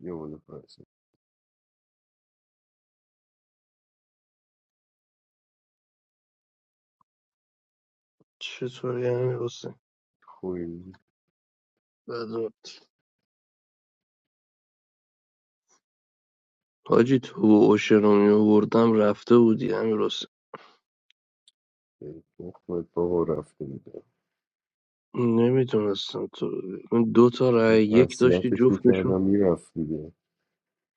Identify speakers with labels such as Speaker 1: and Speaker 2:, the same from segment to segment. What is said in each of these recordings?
Speaker 1: یه بالا پرسه
Speaker 2: چطوری امیر حسین
Speaker 1: خوی
Speaker 2: بد رفت. حاجی تو و اوشن رفته بودی امیر حسین
Speaker 1: خود بابا رفته بوده
Speaker 2: نمیتونستم تو رو بگم. اون دو تا
Speaker 1: من
Speaker 2: رای یک داشتی
Speaker 1: وصیتش
Speaker 2: جفتشون
Speaker 1: میکردم میرفت دیگه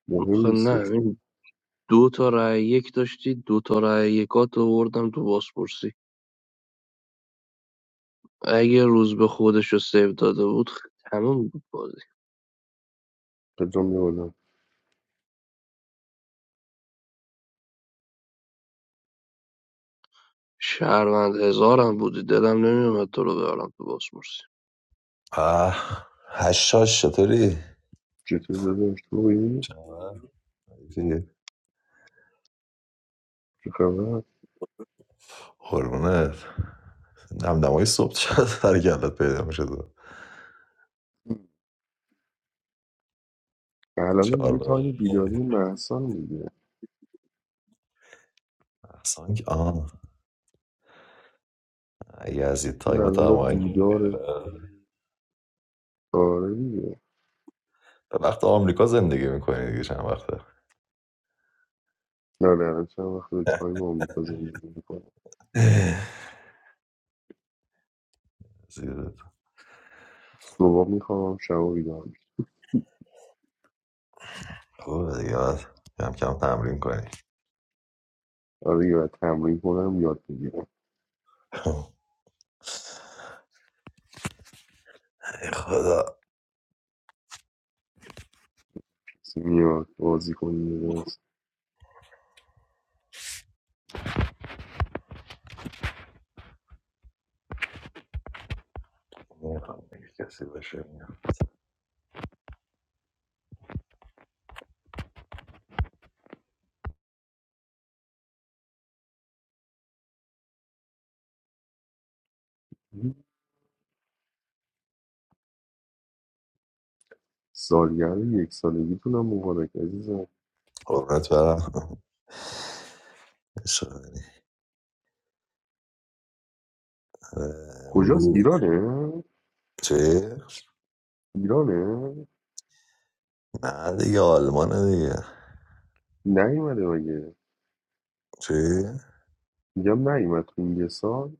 Speaker 1: مهم
Speaker 2: خب نه
Speaker 1: نیستش که
Speaker 2: این دو تا رای یک داشتی دو تا رای یکات آوردم تو بازپرسی اگه روز به خودش رو سیو داده بود تمام بود بازی
Speaker 1: قدام یه بالا
Speaker 2: شهروند هزارم بودی دلم نمیومد تو رو بیارم تو بازپرسی
Speaker 3: آه هشتاش چطوری؟
Speaker 1: چطور داداش توی چه خبر
Speaker 3: قربونت دمدمای صبح چقدر سر کلت پیدا میشه تو
Speaker 1: الان
Speaker 3: چهار
Speaker 1: دیگه
Speaker 3: بار
Speaker 1: تا این بیداری محسان دیگه
Speaker 3: اصلا که آه یزید
Speaker 1: که
Speaker 3: تایم
Speaker 1: الان
Speaker 3: تا همه
Speaker 1: بیداره آره دیگه
Speaker 3: به وقت آمریکا زندگی میکنی دیگه چند وقته
Speaker 1: نه نه الان چند وقت به تایم آمریکا زندگی میکنم
Speaker 3: زیادت
Speaker 1: صبح میخوام شب بیدار میشم
Speaker 3: خوبه دیگه باید کم کم تمرین کنی
Speaker 1: آره یه باید تمرین کنم یاد بگیرم
Speaker 3: ای خدا
Speaker 1: کسی میاد بازی کنیم درست
Speaker 3: نمی‌خوام دیگه کسی باشه
Speaker 1: سالگرد یکسالگیتونم مبارک عزیزم
Speaker 3: قربونت برم اشاره
Speaker 1: کجاست
Speaker 3: امروز
Speaker 1: ایرانه
Speaker 3: چه؟
Speaker 1: ایرانه
Speaker 3: نه دیگه آلمانه دیگه
Speaker 1: نیومده مگه
Speaker 3: چی؟
Speaker 1: میگم نیومد تو این یه سال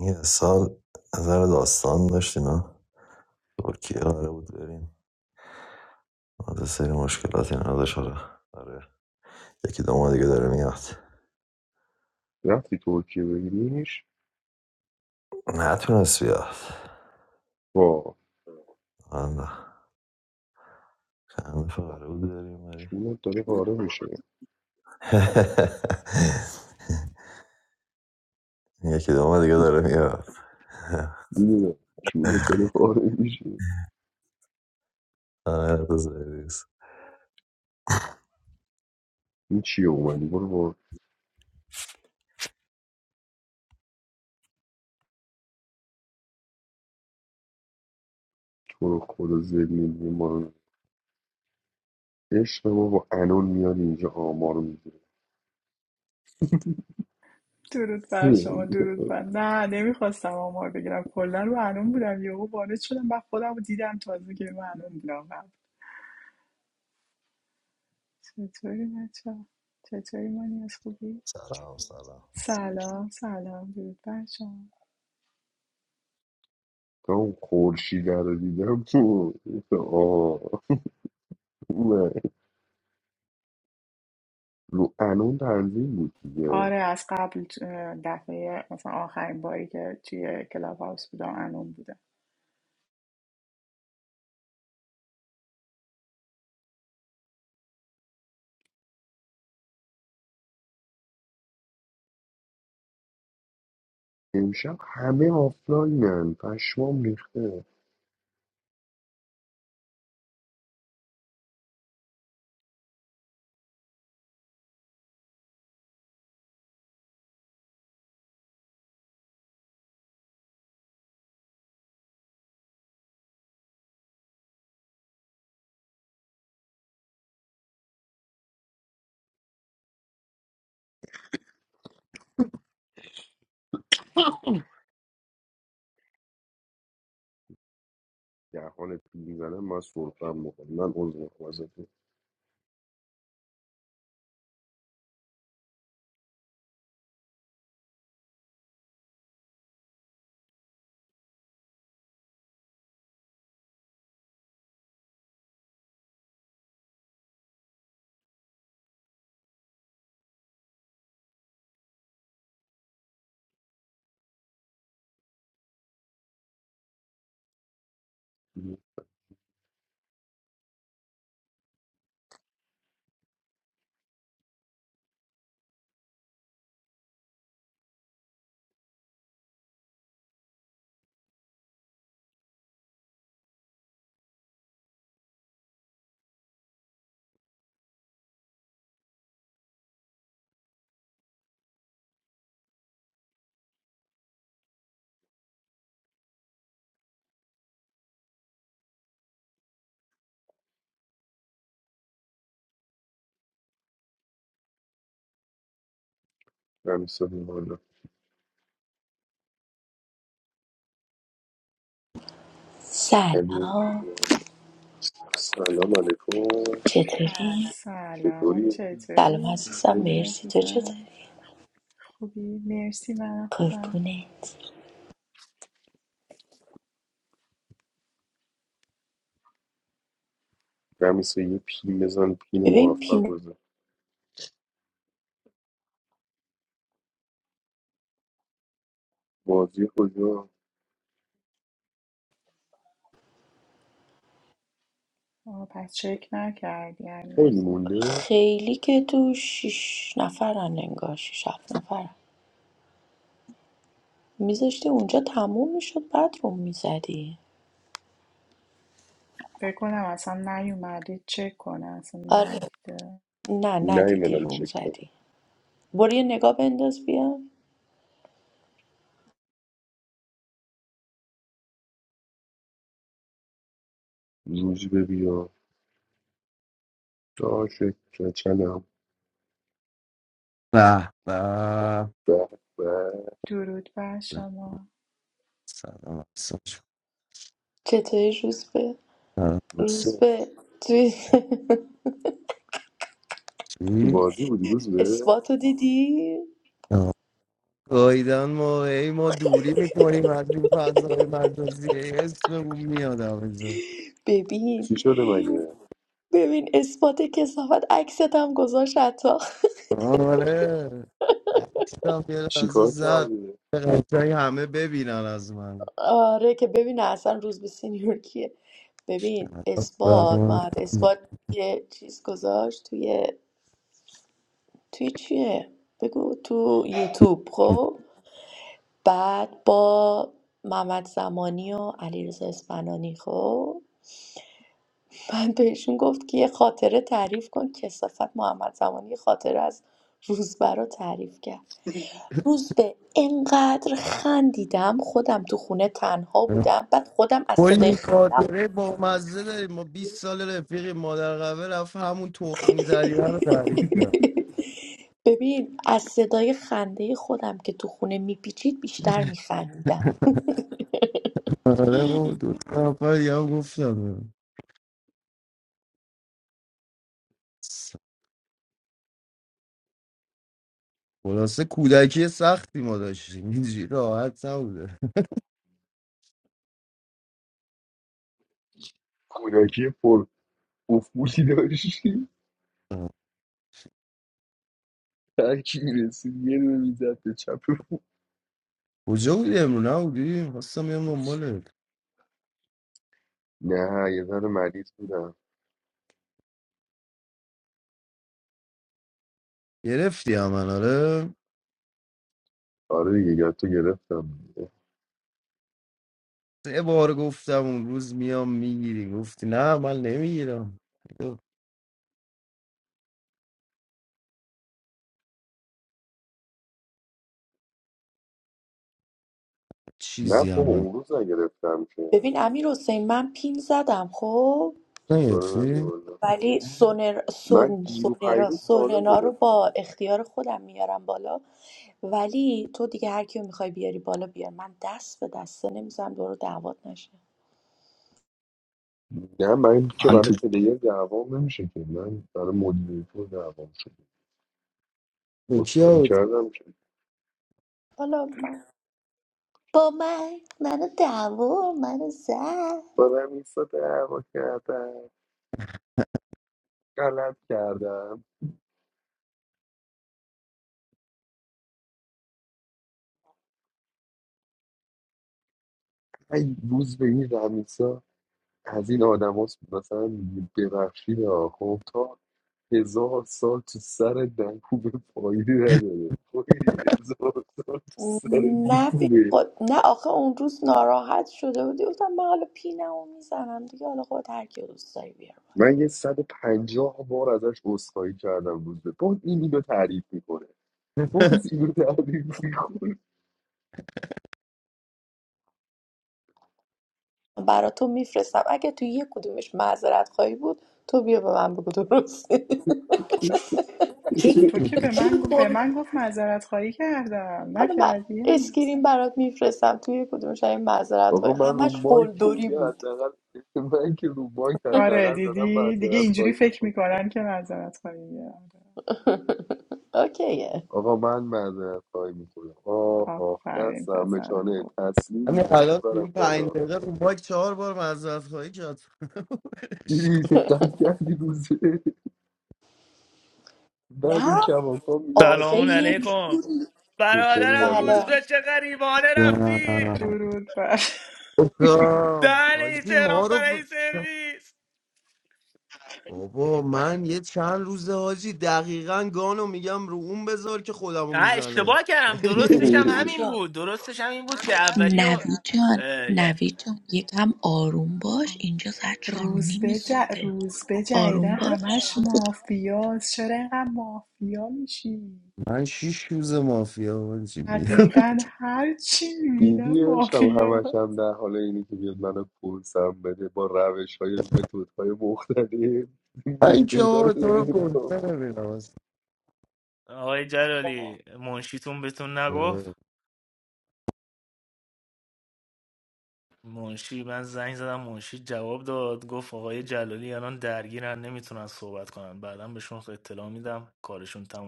Speaker 3: این سال نظر داستان داشت اینا ترکیه قراره بود بریم از سری مشکلاتی نداشت آره آره یکی دو ماه دیگه داره میاد
Speaker 1: رفتی ترکیه ببینیش
Speaker 3: نتونست بیاد
Speaker 1: وا
Speaker 3: آره چند دفعه قراره بود بریم ولی
Speaker 1: چونت داره پاره میشه
Speaker 3: یکی دو ماه دیگه داره میاد
Speaker 1: میدونم چونت داره پاره میشه
Speaker 3: آره بزرگیز
Speaker 1: این چیه اومدی برو با تو رو خدا زلیل ما رو عشق ما با انون میاد اینجا آمار میده
Speaker 4: درود بر شما درود بر نه نمیخواستم آمار بگیرم کلا رو انون بودم یهو وارد شدم بعد خودم رو دیدم تازه که رو انون بودم قبل چطوری بچه چطوری مانی از خوبی
Speaker 3: سلام سلام
Speaker 5: Sandra
Speaker 4: سلام سلام درود بر شما
Speaker 1: تا اون خورشیده رو دیدم تو آه نه. رو انون تنظیم بود دیگه
Speaker 4: آره از قبل اه، دفعه مثلا آخرین باری که توی کلاب هاوس بودم انون بودم
Speaker 1: امشب همه آفلاینن پشمام ریخته در حال پیل زنم من سرفم میکنم من عضو خوازتون رمیسا بیمارم علی
Speaker 6: سلام
Speaker 1: بیمار. سلام علیکم
Speaker 6: چطوری؟
Speaker 4: سلام
Speaker 1: چطوری؟
Speaker 7: Mm.
Speaker 6: سلام
Speaker 4: چطوری
Speaker 6: عزیزم
Speaker 1: خوبی؟
Speaker 4: خوبی
Speaker 6: مرسی تو
Speaker 4: عزیزم
Speaker 6: چطوری؟
Speaker 4: خوبی مرسی من خوبم
Speaker 6: قربونت
Speaker 1: رمیسا یه پین بزن پین
Speaker 6: ببین
Speaker 1: موفق
Speaker 6: پین
Speaker 1: بزن بازی کجا؟
Speaker 4: آه، پس چک نکردی
Speaker 1: خیلی
Speaker 4: هنوز
Speaker 1: مونده؟
Speaker 6: خیلی که تو شیش نفرن انگار شیش هفت نفرن میذاشتی اونجا تموم میشد بعد روم میزدی
Speaker 4: فکر کنم اصلا نیومده چک کنه اصلا
Speaker 6: آره
Speaker 4: ندیده
Speaker 6: نه ندیدی
Speaker 1: نیمدم
Speaker 6: روم
Speaker 1: چک کنم
Speaker 6: زدی برو یه نگاه بنداز بیا
Speaker 1: روزی ببیا تا شکر چنم
Speaker 8: به به
Speaker 1: به به
Speaker 4: درود بر شما
Speaker 8: سلام عصر
Speaker 6: چطوری روز به
Speaker 8: شد.
Speaker 6: روز
Speaker 1: روزبه.
Speaker 6: به توی
Speaker 1: تو
Speaker 8: چی؟
Speaker 1: بازی بودی روزبه؟
Speaker 6: اثباتو دیدی؟
Speaker 8: آه. گایدن ما ای ما دوری میکنیم از این فضای مجازی اسم اون میاد آویزو
Speaker 6: ببین
Speaker 1: چی شده مگه؟
Speaker 6: ببین اثبات کسافت عکست هم گذاشت حتی
Speaker 8: آره هفتیدم یه
Speaker 1: چی
Speaker 8: لحظه
Speaker 1: کار
Speaker 8: زد
Speaker 1: کردی؟
Speaker 8: به قشنگ همه ببینن از من
Speaker 6: آره که ببین اصلا روز به سینیور کیه ببین اثبات ما اثبات یه چیز گذاشت توی توی چیه بگو تو یوتیوب خب بعد با محمد زمانی و علیرضا اسفنانی خب من بهشون گفت که یه خاطره تعریف کن کسافت محمد زمانی یه خاطره از روزبه رو تعریف کرد روزبه انقدر خندیدم خودم تو خونه تنها بودم بعد خودم از صدای
Speaker 8: کلی
Speaker 6: خندم
Speaker 8: خاطره با مزه داریم ما 20 سال رفیقی مادر قوه رفت همون تخمی زریعه رو تعریف کرد
Speaker 6: ببین از صدای خنده خودم که تو خونه میپیچید بیشتر میخندیدم
Speaker 8: آره بابا دو تا نفر یه هم گفتم خلاصه کودکی سختی ما داشتیم اینجوری راحت نبوده
Speaker 1: کودکی پر بوفبوسی داشتی
Speaker 8: آه.
Speaker 1: هر کی میرسید یه دونه میزد به چپ
Speaker 8: کجا بودی امرو نبودی؟ خواستم بیام دنبالت
Speaker 1: نه یه ذره مریض بودم
Speaker 8: گرفتی من آره
Speaker 1: آره دیگه یاد تو گرفتم دیگه.
Speaker 8: سه بار گفتم اون روز میام میگیری گفتی نه من نمیگیرم یه
Speaker 1: نه
Speaker 8: چیزی
Speaker 1: بابا
Speaker 8: هم
Speaker 1: اون روز نگرفتم که
Speaker 6: ببین امیر حسین من پین زدم خب
Speaker 1: سوال نداری
Speaker 8: نگرفتی؟
Speaker 6: ولی سونر
Speaker 1: من
Speaker 6: سورن
Speaker 1: دیرو
Speaker 6: سونرا
Speaker 1: پیروز سوالا
Speaker 6: سورنا رو
Speaker 1: گرفتم
Speaker 6: با اختیار خودم میارم بالا ولی تو دیگه هر کیو میخوای بیاری بالا بیار من دست به دسته نمیزنم دور دعوات نشه
Speaker 1: نه من که
Speaker 9: من
Speaker 1: برای
Speaker 9: تو
Speaker 1: پلیر دعوام نمیشه که من برای مدیریتور دعوام شده
Speaker 8: با کی
Speaker 1: اصخایی
Speaker 8: آوت؟
Speaker 1: کردم که
Speaker 6: حالا من- با من منو دعوا منو زد
Speaker 1: با رمیسا دعوا کردم غلط کردم ای روز به این از این آدم هاست مثلا میگه ببخشید ها خب تا هزار سال تو سر نکوبه فایده نداره خب این هزار سال تو سر
Speaker 6: نه بی
Speaker 1: نکوبه
Speaker 6: خود نه آخه اون روز ناراحت شده بودی گفتم من حالا پینمو میزنم دیگه حالا خود هر کی دوست داری بیار بالا
Speaker 1: من یه 150 بار ازش عذرخواهی کردم روز به باز این اینو تعریف میکنه باز اینو تعریف میکنه
Speaker 6: برا تو میفرستم اگه تو یک کدومش معذرت خواهی بود تو بیا به من بگو درست
Speaker 4: تو که به من گفت به من گفت معذرت خواهی کردم
Speaker 6: حالا من
Speaker 4: نکردی هنوز
Speaker 6: اسکرین برات میفرستم توی یک کدومش این معذرت
Speaker 1: آقا
Speaker 6: خواهی
Speaker 1: من رو
Speaker 6: همش
Speaker 1: مایک که
Speaker 6: قلدری
Speaker 1: دیگه
Speaker 6: بود
Speaker 1: حداقل من که رو مایک
Speaker 4: آره
Speaker 1: حداقل دارم
Speaker 4: دیدی دیگه
Speaker 1: معذرت
Speaker 4: اینجوری
Speaker 1: خواهی
Speaker 4: فکر
Speaker 1: میکنه
Speaker 4: میکنن که معذرت خواهی کردم.
Speaker 6: اوکیه
Speaker 1: آقا من معذرت خواهی میکنم آه آه
Speaker 4: آفرین
Speaker 1: دستم
Speaker 4: پسر
Speaker 1: مچانه
Speaker 4: خوب
Speaker 1: تسلیم
Speaker 8: همین
Speaker 1: اینجوری
Speaker 8: الان تو
Speaker 1: برم
Speaker 8: این
Speaker 1: بالا
Speaker 8: پنج دقیقه رو باک چهار بار معذرت خواهی کرد ولش
Speaker 1: دیدی دقت کردی روزه بعد این
Speaker 6: نه
Speaker 1: کماکان میگه من
Speaker 6: آخه یه
Speaker 1: اسمیری
Speaker 6: جور
Speaker 1: چطوری نمید
Speaker 6: بلا
Speaker 8: کن.
Speaker 4: درود بر
Speaker 8: گفتم حاجی ما رو ب- بابا من یه چند روزه حاجی دقیقا گانو میگم رو اون بذار که خودمو میزنه
Speaker 6: نوید جان نوید جان یکم آروم باش اینجا ساعت چهار و
Speaker 4: روز
Speaker 6: نیم
Speaker 4: به ج...
Speaker 6: صبحه
Speaker 4: روز به جیده
Speaker 6: آروم باش
Speaker 4: همش مافیاست چرا اینقدر مافیا میشی
Speaker 8: من شیش روز مافیا حاجی میگم
Speaker 4: حقیقا هر چی
Speaker 1: دیدی
Speaker 4: میبینم
Speaker 1: عشقم
Speaker 4: مافیاست
Speaker 1: همش هم در حال اینی که بیاد منو پرسم بده با روش های متود های مختلف
Speaker 8: من
Speaker 1: متود ها رو
Speaker 8: تو
Speaker 1: داره
Speaker 8: رو کنسه
Speaker 1: امتحان.
Speaker 8: نمیدم اصلا. آه.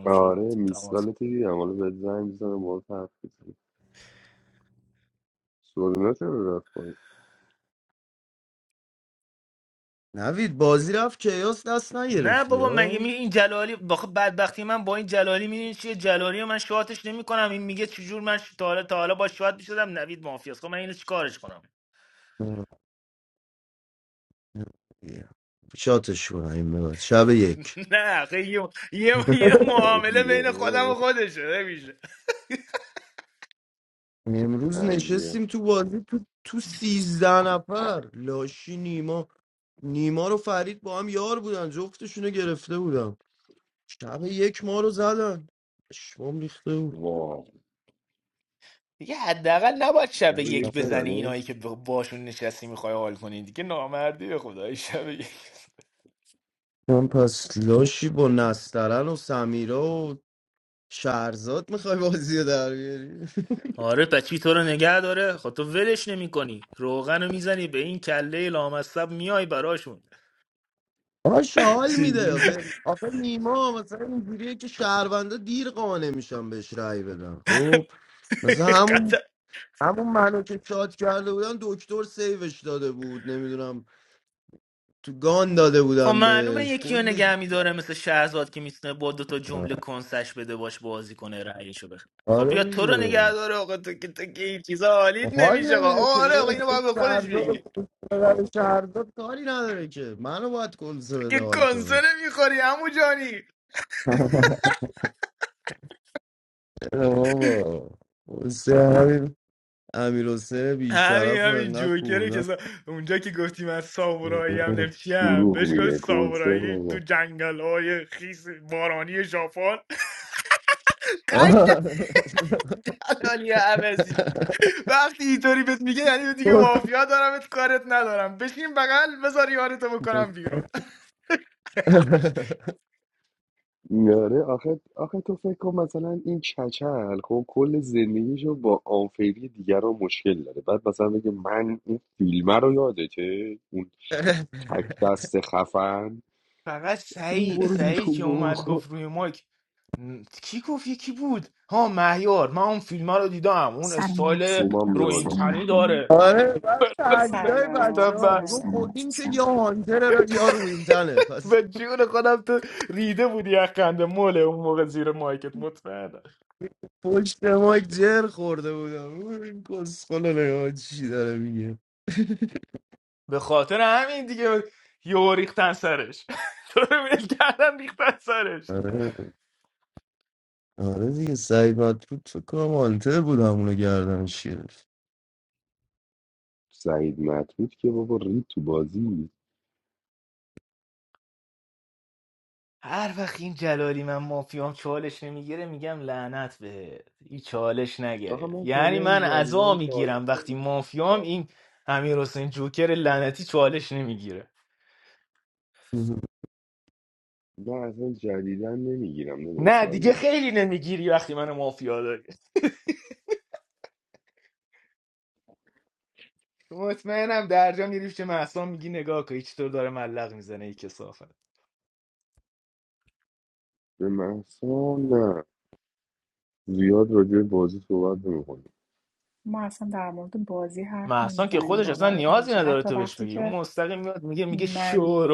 Speaker 1: آره میسکاله تو دیدم حالا به زنگ بزنم با حرف بزنم سورینا چرا رفت کنیم
Speaker 8: نوید بازی رفت کیاس دست نگرفتی ها آه. شاتش کنم این به شب یک
Speaker 1: عجیه آه.
Speaker 8: امروز
Speaker 1: عجیه
Speaker 8: نشستیم تو بازی تو تو سیزده نفر لاشی نیما نیما رو فرید با هم یار بودن جفتشونو گرفته بودم شب یک ما رو زدن شمام ریخته بود
Speaker 1: واو لبه یک زدنه
Speaker 8: من پس لاشی با نسترن و سمیرا و شهرزاد میخوای بازی رو در بیاری آش حال
Speaker 1: چی؟
Speaker 8: میده و- آخه نیما مثلا اینجوریه که شهروندا دیر قانع میشن بهش رأی بدن خب مثلا همون همون منو که شاد کرده بودن دکتر سیوش داده بود نمیدونم تو گان داده بودن بهش کلی آره دیگه حال نمیده که داداش. اون شهردار پدر شهردار کاری نداره که منو باید کنسه بده حال کنه اه بابا حسین همین امیر حسین بیشرف و انقدر خوردم
Speaker 1: دروغ میگه کنسه یاره آخه آخه تو فکر کن مثلا این چچل خب کل زندگیشو با آنفری دیگران مشکل داره بعد مثلا بگه من این فیلمه رو یادته اون تک دست خفن اون برو بیرون بابا
Speaker 10: سلام محسان
Speaker 1: هما
Speaker 10: جان
Speaker 1: بیا بالا
Speaker 10: سلام به همه
Speaker 8: آره بعد تحلیلای بچه
Speaker 4: سلام
Speaker 8: ها میگم خب
Speaker 10: سلام
Speaker 4: سلام
Speaker 8: این که
Speaker 10: عزیزم
Speaker 8: یا هانتر یا رو این تنه پس پشت مایک جر خورده بودم او این کسخل نگاه چی داره میگه آره آره دیگه سعید مطرود تو کنم هانتر بود همونو گردن شیرفت
Speaker 1: سعید مطرود که بابا رید تو بازی آخه من کلا جدیدن چالش نمیگیرم نه اصلا جدیدن نمیگیرم نداشت چالش به محصا نه زیاد راجع به بازی صحبت نمیکنم
Speaker 4: ما اصلا در مورد بازی حرف نمیزنیم باورت نمیشه حتی وقتی که من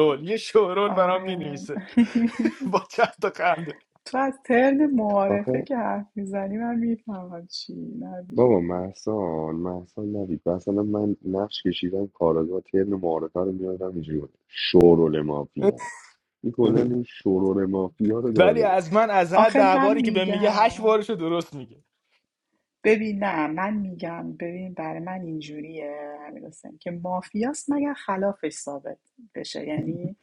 Speaker 4: آره تو از ترن معارفه
Speaker 1: آخه
Speaker 4: که حرف میزنی من میفهمم چی نبی
Speaker 1: بابا محسان محسان نبید مثلا من نقش کشیدم کارگاه ترن معارفه رو میادم اینجوری بود شورول مافیا این کلا این شورول مافیا رو داره
Speaker 4: آخه من میگم ببین نه من میگم ببین برای من اینجوریه امیر حسین که مافیاست مگر خلافش ثابت بشه یعنی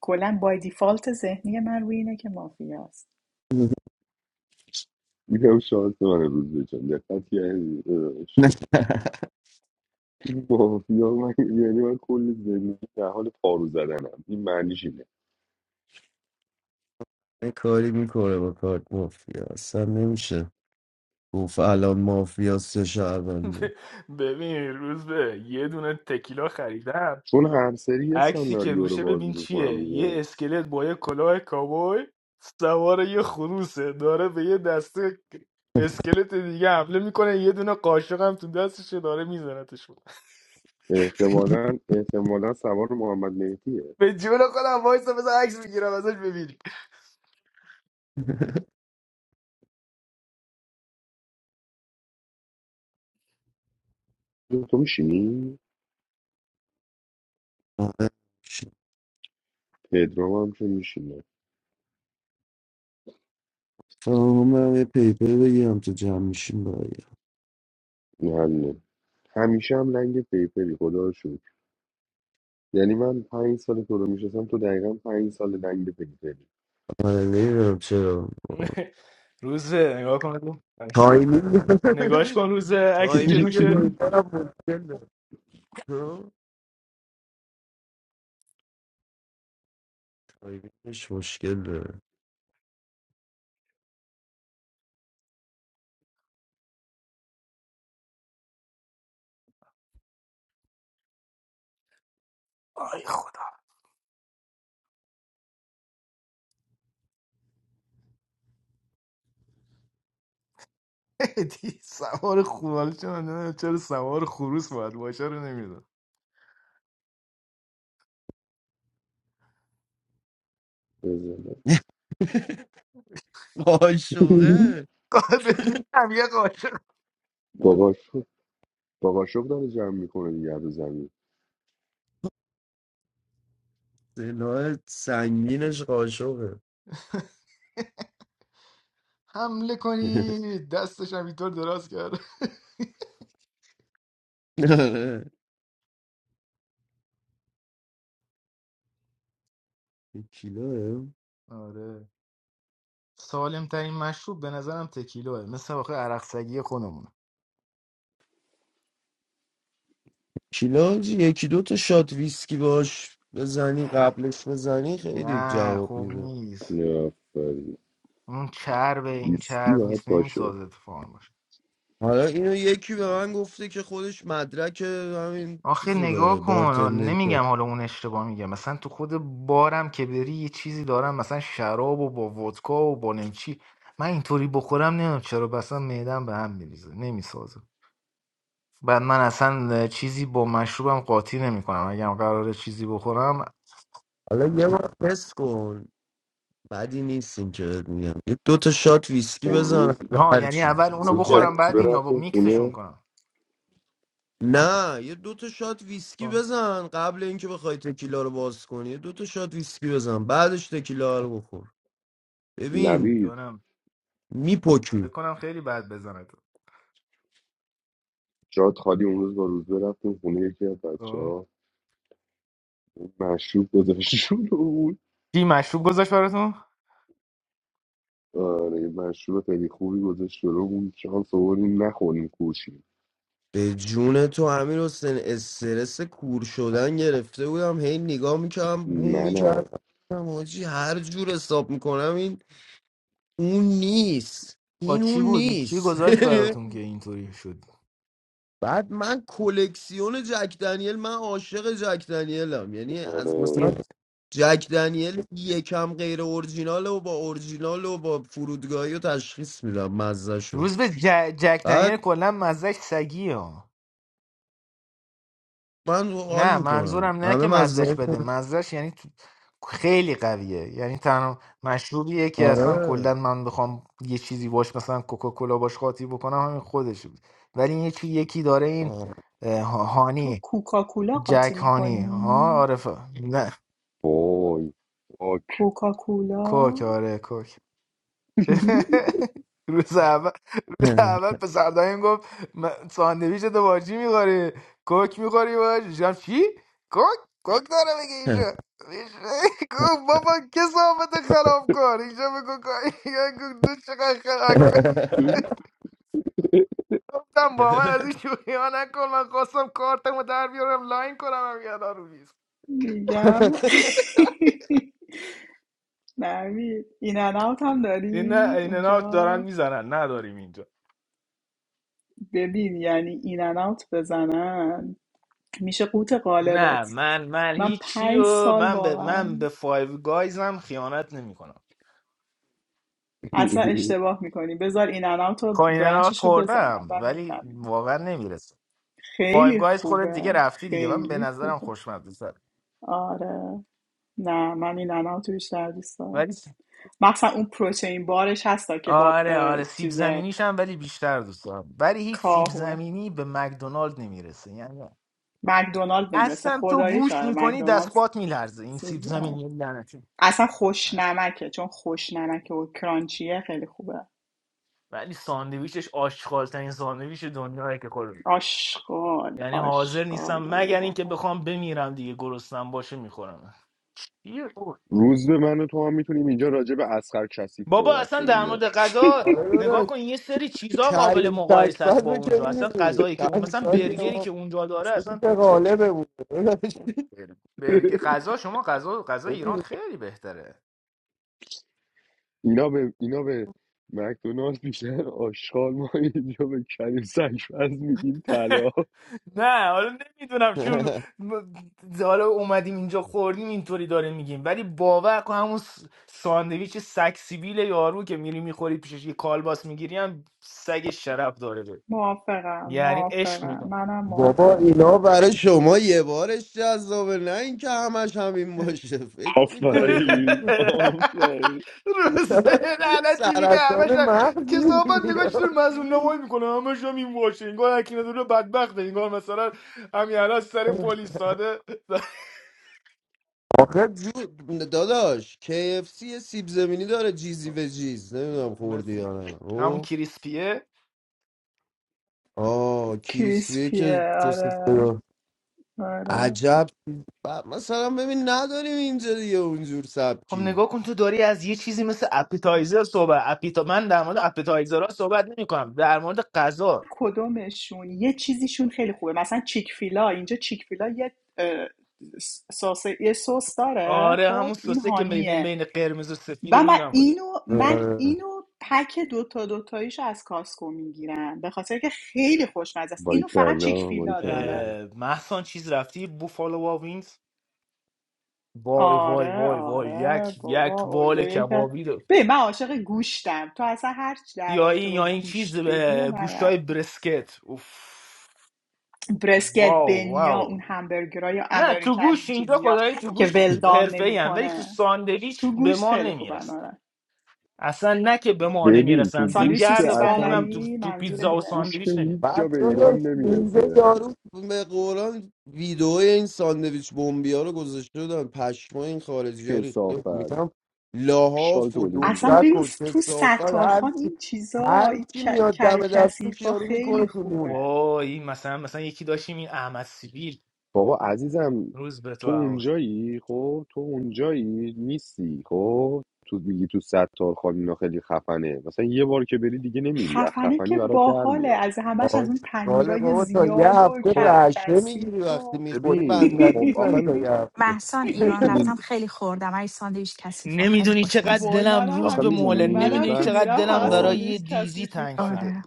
Speaker 4: کلا بای دیفالت ذهنی من روی اینه که مافیاست
Speaker 1: اینم شانس من روز بچم دقت کردی؟ داداش. این مافیا من یعنی من کل زندگی در حال پارو زدنم این معنیش اینه
Speaker 8: یه کاری میکنه با کارت مافیا اصلا نمیشه گفت الان مافیا سه شهرونده
Speaker 1: چون هر سری یه سناریو رو بازی میکنم دیگه احتمالا احتمالا سوار محمد مهدیه تو میشینی؟
Speaker 8: آره.
Speaker 1: پدرام هم که میشینه
Speaker 8: فهمم یه پیپر بگیرم تو جمع میشیم
Speaker 1: همیشه هم لنگ پیپری خدا رو شکر یعنی من پنج سال تو رو میشناسم تو دقیقا پنج سال لنگ پیپری
Speaker 8: آره نمیدونم چرا تایمینگ تایمینگ پایترم مشکل داره ها؟ تایمینگش مشکل داره
Speaker 1: بزنه
Speaker 8: قاشقه
Speaker 1: باباش باباشو داره جمع میکنه دیگه رو زمین
Speaker 8: سلاح سنگینش قاشقه آره. یک کیلوه کیلو جی، یکی دو تا شات ویسکی باش بزنی قبلش بزنی خیلی جواب میده
Speaker 1: نه ویسکی باید باشه
Speaker 8: حالا اینو یکی به من گفته که خودش مدرک همین چیزو داره بارتندری حالا یه بار تست کن بدی نیست که بهت میگم یه دو تا شات ویسکی
Speaker 1: اون
Speaker 8: بزن
Speaker 1: روز
Speaker 8: هر چی
Speaker 1: اون
Speaker 8: مثلا
Speaker 1: روز با
Speaker 8: جک
Speaker 1: روز رفتیم خونه
Speaker 8: نه یه دو تا شات ویسکی بزن قبل اینکه بخوای تکیلا رو باز کنی یه دو تا شات ویسکی بزن بعدش تکیلا رو بخور ببین
Speaker 1: نوید
Speaker 8: میپکی
Speaker 1: جاد خالی اون روز با روز رفتیم خونه یکی از بچه ها مشروب گذاشت رو بود آره مشروب خیلی خوبی گذاشت رو بود شانس آوردیم نخوریم کوشیم
Speaker 8: به جون تو امیر حسین استرس کور شدن گرفته بودم هی نگاه میکردم بوم
Speaker 1: منم
Speaker 8: میکردم حاجی هر جور حساب میکنم این اون نیست این اون نیست بعد من کلکسیون جک دنیل من عاشق جک دنیلم یعنی از
Speaker 1: آره
Speaker 8: مثلا جک دنیل یکم غیر اورجینال و با اورجینال و با فرودگاهی و تشخیص میدم مزهشون بعد من حال میکنم همه مزه آره آره
Speaker 4: تو کوکاکولا قاطی میکنی
Speaker 1: وای واک.
Speaker 4: کوکاکولا میگم نوید این ان اوت هم دارید اونجا ببین یعنی این ان اوت بزنن میشه قوت قالبت من پنج سال واقعا اصلا اشتباه میکنی بذار این ان اوت رو برنچش رو بزنن و میفهمیم خیلی خوبه خیلی خوبه آره نه من این ان اوت رو بیشتر دوست دارم مخصوصا اون پروتئین بارش هستا که با اه، چیز کاهوه مکدونالد نمیرسه خداییش آره مکدونالد چیز، آره. اصلا خوش نمکه چون خوش نمکه و کرانچیه خیلی خوبه آشغال آشغال آره واقعا
Speaker 1: روز به من و تو هم میتونیم اینجا راجع به اسخر کثیف صحبت کنیم داشت
Speaker 8: آره داداش کریم تکبت رو که میدونی چند سالی ما قوت غالبه بود داداش. ببین
Speaker 1: اینا به اینا به مکدونالد بیشتر آشغال ما اینجا به کریم سرشپز میگیم طلا
Speaker 4: موافقم موافقم منم
Speaker 8: بابا
Speaker 4: موافقم
Speaker 8: اینا برای شما یه بارش جذابه نه اینکه همش همین باشه فکر میکنین کجا
Speaker 1: آفرین آفرین
Speaker 8: سرطان مغز می‌گیری. آخه جو داداش KFC یه سیب زمینی داره جیزی و جیز نمیدونم خوردی یا نه او آه کریسپیه که
Speaker 4: کریسپیه
Speaker 8: سس
Speaker 4: آره
Speaker 8: داره
Speaker 4: آره
Speaker 8: عجب ب- مثلا ببین نداریم اینجا دیگه اونجور سبکی
Speaker 4: کدومشون یه چیزیشون خیلی خوبه مثلا چیک فیلا اینجا چیک فیلا یه اه، سس یه سس داره خب این هانیه و من اینو من
Speaker 8: آره.
Speaker 4: اینو پک دوتا دوتاییشو از کاسکو میگیرم به خاطر که خیلی خوشمزه است اینو فقط چیک
Speaker 1: باریکلا
Speaker 4: فیلا داره
Speaker 1: باریکلا
Speaker 4: آره آره بابا اونجا یکی از- ببین من عاشق گوشتم تو اصلا هرچی در رابطه با گوشت بگی و من رفتم برسکت بنیا اون همبرگرای یا امریکن چیزی ها که ولدان نمیکنه تو گوشت خیلی خوبن آره
Speaker 1: ببین تو
Speaker 4: ساندویچ
Speaker 1: گوشت که
Speaker 4: سوسیس
Speaker 1: اصلا
Speaker 4: بندری منظور دینه.
Speaker 1: گوشت که هیچ جا
Speaker 8: بعد
Speaker 1: به ایران
Speaker 8: داداش اینجا
Speaker 1: نمیرسه
Speaker 8: یارو به قرآن ویدیو این ساندویچ بمبی ها رو گذاشته بودن پشما این خارجی ها ریخته
Speaker 1: کسافت
Speaker 8: میگم
Speaker 1: آشغال
Speaker 8: لاحاف و
Speaker 1: تولید
Speaker 4: اصلا
Speaker 1: می‌کنه.
Speaker 8: دوشک
Speaker 4: ببین
Speaker 8: و
Speaker 4: تو
Speaker 8: کسافت هر
Speaker 4: ستارخان
Speaker 8: چی
Speaker 4: این چیزا
Speaker 8: هر
Speaker 4: این
Speaker 8: کی
Speaker 4: ک-
Speaker 8: میاد
Speaker 4: کر و
Speaker 8: دم دستش
Speaker 4: کثیفا
Speaker 8: یارو میکنه
Speaker 4: خیلی
Speaker 8: تو نون
Speaker 4: خوبه
Speaker 1: بابا عزیزم تو اونجایی خب تو اونجایی نیستی خب تو میگی تو ستار خان اینا خیلی خفنه مثلا یه بار که بری دیگه نمیری از
Speaker 4: خفنه
Speaker 1: خفنی
Speaker 4: که
Speaker 1: برات در
Speaker 4: باحاله
Speaker 1: میاد
Speaker 4: از همش از اون
Speaker 8: آشغاله
Speaker 4: پنیرای
Speaker 8: بابا تا یه
Speaker 4: زیاد و
Speaker 8: هفته
Speaker 4: کر
Speaker 1: خب
Speaker 4: و
Speaker 8: رشه میگیری
Speaker 4: کثیف
Speaker 8: وقتی
Speaker 4: و
Speaker 8: میخوری
Speaker 1: ببین
Speaker 8: بندری
Speaker 1: خب
Speaker 8: میزنه
Speaker 1: آخه
Speaker 8: تا یه هفته
Speaker 10: محسان ایران
Speaker 1: میدونی
Speaker 10: رفتم خیلی خوردم ای ساندویچ کثیفا خیلی خوشمزه
Speaker 4: وای
Speaker 10: بود
Speaker 4: منم
Speaker 1: آخه
Speaker 4: همینطور
Speaker 1: میدونی
Speaker 4: منم که میرم فقط
Speaker 1: مثلا
Speaker 4: ساندویچ کثیف میخورم
Speaker 10: آره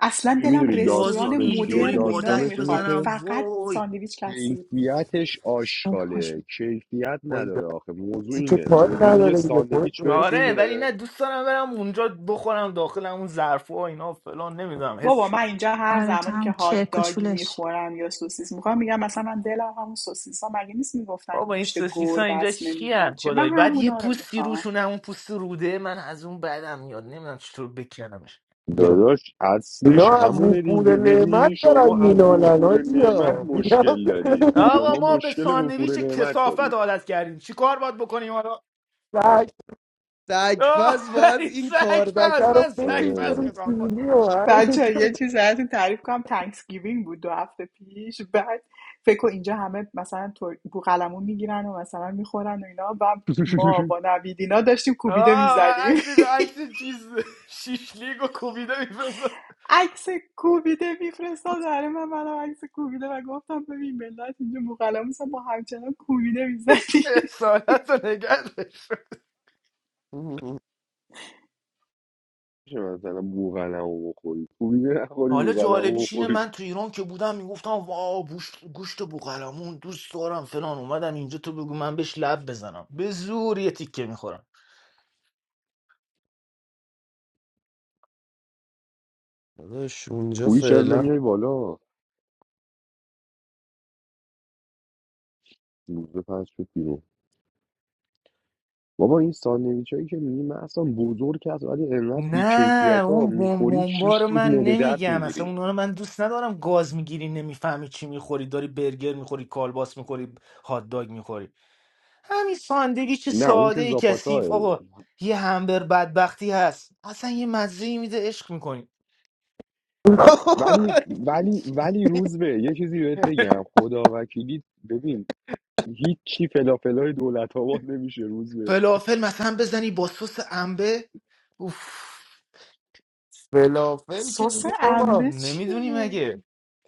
Speaker 4: اصلا
Speaker 1: ببین
Speaker 4: دلم
Speaker 1: میدونی
Speaker 4: رستوران
Speaker 1: داستانش چیه
Speaker 4: مدرن و اینا
Speaker 1: داستانش اینه
Speaker 4: نمیخواد
Speaker 1: که
Speaker 4: فقط ساندویچ کثیف
Speaker 1: کیفیتش
Speaker 10: خیلی خوش
Speaker 1: آشغاله
Speaker 10: بود.
Speaker 1: کیفیت
Speaker 8: وای
Speaker 1: نداره آخه موضوع
Speaker 8: کسی که
Speaker 1: اینه
Speaker 8: پاک
Speaker 1: موضوع اینه یه
Speaker 8: نداره دیگه خودت
Speaker 1: ساندویچ بهت
Speaker 8: درست کن.
Speaker 1: میندازه
Speaker 4: بابا من اینجا هر
Speaker 10: آره تو
Speaker 4: زمانی که
Speaker 10: هم
Speaker 4: هات
Speaker 10: چرک و
Speaker 4: داگ
Speaker 10: چولش
Speaker 4: میخورم یا سوسیس میخوام میگم مثلا من دلم همون سوسیس ها مگه نیست میگفتن گوشت گربه است نمیدونم چه من همونا رو میخوام
Speaker 8: بیا
Speaker 1: داداش اصلش
Speaker 8: اینا از
Speaker 1: همونه
Speaker 8: وفور
Speaker 1: دیگه
Speaker 8: نعمت
Speaker 1: ببین
Speaker 8: دارن
Speaker 1: شما از
Speaker 8: مینالن ها
Speaker 1: وفور نعمت
Speaker 8: بیا
Speaker 1: مشکل
Speaker 8: بیا
Speaker 1: دارید شما مشکل وفور نعمت دارید
Speaker 8: سگپز باید این کاربکه رو بکش
Speaker 1: آره
Speaker 8: بریم سیلی و همین
Speaker 4: بچه یه چیز براتون تعریف کنم تانکسگیوینگ بود دو هفته پیش بعد فکر کن اینجا همه مثلا تر- بوقلمون میگیرن و مثلا میخورن و اینا و ما با نویدینا داشتیم کوبیده میزدیم عکس کوبیده میفرستاد برای من منم عکس کوبیده و گفتم ببین ملت اینجا بوقلمون ما همچنان کوبیده میزدیم
Speaker 1: میشه مثلا بوغلمو بخوری کوبی نخوری بوغلمو بخوری
Speaker 8: داداش اونجا
Speaker 1: کوبی چرا
Speaker 8: فعلا
Speaker 1: نمیای بالا روز پس شد بیرون بابا این ساندویچ هایی که میگی مثلا بزرگ هست ولی انقدر بیکیفیت ها میخوری شیش روز معده درد میگیری نه اون که زاپاتا ولی ولی ولی روز به یه چیزی بهت بگم خدا وکیلی ببین هیچی فلافلای دولت آباد نمیشه روز به
Speaker 8: فلافل که
Speaker 4: سس
Speaker 8: دیگه بابا
Speaker 4: انبه چیه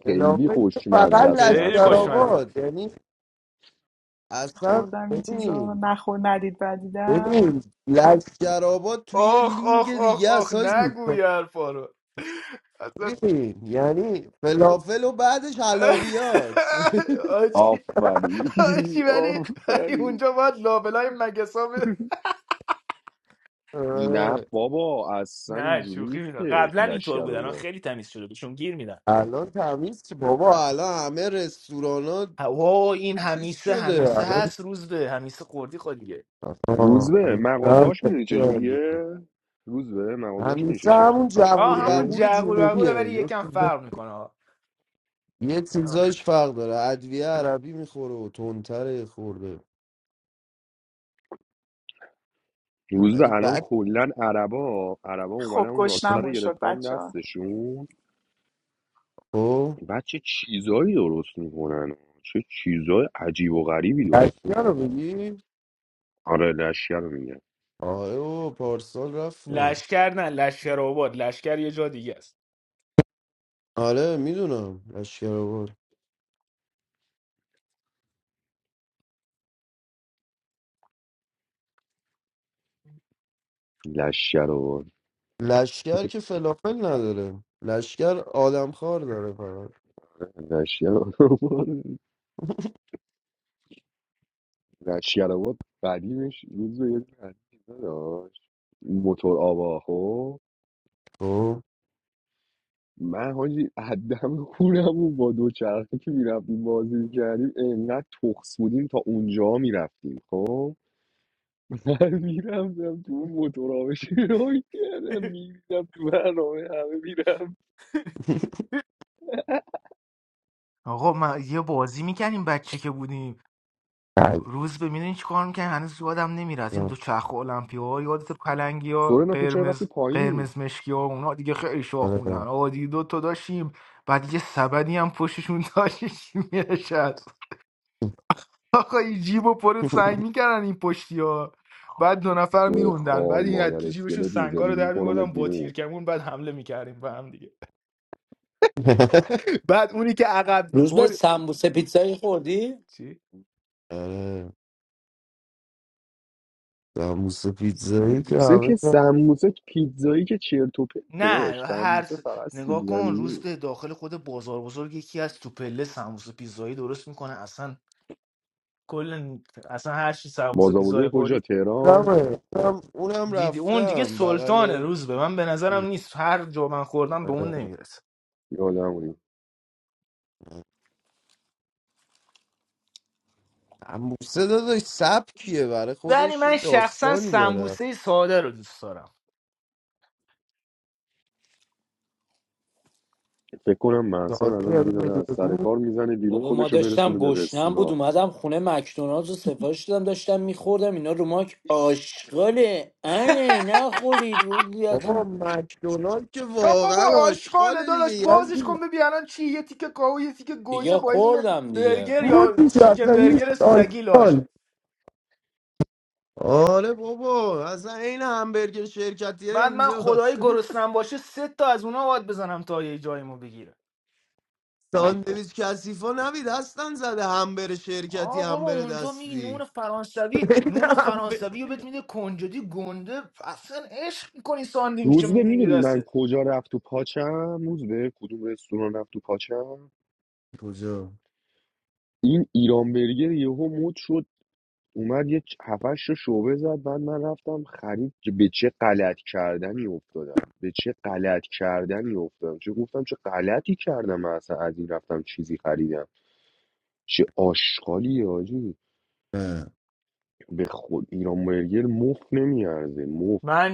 Speaker 1: خیلی
Speaker 8: فلافل که
Speaker 1: خوشمزه
Speaker 8: فقط
Speaker 1: است مثلا
Speaker 8: لشگرآباد یعنی اصلا
Speaker 4: خوردم این چیزا رو
Speaker 8: ببین
Speaker 4: نخور ندید بدیدم
Speaker 8: ببین لشگرآباد توی لیگ دیگه اساس نیست ببین یعنی فلافل و بعدش حلاویات
Speaker 1: آفرین آفرین نه
Speaker 8: آره.
Speaker 1: بابا اصلا اینجوری نیستش لشگرآباد
Speaker 8: الان تمیز چه- بابا الان همه رستوران ها چیز شده آها،
Speaker 1: روزبه
Speaker 8: همیشه هم
Speaker 1: مغازهاش میدونی
Speaker 8: خیلی عالیه.
Speaker 1: چجوریه روزبه مغازهاش میشه
Speaker 8: همیشه
Speaker 1: شکل
Speaker 8: همون جهور بغور
Speaker 1: داستانش
Speaker 8: جنوبیه یه یه چیزایش فرق داره ادویه عربی میخوره و تندتره خورده
Speaker 1: روزبه
Speaker 8: ولی
Speaker 1: الان
Speaker 8: بعد
Speaker 1: کلا عربا عربا اومدن
Speaker 4: خب
Speaker 1: اون راسته رو
Speaker 4: گشنمون شد
Speaker 1: گرفتن
Speaker 4: بچه ها
Speaker 1: دستشون
Speaker 8: خب
Speaker 1: بعد چه چیزایی درست میکنن چه چیزای عجیب و غریبی درست
Speaker 8: لشگر
Speaker 1: میکنن
Speaker 8: رو بگی
Speaker 1: آره لشگر رو میگم
Speaker 8: آره و پارسال رفتم آره میدونم لشگر آباد
Speaker 1: لشگر رو برد
Speaker 8: لشگر که فلافل نداره لشگر آدمخوار داره فقط
Speaker 1: لشگر رو برد. لشگر رو برد. قدیمش روز به یه قدیم داشت موتور آوا خب
Speaker 8: خب
Speaker 1: من حاجی عدم خونمون با دوچرخه که میرفتیم بازی میکردیم انقدر تخص بودیم تا اونجا میرفتیم خب من میرفتم تو اون موتور آوا شروع کردم میریدم تو برنامه همه میرم
Speaker 8: عجب.
Speaker 1: سورنا تو چرا رفتی پایین؟
Speaker 8: آره
Speaker 1: شوی خار مادر اسکلت میزدی میکنمت بیرون
Speaker 9: روز به سمبوسه پیتزایی خوردی؟
Speaker 8: آره داموس پیتزایی که
Speaker 1: سموسه
Speaker 8: همه
Speaker 1: که سموسه پیتزایی که چرت و پرته داشت سموسه فقط سیب زمینی بازار کجا تهران
Speaker 8: کارمه اونم اونم رفتم بغل
Speaker 1: یادمونی
Speaker 8: داموسه داداش سبکیه برای خودش یه داستانی داره
Speaker 1: فکر کنم محسان
Speaker 8: ساده
Speaker 1: الان
Speaker 8: یعنی
Speaker 1: دیگه داره از
Speaker 8: بدون
Speaker 1: سر
Speaker 8: بود
Speaker 1: کار میزنه بیرون
Speaker 9: بابا ما
Speaker 1: خودشو
Speaker 9: داشتم
Speaker 1: برسونه به
Speaker 9: گشنم بود
Speaker 1: رستوران
Speaker 9: اومدم خونه مکدونالدز رو سفارش دادم داشتم میخوردم اینا رو ماک آشغاله انه نخورید اون دیگه
Speaker 8: بابا
Speaker 9: اصلا
Speaker 8: مکدونالد که واقعا آشغاله دیگه یزدی
Speaker 9: دیگه خوردم دیگه
Speaker 8: بود دیگه اصلا هیچ آشغال آره بابا اصلا این همبرگر شرکتی اینجاست ساندویچ کسیفا نبید هستن زده همبر شرکتی همبر دستی همبر-
Speaker 1: روز به میدونی من کجا رفت تو پاچم روز به کدوم رستوران رفت تو پاچم
Speaker 8: کجا
Speaker 1: این ایران برگر یهو مد شد اومد یه چ- هفتش رو شعبه زد بعد من رفتم خرید که به چه غلط کردنی افتادم به چه غلط کردنی افتادم چه گفتم چه غلطی کردم من اصلا از این رفتم چیزی خریدم چه آشغالی آجی به خود ایران برگر مفت نمیارزه مفت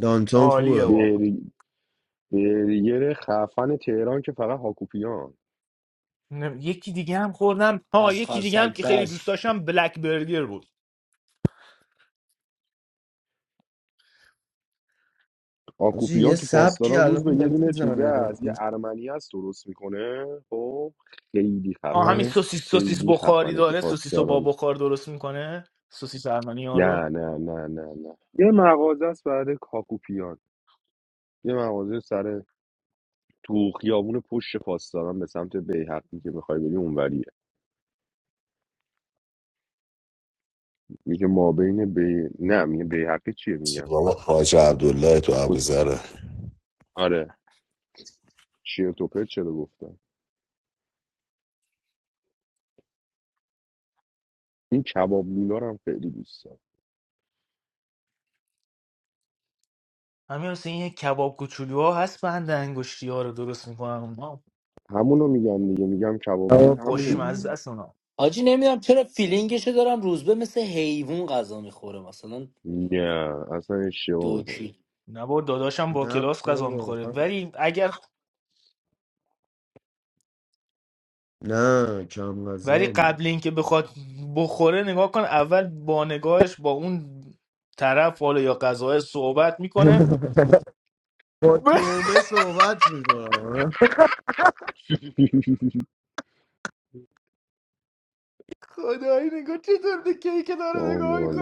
Speaker 8: دانتون خوبه
Speaker 1: بر- برگر خفن تهران که فقط هاکوپیان
Speaker 9: از خرسک بس
Speaker 8: آجی یه
Speaker 1: هاکوپیان تو
Speaker 8: سبکی
Speaker 1: پاسداران روز به
Speaker 8: الان
Speaker 1: یه
Speaker 8: داره
Speaker 1: دونه چیزه
Speaker 8: میزنه
Speaker 1: از یه ارمنی هست درست میکنه خب خیلی خفنه خیلی خفنه تو پاسداران نه نه نه نه نه یه مغازه است برای کاکوپیان یه مغازه سر تو خیابون پشت پاسداران به سمت بیحقی که میخوای بری اونوریه میگه ما بین بی نه میگه بیحقی چیه میگم
Speaker 3: سلام خواهج عبدالله تو
Speaker 1: کس-
Speaker 3: ابوذره
Speaker 1: آره چیه تو چرا گفتم این کباب لولا رو هم خیلی دوست دارم همونو میگم دیگه میگم کباب لول همونه دیگه
Speaker 8: آبی
Speaker 9: حاجی نمیدونم چرا فیلینگشو دارم روزبه مثل حیوان غذا میخوره مثلا
Speaker 1: نه اصلا اشتباه
Speaker 9: دوکی
Speaker 8: نه بابا من- نه کم غذا من با تومه صحبت میکنم
Speaker 1: میکنی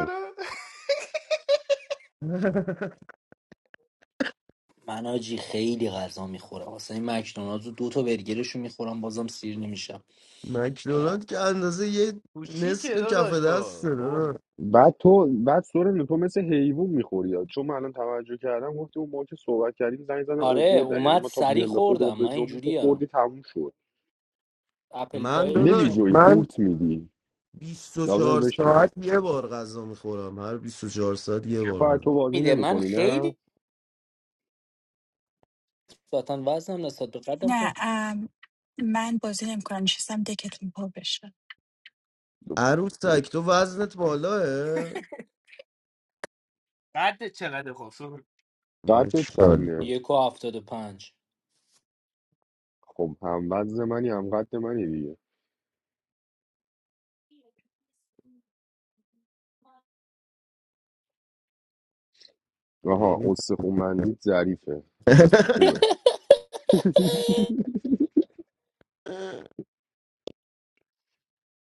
Speaker 9: من آجی خیلی غذا میخورم مثلا این مکدونالدز رو دو تا برگرشو میخورم بازم سیر نمیشم
Speaker 8: مکدونالد که اندازه یه نصف کف دست داره
Speaker 1: بعد تو بعد سورن تو مثل حیوان میخوری چون من الان توجه کردم گفتی اون ما که صحبت کردیم زنگ زن
Speaker 9: آره
Speaker 1: اووردن یعنی
Speaker 9: اومد
Speaker 1: ما تا
Speaker 9: سری
Speaker 1: بیان به خودمون
Speaker 9: خوردم
Speaker 1: به
Speaker 9: من
Speaker 1: جمعیم تو
Speaker 9: اینجوریم
Speaker 1: خوردی تموم شد
Speaker 9: اپل
Speaker 8: من
Speaker 9: پای
Speaker 8: داداش
Speaker 9: روشم
Speaker 1: نمیجوی
Speaker 8: من
Speaker 1: قورت میدی لاور
Speaker 8: 24
Speaker 1: بشی
Speaker 8: ساعت یه بار غذا میخورم هر 24 ساعت یه بار
Speaker 1: شفاعت
Speaker 8: غذا
Speaker 1: تو بازی
Speaker 9: میده من
Speaker 1: نمیکنی نه
Speaker 9: خیلی نسبتا وزنم نسبت به قدم
Speaker 10: نه
Speaker 9: خیلی
Speaker 10: ام، من بازی نمیکنم نشستم دکتون پر بشه
Speaker 8: عروس تک تو وزنت بالاه من
Speaker 1: قد
Speaker 8: چیکار کنم؟
Speaker 1: چنده
Speaker 9: یک و هفتاد و پنج
Speaker 1: خب هم وزن منی هم قد منی دیگه آها
Speaker 8: یعنی
Speaker 1: استخومندیت ظریفه خوبه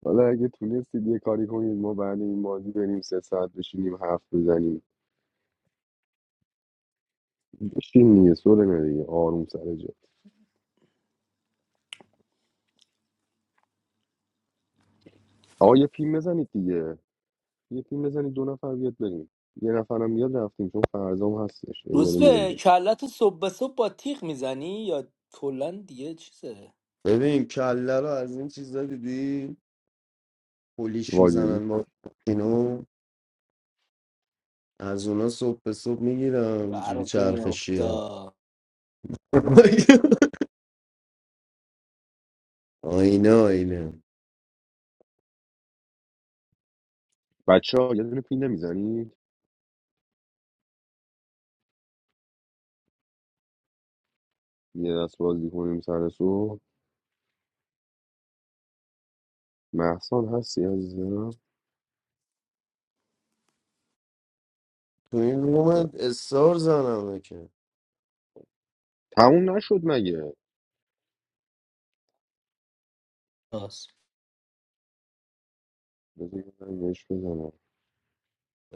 Speaker 1: حالا اگه تونستید یه کاری کنید ما بعد این بازی بریم سه ساعت بشینیم حرف بزنیم بشین دیگه سورنا دیگه آروم سر جا آقا یه پیم بزنید دیگه یه پیم بزنید دو نفر بیاد بریم یه نفرم میاد رفتیم چون فرزام هستش یه
Speaker 9: روز
Speaker 1: داره میره
Speaker 9: به
Speaker 1: میاد.
Speaker 9: کلت صبح به صبح با تیغ میزنی یا کلا دیگه چیزه
Speaker 8: ببین کله رو از این چیزا دیدی پولیش
Speaker 1: واجبی
Speaker 8: میزنن با اینو از اونا صبح به صبح میگیرم جوری
Speaker 9: برق
Speaker 8: چرخشی ها
Speaker 9: میافتا
Speaker 8: آینه آینه
Speaker 1: بچه ها یه دونه پیم نمیزنید یه دست بازی کنیم سر صبح محسان هستی عزیزم
Speaker 8: تو این
Speaker 1: نه.
Speaker 8: رومت استار زنمه که
Speaker 1: تموم نشد مگه بذار یه زنگش بزنم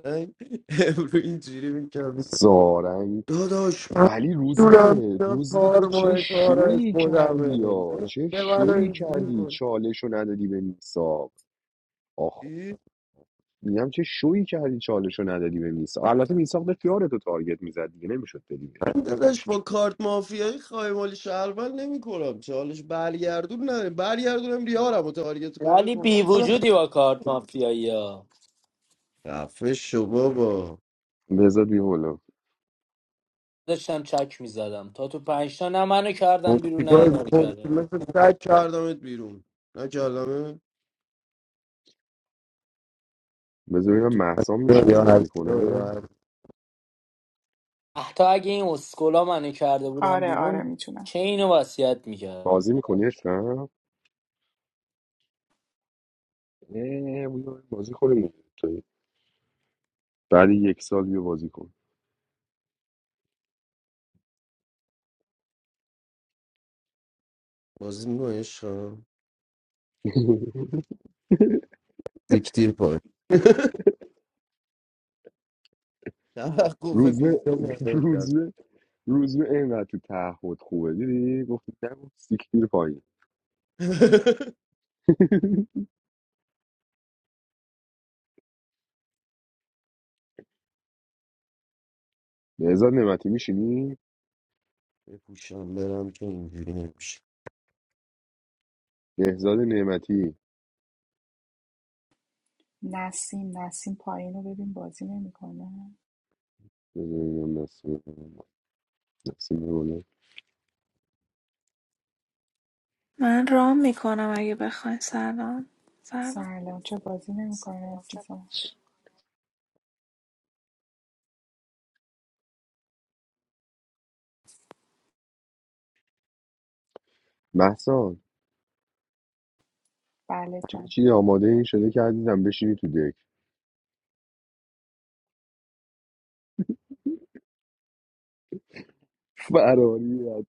Speaker 8: من امرو اینجوری میکنم
Speaker 1: سارنگ
Speaker 8: داداش من
Speaker 1: ولی
Speaker 8: دونم
Speaker 1: روزبه
Speaker 8: اینا
Speaker 1: روزبه تو
Speaker 8: کار
Speaker 1: چه
Speaker 8: ماه کار از
Speaker 1: شویی کردی
Speaker 8: خودمه
Speaker 1: یا چه
Speaker 8: به من
Speaker 1: شویی
Speaker 8: اینجوری
Speaker 1: کردی
Speaker 8: کن
Speaker 1: چالش رو ندادی به میساق میگم چه شویی کردی چالشو ندادی به میساق البته میساق داشت یارتو تارگت میزد دیگه نمیشد بدی بهش
Speaker 8: داداش با کارت مافیایی خایمالی شهروند نمی کنم چالش برگردون نه برگردونم ریارم و تارگت کنه
Speaker 9: ولی بی وجودی با کارت مافیایی ها
Speaker 8: رفه شو بابا
Speaker 1: بذار بیا بالا
Speaker 9: داشتم چک میزدم تا تو پنجتا نه منو کردن بیرون نه
Speaker 8: مصیبای
Speaker 9: اینا رو
Speaker 8: کن
Speaker 9: کردن
Speaker 8: مثل سگ کردمت بیرون نکردمه
Speaker 1: بذار
Speaker 8: دیگه
Speaker 1: ببینم
Speaker 8: تو
Speaker 1: مهسا
Speaker 8: پنجاه
Speaker 1: میشینه
Speaker 8: یا
Speaker 1: بازی
Speaker 8: هشتا یا
Speaker 1: کنه
Speaker 8: هر
Speaker 9: حتی اگه این اسکولا منو کرده بودن
Speaker 4: آره آره
Speaker 9: بیرون
Speaker 4: میتونم
Speaker 9: چه اینو وصیت میکرد
Speaker 1: بازی میکنی عشقم اه، بیا بازی کنیم تو. بعد یک سال بیا بازی کن
Speaker 8: بازی میکنه عشقا دیکتیر پای توقف
Speaker 1: روز به
Speaker 8: بیزا مانه
Speaker 1: روز
Speaker 8: کرد
Speaker 1: به روز به اینقدر تو تعهد خوبه دیدی گفتی نگو سیک دیر پایین نهزاد نعمتی میشینی
Speaker 8: بپوشم برم که اینجوری نمیشه
Speaker 1: نهزاد نعمتی
Speaker 4: نسیم نسیم پایین رو ببین بازی نمیکنه
Speaker 1: بذار ببینم نسیم- نسیم بگو.
Speaker 11: Man, Ramiko, na magyber ko in salon, salon.
Speaker 4: سلام چه بازی نمیکنه عزیزم
Speaker 1: مهسا
Speaker 4: بله
Speaker 1: همه
Speaker 4: جان
Speaker 1: چی آماده این شده که عزیزم بشینی تو دک فراری از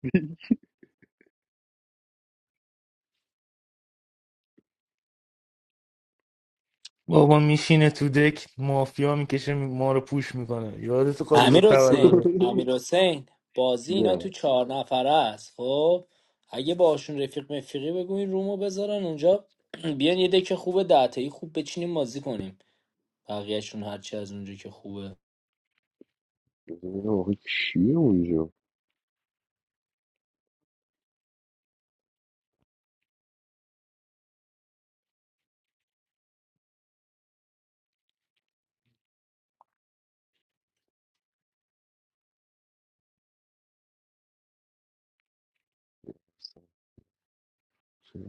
Speaker 9: امیر
Speaker 1: تو.
Speaker 9: حسین امیر حسین بازی اینا تو
Speaker 1: نه
Speaker 9: چهار نفره است خب اگه باشون رفیق مفیقی بگو این رومو بذارن اونجا بیان یه دک خوبه دهتایی خوب بچینیم بازی کنیم بقیهشون هرچی از اونجا که خوبه
Speaker 1: ببینم آخه کیه اونجا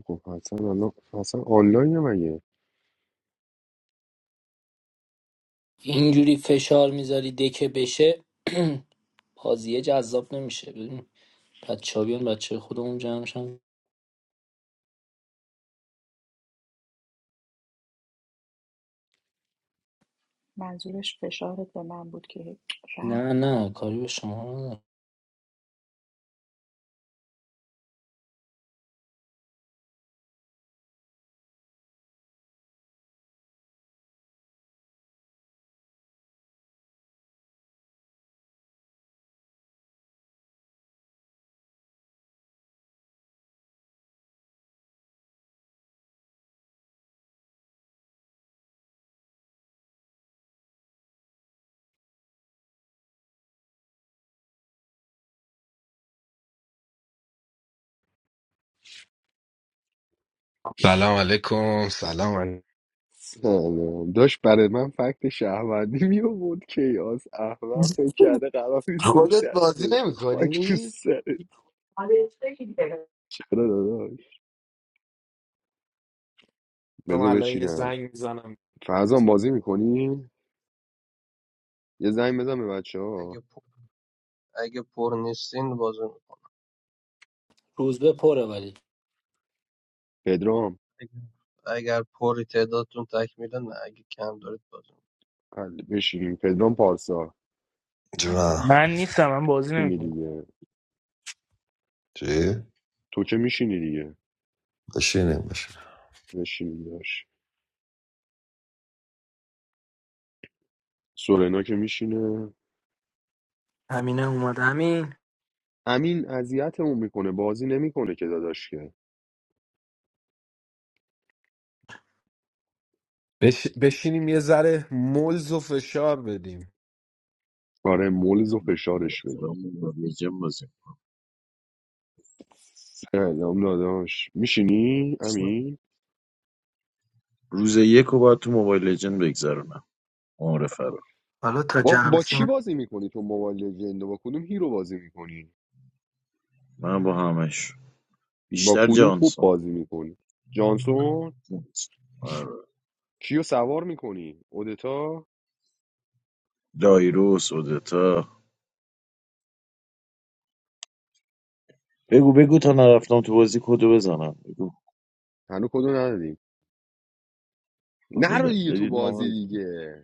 Speaker 1: خب حسن الان حسن آنلاینه مگه
Speaker 9: اینجوری فشار میذاری دکه بشه بازیه جذاب نمیشه ببین بچه ها بیان بچه خودمون جمع شن.
Speaker 4: منظورش فشارت به من بود که
Speaker 9: نه
Speaker 4: رفت
Speaker 9: نه کاری به شما ندارم.
Speaker 12: سلام علیکم سلام
Speaker 1: سلام داشت برای من فکت شهروندی می آورد کیاس احمق فکر
Speaker 12: علیکم
Speaker 1: کرده قرار نیستش
Speaker 12: خودت
Speaker 1: دست
Speaker 12: بازی
Speaker 1: بدم
Speaker 12: نمی
Speaker 1: خاک تو
Speaker 12: کنی؟
Speaker 1: سرش چرا داداش
Speaker 12: سلام
Speaker 1: بذار
Speaker 12: الان یه
Speaker 1: بچینم
Speaker 12: زنگ میزنم
Speaker 1: فرزان بازی میکنی یه زنگ بزن به بچه ها
Speaker 2: اگه پر, اگه پر نیستین بازی
Speaker 9: روز به پره ولی
Speaker 1: پدرام
Speaker 2: اگر اگر تعدادتون تکمیله نه اگه کم دارید بازی
Speaker 1: بله، بشین پدرام پارسا
Speaker 3: جونم
Speaker 1: میشینی دیگه
Speaker 3: چی؟
Speaker 1: تو که میشینی دیگه
Speaker 3: بشینیم بشینیم
Speaker 1: بشینیم داشت سورنا که میشینه
Speaker 9: همینه اومد همین
Speaker 1: امین اذیتمون میکنه بازی نمیکنه که داداش که
Speaker 12: بش... بشینیم یه ذره ملز و فشار بدیم
Speaker 1: آره ملز و
Speaker 13: دارم
Speaker 1: فشارش بدیم
Speaker 13: موبایل لژند بازی
Speaker 1: سلام داداش میشینی
Speaker 13: میکنم
Speaker 1: امین
Speaker 13: روز یک رو باید تو موبایل لژند بگذرونم معرفه رو
Speaker 9: حالا تا
Speaker 1: با,
Speaker 9: جمع
Speaker 1: با چی
Speaker 9: شیم
Speaker 1: بازی میکنی تو موبایل لژند و با کدوم هیرو بازی میکنی
Speaker 13: من با همش
Speaker 1: با
Speaker 13: بیشتر
Speaker 1: کدوم خوب
Speaker 13: جانسون
Speaker 1: بازی میکنی جانسون
Speaker 13: آره.
Speaker 1: کیو سوار میکنی اودتا
Speaker 13: دایرو سودتا بگو بگو تا نرفتم تو بازی کدو بزنم بگو
Speaker 1: هنو کدو ندادیم نرو
Speaker 13: بده
Speaker 1: دیگه تو
Speaker 13: بدید
Speaker 1: بازی
Speaker 13: نامه.
Speaker 1: دیگه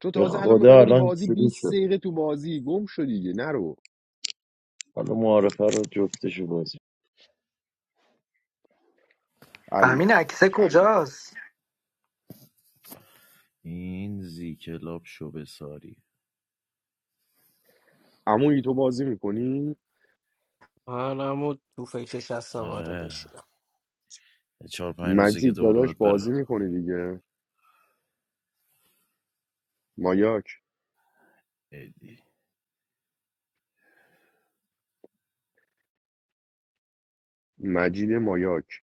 Speaker 1: تو
Speaker 13: به
Speaker 1: تازه الان میخوای
Speaker 13: خدا
Speaker 1: بری
Speaker 13: الان
Speaker 1: بازی
Speaker 13: شروع
Speaker 1: بیست
Speaker 13: شد
Speaker 1: دقیقه تو بازی گم شو دیگه نرو
Speaker 13: حالا معرفه رو جفتشو بازی
Speaker 9: امین عکسه کجاست
Speaker 13: این زی کلاب شو ساری
Speaker 1: عمویی تو بازی میکنی؟
Speaker 14: منم و تو فکرش هستم آره
Speaker 13: آره
Speaker 14: بشینم
Speaker 13: یه چهار پنج روزه که
Speaker 1: مجید
Speaker 13: دوباره
Speaker 1: داداش
Speaker 13: باید
Speaker 1: بازی
Speaker 13: برم
Speaker 1: میکنه دیگه مایاک
Speaker 13: ایدی.
Speaker 1: مجید مایاک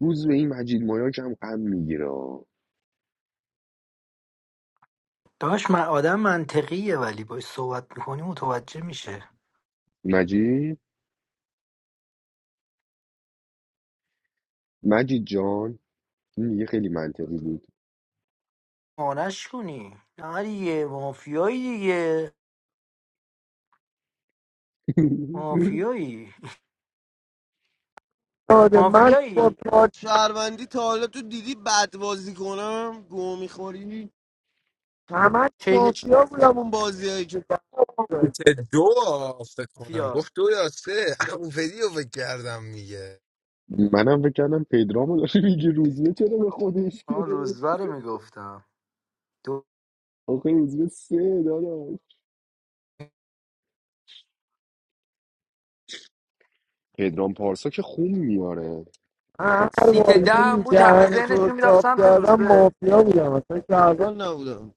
Speaker 1: روز به این مجید مایاک هم غم میگیره
Speaker 9: داش من آدم منطقیه ولی باش صحبت میکنی متوجه میشه
Speaker 1: مجید مجید جان این دیگه خیلی منطقی بود
Speaker 9: مانش کنی نه دیگه مافیایی دیگه مافیایی
Speaker 8: داده من با
Speaker 9: مافیایی
Speaker 8: کار شهروندی تا حالا تو دیدی بد بازی کنم گو میخوری همه
Speaker 9: چه
Speaker 8: مافیا بودم اون بازیایی که اون
Speaker 12: که دو فکر کنم
Speaker 9: مافیا
Speaker 12: گفت دو یا سه همون ویدیو فکر کردم میگه
Speaker 1: منم فکر کردم پدرامو داره میگه روزیه چرا به خودش
Speaker 9: آن
Speaker 1: گرفت
Speaker 9: روزبه رو میگفتم دو...
Speaker 1: آخه روزیه سه داداش پدرام پارسا که خون میاره
Speaker 8: هر
Speaker 9: سیت ده
Speaker 8: بازی
Speaker 9: هم بود همه
Speaker 8: جهان تو رو
Speaker 9: ذهنشون میرفت
Speaker 8: صاف
Speaker 9: سمت
Speaker 8: کردم
Speaker 9: روزبه
Speaker 8: مافیا بودم اصلا شهروند نبودم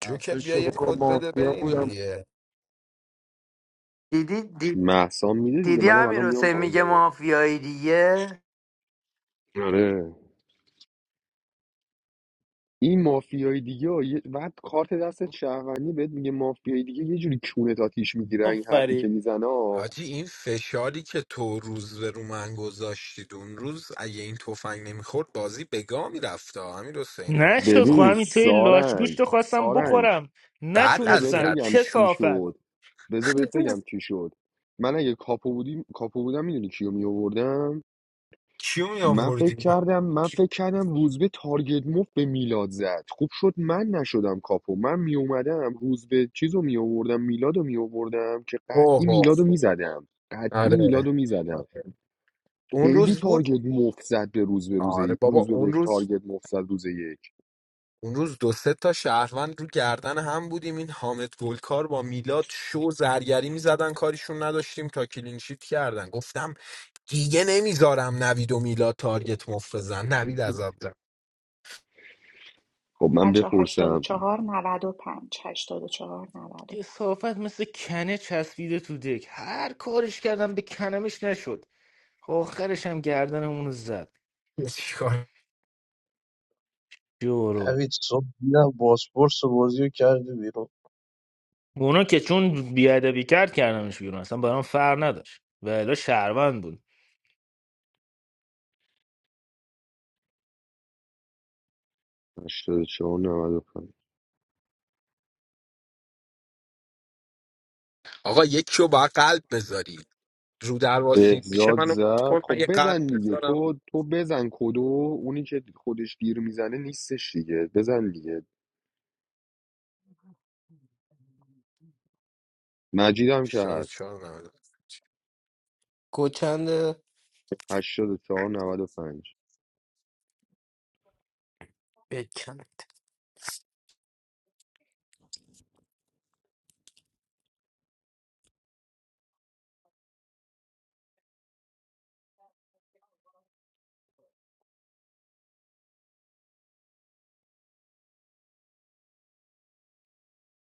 Speaker 8: به
Speaker 12: جوکر
Speaker 8: با
Speaker 12: بیا یه
Speaker 8: شما
Speaker 12: کد بده
Speaker 8: مافیا
Speaker 12: بریم
Speaker 8: بودم
Speaker 12: دیگه
Speaker 9: دیدی دی...
Speaker 1: محسان میده دیگه
Speaker 9: دیدی
Speaker 1: منم الان
Speaker 9: امیر
Speaker 1: میام
Speaker 9: حسین
Speaker 1: پایین
Speaker 9: میگه
Speaker 1: داداش
Speaker 9: مافیایی دیگه
Speaker 1: آره این مافیای دیگه ها، یه- بعد کارت دستت شهروندی بهت میگه مافیای دیگه یه جوری کونت آتیش میگیره این حرفی که
Speaker 9: آفری
Speaker 1: میزنه ها.
Speaker 12: آجی این فشاری که تو روز به رو من گذاشتید اون روز اگه این تفنگ نمیخورد بازی به گا میرفت امیر حسینا
Speaker 1: ببین سارنگ سارنگ
Speaker 12: بعد
Speaker 1: بذار بهت
Speaker 12: اذیت
Speaker 1: بگم چی
Speaker 12: میشد
Speaker 1: شد بذار بهت بگم چی شد من اگه کاپو بودیم کاپو بودم میدونی کیو میآوردم
Speaker 12: کیو می
Speaker 1: من فکر
Speaker 12: آوردی
Speaker 1: کردم من فکر کردم روزبه تارگت مفت به میلاد زد خوب شد من نشدم کاپو من می اومدم روزبه چیزو می آوردم میلادو می آوردم که قطعی
Speaker 12: اوه
Speaker 1: میلادو میزدم قطعی
Speaker 12: آره
Speaker 1: میلادو میزدم
Speaker 12: اون
Speaker 1: خیلی
Speaker 12: روز بود
Speaker 1: تارگت مفت زد به روز به روز
Speaker 12: آره بابا
Speaker 1: روز به
Speaker 12: اون
Speaker 1: بهش
Speaker 12: روز
Speaker 1: تارگت مفت زد روز یک
Speaker 12: اون روز دو سه تا شهروند رو گردن هم بودیم این حامد گلکار با میلاد شو زرگری میزدن کاریشون نداشتیم تا کلینشیت کردن گفتم دیگه نمیذارم نوید و میلاد تارگت مفت بزن نوید عذاب زن
Speaker 1: خب من
Speaker 4: بچه
Speaker 1: بپرسم
Speaker 4: 84 95 84 پنج هشتاد و چهار نود و پنج.
Speaker 12: چیکار؟
Speaker 2: می‌کنم. نوید صبح دیدم باسپورس بازی رو کرده بیرون
Speaker 1: 84 95
Speaker 12: آقا یک رو با قلب بذاری رو در واسید میشه
Speaker 1: بهزاد
Speaker 12: منو مت
Speaker 1: زد
Speaker 12: کن من
Speaker 1: خب
Speaker 12: یه قلب
Speaker 1: بزن دیگه
Speaker 12: بذارم
Speaker 1: تو تو بزن کدو اونی که خودش دیر میزنه نیستش دیگه بزن دیگه مجید هم که
Speaker 12: هشتاد و
Speaker 1: هست
Speaker 12: چهار
Speaker 14: کوچنده
Speaker 1: 84 پنج
Speaker 14: بکنید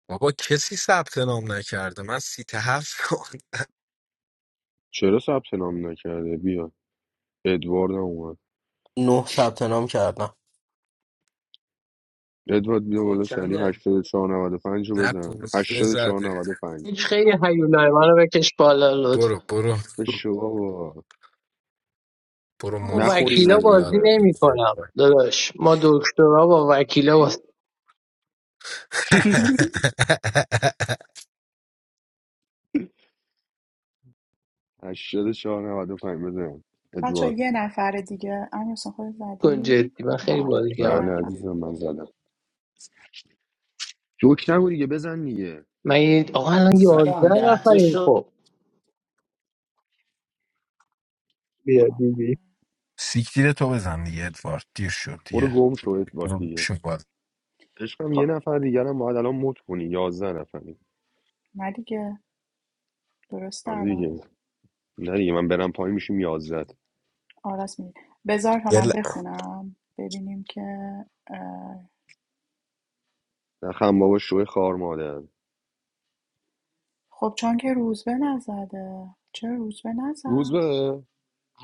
Speaker 12: بابا کسی ثبت نام نکرده من سی هفت
Speaker 1: چرا ثبت نام نکرده بیا ادوارد هم اومد
Speaker 14: نه ثبت نام کردم
Speaker 1: ادوارد بیا
Speaker 9: کد
Speaker 1: بالا سری
Speaker 9: چنده
Speaker 1: 84 پنج رو
Speaker 12: نه
Speaker 1: بزن
Speaker 12: پوست
Speaker 1: 84
Speaker 12: زده
Speaker 1: 95
Speaker 15: هیچ خیلی هیولای منو بکش بالا
Speaker 12: برو
Speaker 15: لطفا
Speaker 12: برو
Speaker 1: به شما
Speaker 12: برو
Speaker 15: من با
Speaker 12: موج
Speaker 1: نخوریم
Speaker 15: وکیلا
Speaker 1: اون یه
Speaker 12: بگذر
Speaker 15: بازی
Speaker 12: یاد
Speaker 1: موقع
Speaker 15: نمی
Speaker 12: بگیر
Speaker 15: کنم داداش ما دکترا با وکیلا بازی
Speaker 1: 84 95 بزن
Speaker 4: بچه
Speaker 1: ادوارد
Speaker 4: یه نفر دیگه امیر حسین خود
Speaker 15: کن
Speaker 4: زدی
Speaker 15: جدی من خیلی
Speaker 4: آها، آره
Speaker 15: بازی
Speaker 4: یه
Speaker 15: کردم
Speaker 1: نه
Speaker 4: نفر
Speaker 1: عزیزم من زدم جوک نگو دیگه بزن دیگه
Speaker 15: من یه- آقا الان یازده
Speaker 9: زدم ده تا
Speaker 15: نفریم
Speaker 9: شد
Speaker 15: خب بیا
Speaker 4: کنم.
Speaker 15: دیدی
Speaker 12: سیکتیر تو بزن دیگه ادوارد دیر شد
Speaker 1: برو
Speaker 12: دیگه
Speaker 1: گم شو ادوارد
Speaker 12: برو
Speaker 1: دیگه
Speaker 12: شون باز
Speaker 1: عشقم یه
Speaker 4: خب
Speaker 1: نفر دیگه هم باید الان مت کنی یازده نفری
Speaker 4: نه دیگه درسته
Speaker 1: آره
Speaker 4: الان
Speaker 1: دیگه نه دیگه من برم پایین میشیم یازده.
Speaker 4: آه، راست میگی بذار تا
Speaker 12: یه
Speaker 4: من
Speaker 12: ل-
Speaker 4: بخونم ببینیم که اه،
Speaker 1: نخم بابا شو خار مادر
Speaker 4: خب چون که روزبه نزده چرا روزبه
Speaker 1: روز
Speaker 4: نزد
Speaker 1: به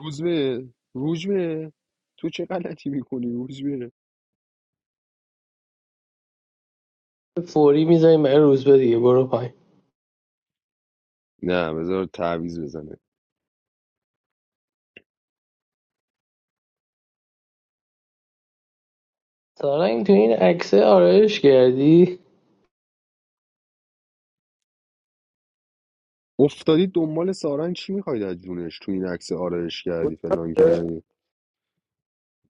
Speaker 1: روز به روز به تو چه غلطی میکنی روز به
Speaker 15: فوری میذاریم برای روز به دیگه برو پایین
Speaker 1: نه بذار تعویض بزنه
Speaker 15: سارنگ تو این عکسه آرایش کردی
Speaker 1: افتادی دنبال سارنگ چی میخواید از جونش تو این عکس آرایش کردی فلان
Speaker 8: خودم
Speaker 1: کردی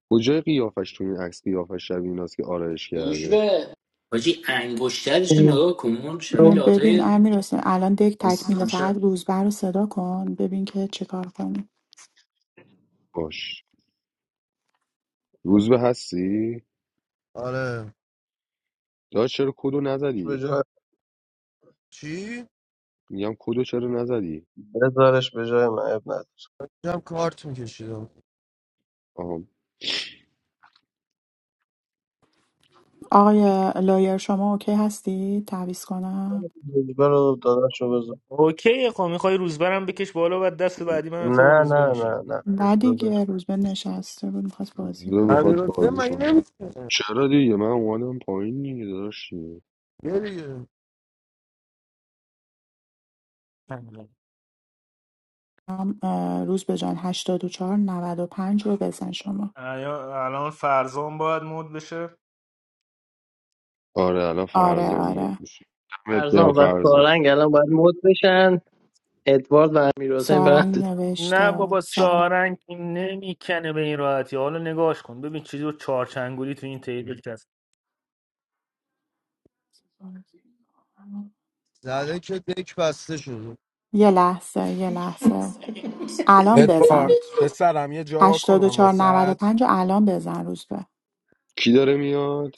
Speaker 1: کجای قیافش تو این عکس قیافش شبیه ایناست که آرایش
Speaker 9: یوش
Speaker 1: کرده
Speaker 9: به حاجی انگشترشو نگاه کن شبیه
Speaker 4: ببین
Speaker 9: لاتای
Speaker 4: امیر حسین الان دک تکمیله فقط روزبه رو صدا کن ببین که چه کار کنی
Speaker 1: باش روزبه هستی
Speaker 8: آره
Speaker 1: داداش چرا کدو
Speaker 2: به
Speaker 1: نزدی
Speaker 2: جای
Speaker 8: چی؟
Speaker 1: میگم کدو چرا نزدی
Speaker 2: بذارش به جای من اب نداره
Speaker 8: هم کارت میکشیدم
Speaker 1: آها
Speaker 4: آقای لایر شما اوکی هستی تعویض کنم
Speaker 2: روزبه رو داداش رو بذار نه نه نه نه
Speaker 4: نه
Speaker 2: روزبه بش
Speaker 4: دیگه روزبه نشسته بود میخواست بازی
Speaker 1: روزبه
Speaker 8: امیر
Speaker 4: کنه
Speaker 1: میخواد
Speaker 8: حسین
Speaker 1: بازی
Speaker 8: مگه
Speaker 1: کنه
Speaker 8: نمیشه
Speaker 1: چرا دیگه من اومدم پایین دیگه داداش
Speaker 8: یه دیگه
Speaker 4: هم اه، روزبه جان هشتاد و 95 رو بزن شما
Speaker 1: آره الان
Speaker 4: آره
Speaker 1: فرزام مرد
Speaker 4: آره
Speaker 1: میشه دمت گرم
Speaker 15: ارزان و
Speaker 1: فرزان
Speaker 15: سارنگ الان باید مد بشن ادوارد و امیر حسین
Speaker 4: سارنگ
Speaker 15: برن
Speaker 4: نوشته سارنگ
Speaker 8: زده که دک بسته شد
Speaker 4: یه لحظه یه لحظه الان بزن
Speaker 12: ادوارد پسرم یه جا کنم
Speaker 4: 84
Speaker 12: واسط
Speaker 4: 95 رو الان بزن روز به
Speaker 1: کی داره میاد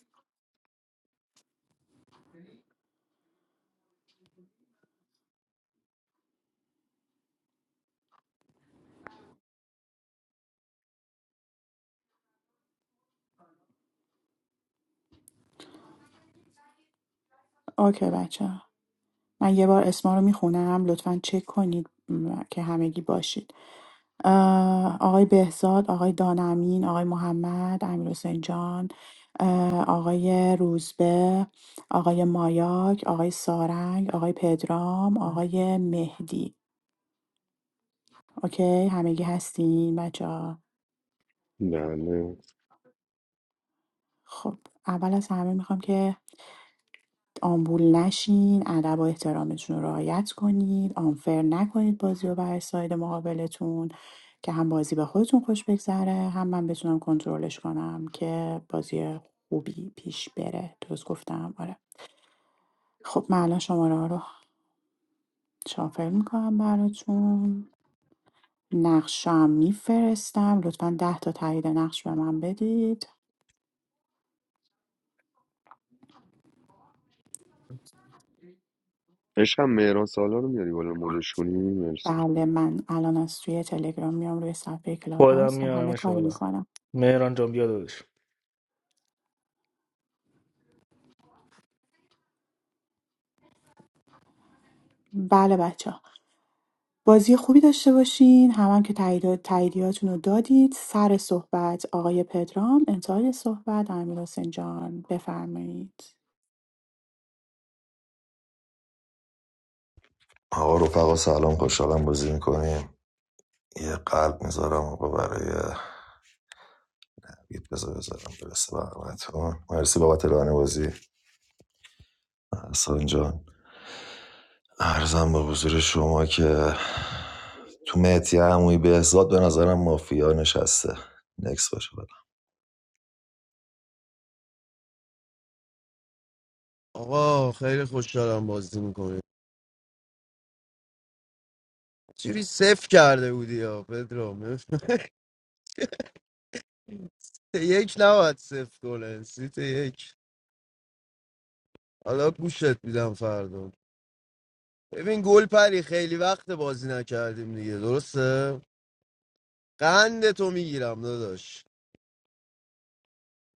Speaker 4: اوکی بچه من یه بار اسما رو میخونم لطفا چک کنید م، که همگی باشید اه، آقای بهزاد آقای دانمین آقای محمد امیر حسین جان اه، آقای روزبه آقای مایاک آقای سارنگ آقای پدرام آقای مهدی اوکی همگی هستین بچه
Speaker 1: نه نه
Speaker 4: خب اول از همه میخوام که آمبول نشین ادب و احترامتون رو رعایت کنید آنفر نکنید بازی رو برای ساید مقابلتون که هم بازی به خودتون خوش بگذره هم من بتونم کنترلش کنم که بازی خوبی پیش بره درست گفتم آره خب من الان شماره ها رو شافل میکنم براتون نقشم میفرستم لطفا ده تا تایید نقش به من بدید
Speaker 1: عشقم مهران سالار رو میاری بالا مدش کنی مرسی
Speaker 4: بله من الان از توی تلگرام میام روی صفحه کلاب هاوس و همه کار میکنم بله بچه بازی خوبی داشته باشین هم, هم که تایید تاییدیاتون رو دادید سر صحبت آقای پدرام انتهای صحبت امیر حسین جان بفرمایید
Speaker 3: آقا رفقا سلام خوشحالم بازی میکنیم یه قلب میذارم آقا برای بید بذار بذارم برسه بقیمتون مرسی بابت رانه بازی احسان جان ارزم به حضور شما که تو مهدی عمویی بهزاد به نظرم مافیا نشسته نکس باشه بدم
Speaker 8: آقا خیلی خوشحالم بازی میکنیم. چیزی صفر کرده بودی یا پدرام سیت یک نباید صفر کنه سیت یک حالا گوشت میدم فردا ببین گل پری خیلی وقت بازی نکردیم دیگه درسته قند تو میگیرم داداش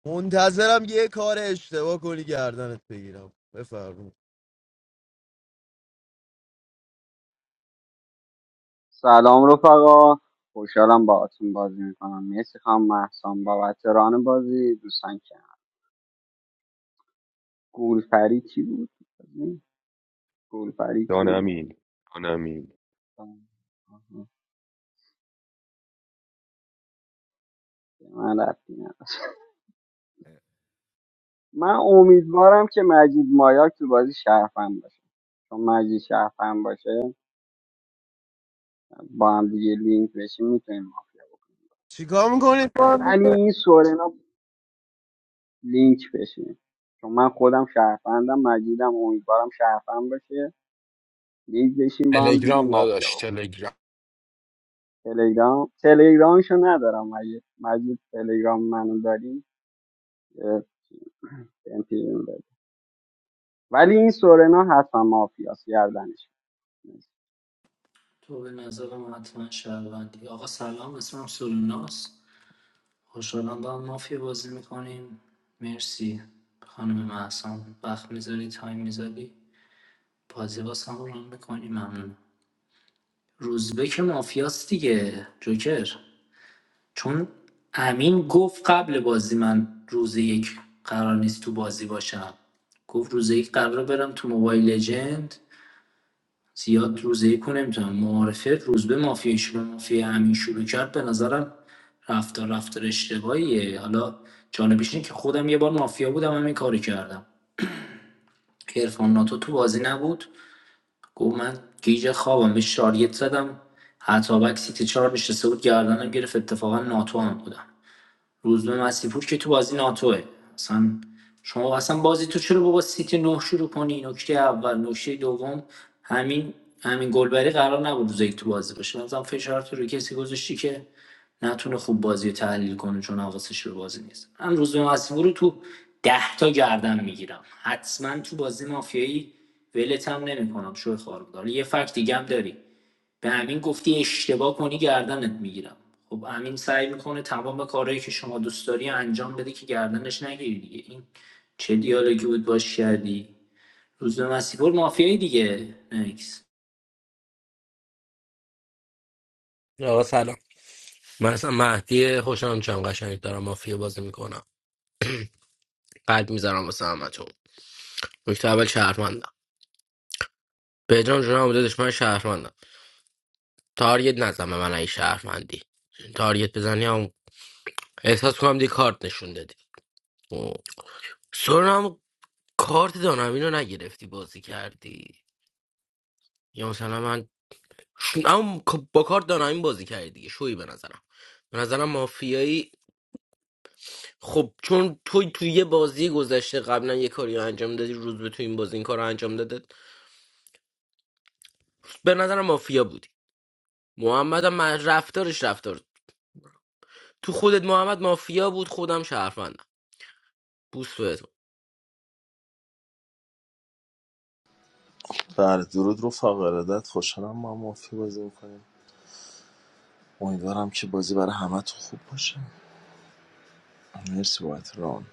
Speaker 8: منتظرم یه کار اشتباه کنی گردنت بگیرم بفرمایید
Speaker 16: سلام رفقا خوشحالم با بازی میکنم مرسی خانم محسان بابت ران بازی دوستان که گولفری کی بود گولفری کیه
Speaker 1: دانمین دانمین
Speaker 16: آها، من ربطی ندارم. من امیدوارم که مجید مایاک تو بازی شرفم باشه چون مجید شرفم باشه با هم دیگه لینک بشیم میتونیم مافیا بکنیم
Speaker 8: چیکار میکنید با هم دیگه؟
Speaker 16: ولی این سورنا لینک بشیم چون من خودم شرفندم مجیدم امیدوارم شرفم باشه لینک بشیم با هم دیگه
Speaker 12: تلگرام
Speaker 16: مافیا بکنیم.
Speaker 12: نداشت تلگرام
Speaker 16: تلگرام تلگرامشو ندارم اگه مجید تلگرام منو داریم امپیریم داریم ولی این سورنا حتما مافیاس گردنش
Speaker 9: تو به نظرم حتما شهروندی آقا سلام اسمم سولوناس خوشحالم با هم مافیا بازی میکنیم مرسی خانم محسن وقت میذاری تایم میذاری بازی باز هم رو میکنیم ممنون روزبه که مافیاست دیگه جوکر چون امین گفت قبل بازی من روز یک قرار نیست تو بازی باشم گفت روز یک قرار برم تو موبایل لجند زیاد روزیکو نمیتونم معارفه روزبه مافیای شروع مافیای همین شروع کرد به نظرم رفتار رفتار اشتباهیه حالا جانبیش اینه که خودم یه بار مافیا بودم همین کاری کردم عرفان ناتو تو بازی نبود گفت من گیج خوابم به شاریت زدم حتی وقتی سیت چهار نشسته بود گردنم گرفت اتفاقا ناتو هم بودم روزبه مسیپور که تو بازی ناتوه اصلا شما اصلا بازی تو چرا با با سیتی نه شروع کنی نکته اول نکته دوم همین همین گلبری قرار نبود روز یک تو بازی باشه مثلا فشار تو رو کسی گذاشتی که نتونه خوب بازی رو تحلیل کنه چون حواسش رو بازی نیست من روزبه مسیپور رو تو ده تا گردن میگیرم حتما تو بازی مافیایی ولتم نمیکنم شو خاربدار یه فکت دیگه هم داری به امین گفتی اشتباه کنی گردنت میگیرم خب امین سعی میکنه تمام کارهایی که شما دوست داری انجام بده که گردنش نگیری دیگه این چه دیالوگی بود باش کردی روز به مسیحور مافیایی دیگه نکس
Speaker 14: آقا سلام من اصلا مهدی خوشم چم قشنگ دارم مافیا بازی میکنم قلب میذارم واسه همتون نکته اول شهرمندم بهجان جون هم دادش من شهرمندم تارگت نزن به من ای شهرمندی تارگت بزنی هم احساس کنم دی کارت نشون دادی اوه. سرنم کارت دانم اینو نگرفتی بازی کردی یا مثلا من ش اما ک- با کار دانمین بازی کردی دیگه شوی به نظرم به نظرم مافیایی خب چون توی توی یه بازی گذشته قبلا یه کاری رو انجام دادی روز به تو این بازی این کار رو انجام داده به نظرم مافیا بودی محمد هم من- رفتارش رفتار تو خودت محمد مافیا بود خودم شهرمندم بوست بهتون
Speaker 17: بله درود رفقا ارادت خوشحالم ما هم مافیا بازی میکنیم امیدوارم که بازی برای همه تو خوب باشه مرسی بابت ران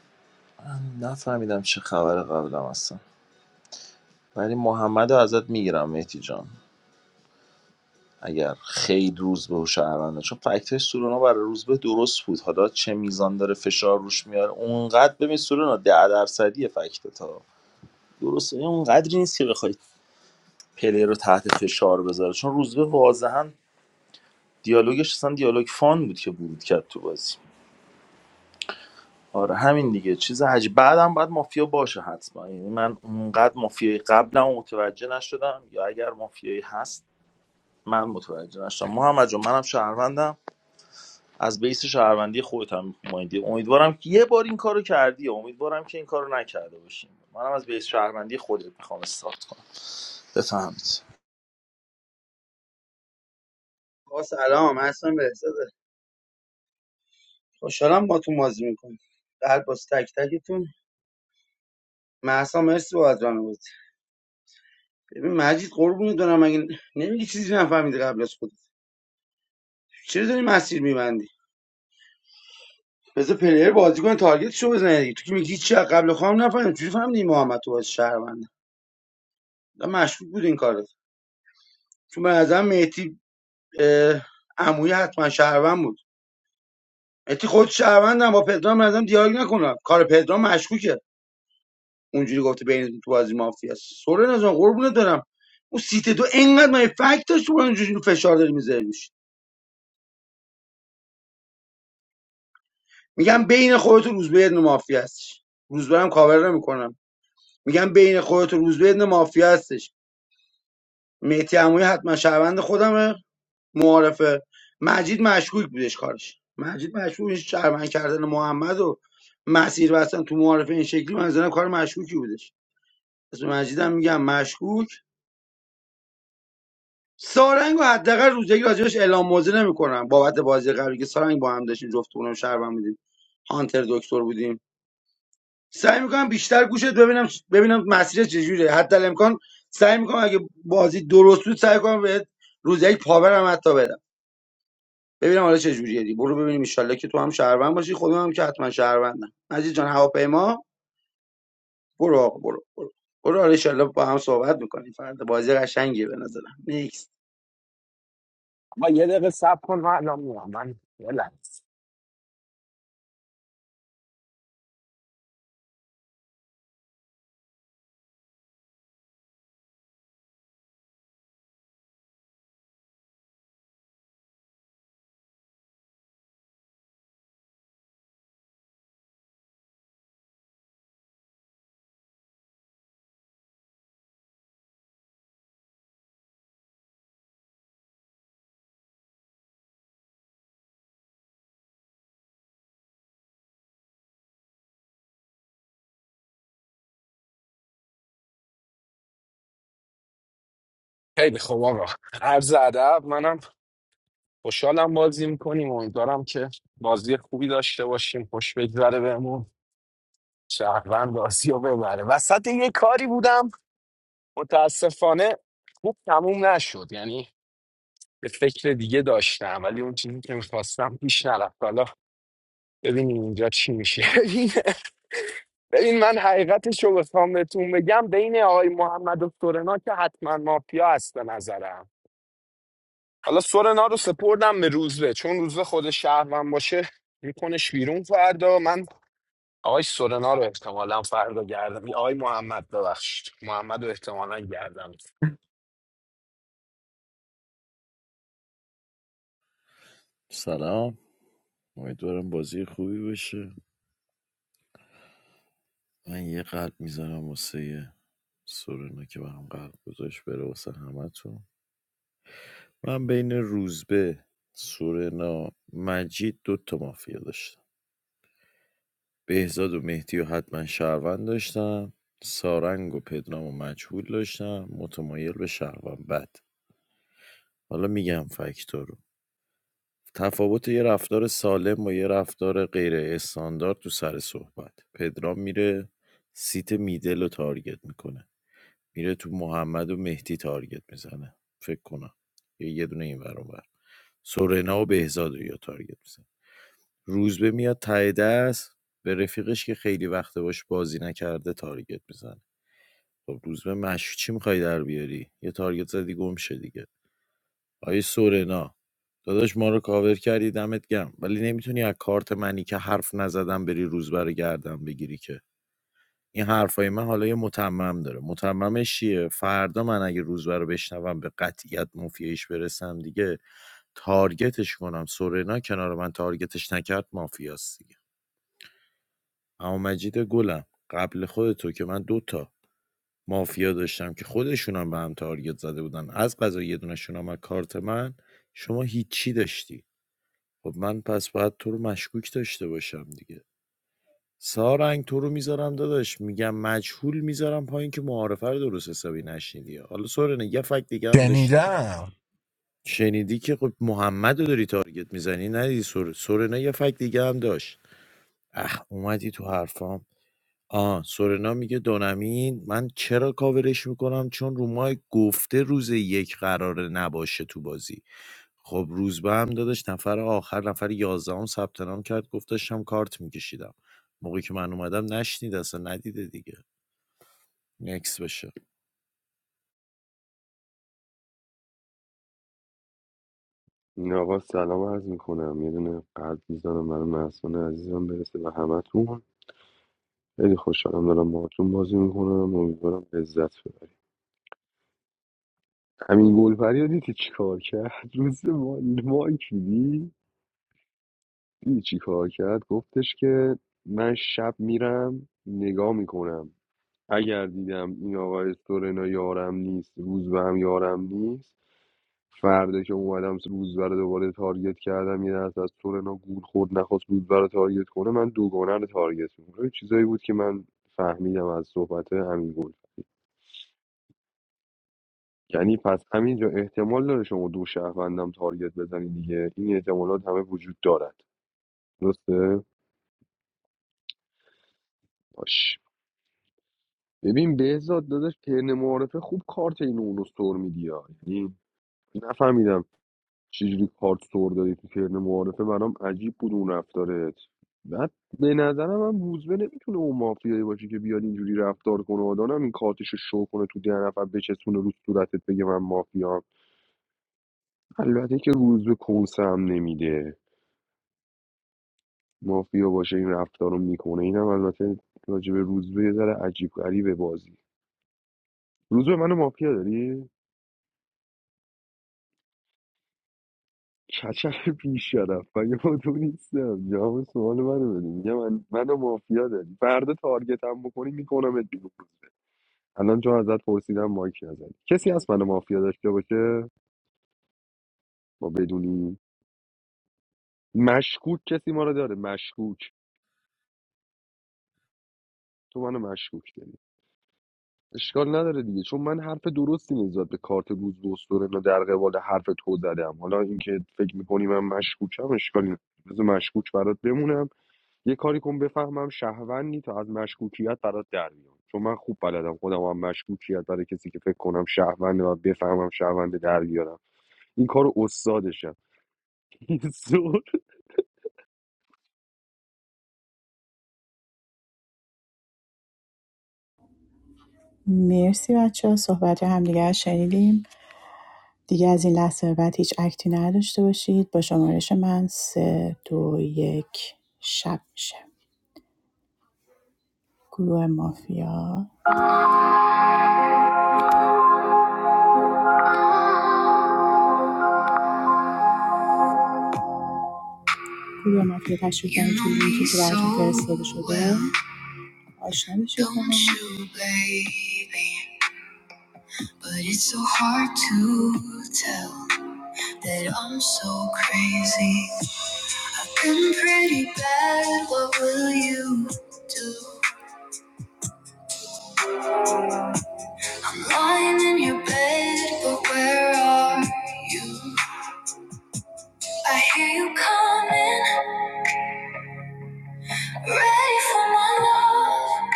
Speaker 17: من نفهمیدم چه خبر قبلم هستم ولی محمد رو ازت میگیرم مهدی جان اگر خیلی روز به شهرونده چون فکت های سورونا برای روزبه به درست بود حالا چه میزان داره فشار روش میاره اونقدر ببین سورونا ده درصدی فکت تا درست این اونقدری نیست که بخوای پلیر رو تحت فشار بذاره چون روزبه واضحا دیالوگش اصلا دیالوگ فان بود که ورود کرد تو بازی آره همین دیگه چیز عجیب بعدم باید مافیا باشه حتما یعنی من اونقدر مافیای قبلم متوجه نشدم یا اگر مافیایی هست من متوجه نشدم محمد جان منم شهروندم از بیس شهروندی خودتم مایندی امیدوارم که یه بار این کارو کردی امیدوارم که این کارو نکرده باشیم منم از بیس شهروندی خودت میخوام استارت کنم بفهمید
Speaker 18: آقا سلام محسن بهزاده خوشحالم با تو مازی میکنم قلب باز تک تکتون محسا مرسی با ادران بود ببین مجید قربونت دارم مگه نمیگی چیزی نفهمیدی قبل از خودت چرا داری مسیر میبندی بذار پلیر بازی کنه تارگتشو بزنه دیگه تو که میگی چی از قبل خواهم نفهمیدم چجوری فهمیدی این محمد تو باز شهرونده و مشکوک بود این کارت چون به نظرم مهدی اه، عمویی حتما شهروند بود مهدی خود شهروندم با پدرام به نظرم دیالوگ نکنم کار پدرام مشکوکه اونجوری گفته بینتون تو بازی مافیا سورنا جان قربونت برم اون سیت دو انقدر من فکت داشت تو اونجوری فشار داری میذاری روش میگم بین خودت و روزبه یه دونه مافیا هستش روزبه هم کاور نمیکنم میگم بین خودت و روزبه یه دونه مافیا هستش مهدی عمویی حتما شهروند خودمه معارفه مجید مشکوک بودش کارش مجید مشکوکش شهروند کردن محمد و مسیر بستن تو معارفه این شکلی من زنم کار مشکوکی بودش اسم مجیدم میگم مشکوک سارنگ و حداقل روزی راجبش اعلام موضع نمیکنم بابت بازی قبلی که سارنگ با هم داشتیم جفتمونم شهروند بودیم هانتر دکتر بودیم سعی میکنم بیشتر گوشت ببینم ببینم مسیر چجوریه حتی الامکان سعی میکنم اگه بازی درست بود سعی کنم بهت روز یک پاورم حتی بدم ببینم حالا چه جوریه دی برو ببینیم ان که تو هم شهروند باشی خودم هم که حتما شهروندم عزیز جان هواپیما برو آقا برو برو برو حالا ان با هم صحبت میکنیم فردا بازی قشنگیه به نظرم نیکس.
Speaker 12: ما یه دقیقه صبر کن من الان میام من یه لحظه خیلی خوب آقا عرض ادب منم خوشحالم بازی میکنیم امیدوارم که بازی خوبی داشته باشیم خوش بگذره بهمون شهروند بازی رو ببره وسط یه کاری بودم متاسفانه خوب تموم نشد یعنی به فکر دیگه داشتم ولی اون چیزی که میخواستم پیش نرفت حالا ببینیم اینجا چی میشه ببین ببین من حقیقتش رو بخوام بهتون بگم بین آقای محمد و سورنا که حتما مافیا هست به نظرم حالا سورنا رو سپردم به روزبه چون روزبه خود شهرون باشه میکنش بیرون فردا من آقای سورنا رو احتمالا فردا گردم آقای محمد ببخشید محمد رو احتمالا گردم
Speaker 13: سلام امیدوارم بازی خوبی بشه من یه قلب میذارم واسه سورنا که برام قلب گذاشت بره واسه همتون من بین روزبه سورنا مجید دوتا تا مافیا داشتم بهزاد و مهدی و حتما شهروند داشتم سارنگ و پدرام و مجهول داشتم متمایل به شهروند بد حالا میگم فکتور رو تفاوت یه رفتار سالم و یه رفتار غیر استاندارد تو سر صحبت پدرام میره سیت میدل رو تارگت میکنه میره تو محمد و مهدی تارگت میزنه فکر کنم یه یه دونه این ور اون ور. سورنا و بهزاد رو یا تارگت میزنه روزبه میاد ته دست به رفیقش که خیلی وقت باش بازی نکرده تارگت میزنه خب روزبه مشو چی میخوای در بیاری یه تارگت زدی گم شه دیگه آیه سورنا داداش ما رو کاور کردی دمت گم ولی نمیتونی از کارت منی که حرف نزدم بری روزبه رو گردم بگیری که این حرفای من حالا یه متمم داره متممش چیه فردا من اگه روزبه رو بشنوم به قطعیت مافیایش برسم دیگه تارگتش کنم سورنا کنار من تارگتش نکرد مافیاست دیگه اما مجید گلم قبل خودتو که من دوتا مافیا داشتم که خودشونم به هم تارگت زده بودن از قضا یه دونشون هم از کارت من شما هیچی داشتی خب من پس باید تو رو مشکوک داشته باشم دیگه سارنگ تو رو میذارم داداش میگم مجهول میذارم پایین که معارفه رو درست حسابی نشنیدی حالا سورن یه فکت دیگه هم داشتی
Speaker 12: شنیدم
Speaker 13: شنیدی که خب محمد رو داری تارگت میزنی ندیدی سور... سورنا یه فکت دیگه هم داشت اخ اومدی تو حرفام آه، سورنا میگه دونمین من چرا کاورش میکنم چون رومای گفته روز یک قراره نباشه تو بازی خب روزبه هم دادش نفر آخر نفر یازدهم ثبت نام کرد گفت داشتم کارت میکشیدم موقعی که من اومدم نشنید اصلا ندیده دیگه نکس بشه
Speaker 1: این آقا سلام عرض میکنم یه دونه قلب میزنم برای محسن عزیزم برسه به همتون خیلی خوشحالم دارم باهاتون بازی میکنم امیدوارم لذت ببرید همین گلپری رو دیدی چی کار کرد روز ما مایکلی دیدی چی کار کرد گفتش که من شب میرم نگاه میکنم اگر دیدم این آقای سورنا یارم نیست روز به هم یارم نیست فردا که اومدم روز رو دوباره تارگت کردم یه دست از سورنا گول خورد نخواست روز رو تارگت کنه من دوگانه رو تارگت میکنم این چیزایی بود که من فهمیدم از صحبت همین گل یعنی پس همینجا احتمال داره شما دو شهروندم تارگت بزنی دیگه این احتمالات همه وجود دارد درسته باش ببین بهزاد داداش ترن معارفه خوب کارت این اون رو سر میدی ها. یعنی نفهمیدم چجوری کارت سور دادی تو ترن معارفه برام عجیب بود اون رفتارت بعد به نظرم هم روزبه نمیتونه اون مافیایی باشه که بیاد اینجوری رفتار کنه آدم این کارتش رو شو کنه تو ده نفر بچسبونه رو صورتت بگه من مافیام البته که روزبه کنسه هم نمیده مافیا باشه این رفتار رو میکنه اینم البته راجع به روزبه یه ذره عجیب غریبه بازی روزبه منو مافیا داری کچل بیشرف مگه ما تو نیستم جواب سوال منو بده میگه من منو مافیا داری فردا تارگتم بکنی میکنمت بیرون الان چون ازت پرسیدم مایک نزن کسی هست منو مافیا داشته باشه ما بدونیم مشکوک کسی ما رو داره مشکوک تو منو مشکوک داری اشکال نداره دیگه چون من حرف درستی نسبت به کارت روز دوستورن و در قبال حرف تو زدم حالا اینکه فکر میکنی من مشکوکم اشکالی نداره بذار مشکوک برات بمونم یه کاری کن بفهمم شهروندی تا از مشکوکیت برات در بیام چون من خوب بلدم خودم هم مشکوکیت برای کسی که فکر کنم شهرونده و بفهمم شهرونده در بیارم این کارو استادشم زور.
Speaker 4: مرسی بچه ها صحبت همدیگه رو شنیدیم دیگه از این لحظه به بعد هیچ اکتی نداشته باشید با شمارش من سه دو یک شب میشه گروه مافیا گروه مافیا تشریف کنید توی لینکی که براتون فرستاده شده آشنا بشید با هم. But it's so hard to tell that I'm so crazy. I'm pretty bad, what will you do? Lying in your bed, but where are you? I hear you coming, ready for my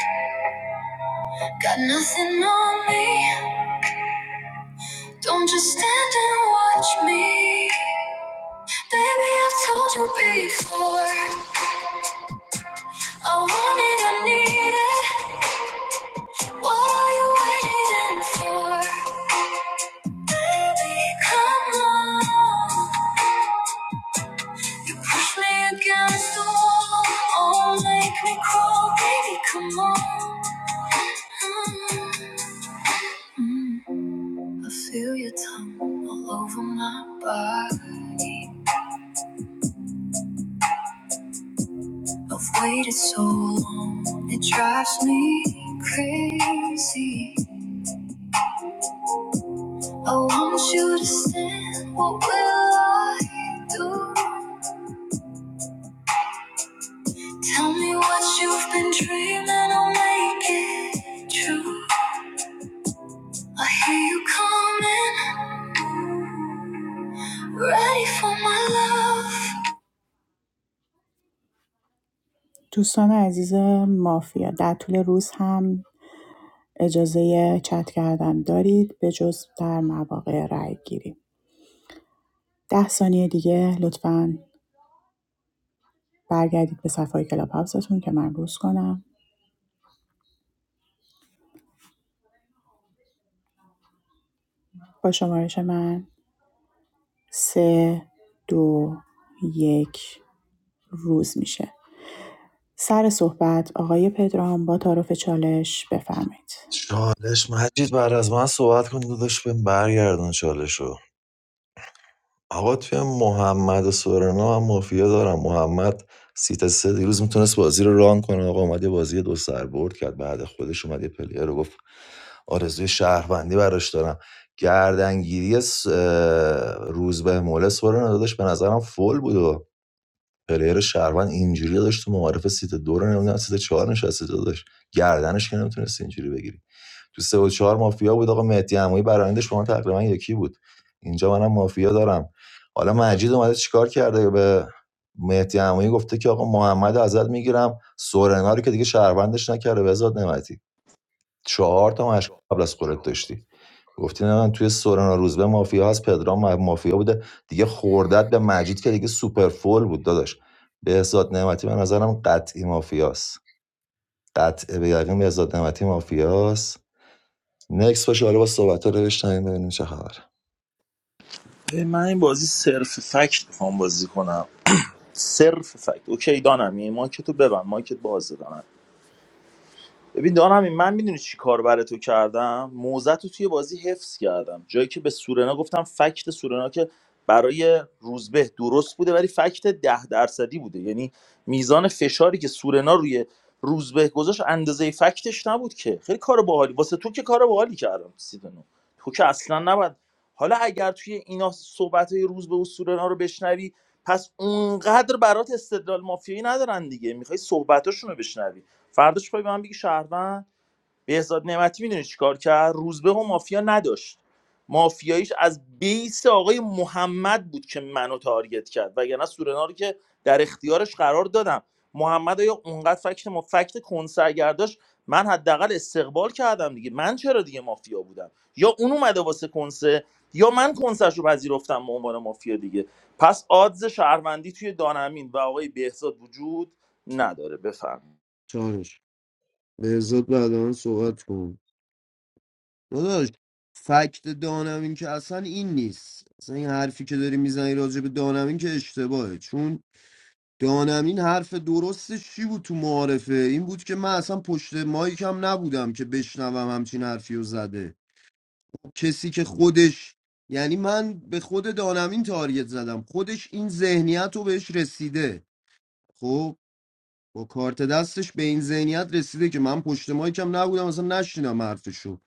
Speaker 4: love. Got nothing on me, don't just stand and watch me. Baby, I've told you before. I want it, I need it. What are you waiting for? Baby, come on. You push me against the wall. Oh, make me crawl. Baby, come on. Mm. I feel your tongue all over my body. I've waited so long, it drives me crazy. I want you to stand. What will I do? Tell me what you've been dreaming, I'll make it true. I hear you coming, ready for my love. دوستان عزیز مافیا در طول روز هم اجازه چت کردن دارید به جز در مواقع رأی گیری ده ثانیه دیگه لطفا برگردید به صفحه کلاب هاوستون که من روز کنم با شمارش من سه دو یک روز میشه سر صحبت آقای پدرام با تعارف چالش بفرمایید
Speaker 3: چالش مجید بعد از من صحبت کن داداش بهم برگردون چالش آقا توی محمد و سورنا من مافیا دارم محمد سیت سه دیروز میتونست بازی رو ران کنه آقا اومد یه بازی دو سر برد کرد بعد خودش اومد یه پلیر رو گفت آرزوی شهروندی براش دارم گردنگیری س- اه، روز به موله سورنا داداش به نظرم فول بود و پلیر شهروند اینجوری داشت تو معارف سیت دو رو نمیدونم سیت چهار نشسته داداش گردنش که نمیتونست اینجوری بگیری تو سه و چهار مافیا بود آقا مهدی عمویی برآیندش با من تقریبا یکی بود اینجا منم مافیا دارم حالا مجید اومده چیکار کرده به مهدی عمویی گفته که آقا محمد رو ازت میگیرم سورنا رو که دیگه شهروندش نکرده بزاد نمتی چهار تا مشک قبل از خودت داشتی گفتی نه من توی سورنا روزبه مافیا هست پدرام مافیا بوده دیگه خوردت به مجید که دیگه سوپر فول بود داداش بهزاد نعمتی به نظرم قطعی مافیاست قطع به یقین بهزاد نعمتی مافیاست نکس باشه حالا با صحبت ها نوشتن ببینیم چه خبره
Speaker 17: ای، من این بازی صرف فکت میخوام بازی کنم صرف فکت اوکی دانم یعنی مایکتو ببند مایکت بازه ببین دان همین من میدونی چی کار برای تو کردم موزت رو توی بازی حفظ کردم جایی که به سورنا گفتم فکت سورنا که برای روزبه درست بوده ولی فکت ده درصدی بوده یعنی میزان فشاری که سورنا روی روزبه گذاشت اندازه فکتش نبود که خیلی کار باحالی واسه تو که کار باحالی کردم سیدنو تو که اصلا نباید حالا اگر توی اینا صحبت روزبه و سورنا رو بشنوی پس اونقدر برات استدلال مافیایی ندارن دیگه میخوای صحبتاشون رو بشنوی فرداش پای به من بگی شهروند بهزاد نعمتی میدونی چیکار کرد روزبه و مافیا نداشت مافیاییش از بیس آقای محمد بود که منو تارگت کرد وگرنه سورنا رو که در اختیارش قرار دادم محمد یا اونقدر فکت مفکت کنسرگرداش من حداقل استقبال کردم دیگه من چرا دیگه مافیا بودم یا اون اومده واسه کنسه یا من کنسرش رو پذیرفتم به عنوان مافیا دیگه پس آدز شهروندی توی دانمین و آقای بهزاد وجود نداره بفهم.
Speaker 8: چالش بهزاد بعد من صحبت کن داداش فکت دانمین که اصلا این نیست اصلا این حرفی که داری میزنی راجع به دانمین که اشتباهه چون دانمین حرف درستش چی بود تو معارفه این بود که من اصلا پشت مایکم نبودم که بشنوم همچین حرفی رو زده کسی که خودش یعنی من به خود دانمین تارگت زدم خودش این ذهنیت رو بهش رسیده خب با کارت دستش به این ذهنیت رسیده که من پشت مایکم نبودم اصلا نشینم حرفشو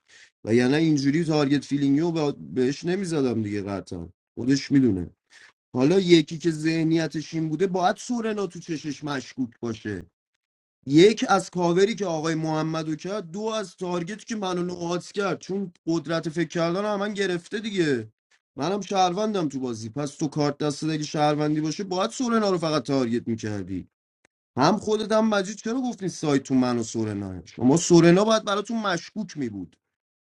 Speaker 8: و یعنی اینجوری تارگت فیلینگیو به- بهش نمیزدم دیگه قطعا خودش میدونه حالا یکی که ذهنیتش این بوده باید سورنا تو چشش مشکوک باشه یک از کاوری که آقای محمدو کرد دو از تارگت که منو نوعات کرد چون قدرت فکر کردن هم من گرفته دیگه منم شهروندم تو بازی پس تو کارت دست اگه شهروندی باشه باید سورنا رو فقط تارگت میکردی هم خودت هم مجید چرا گفتین سایت تو من و سورنا شما سورنا باید براتون مشکوک می بود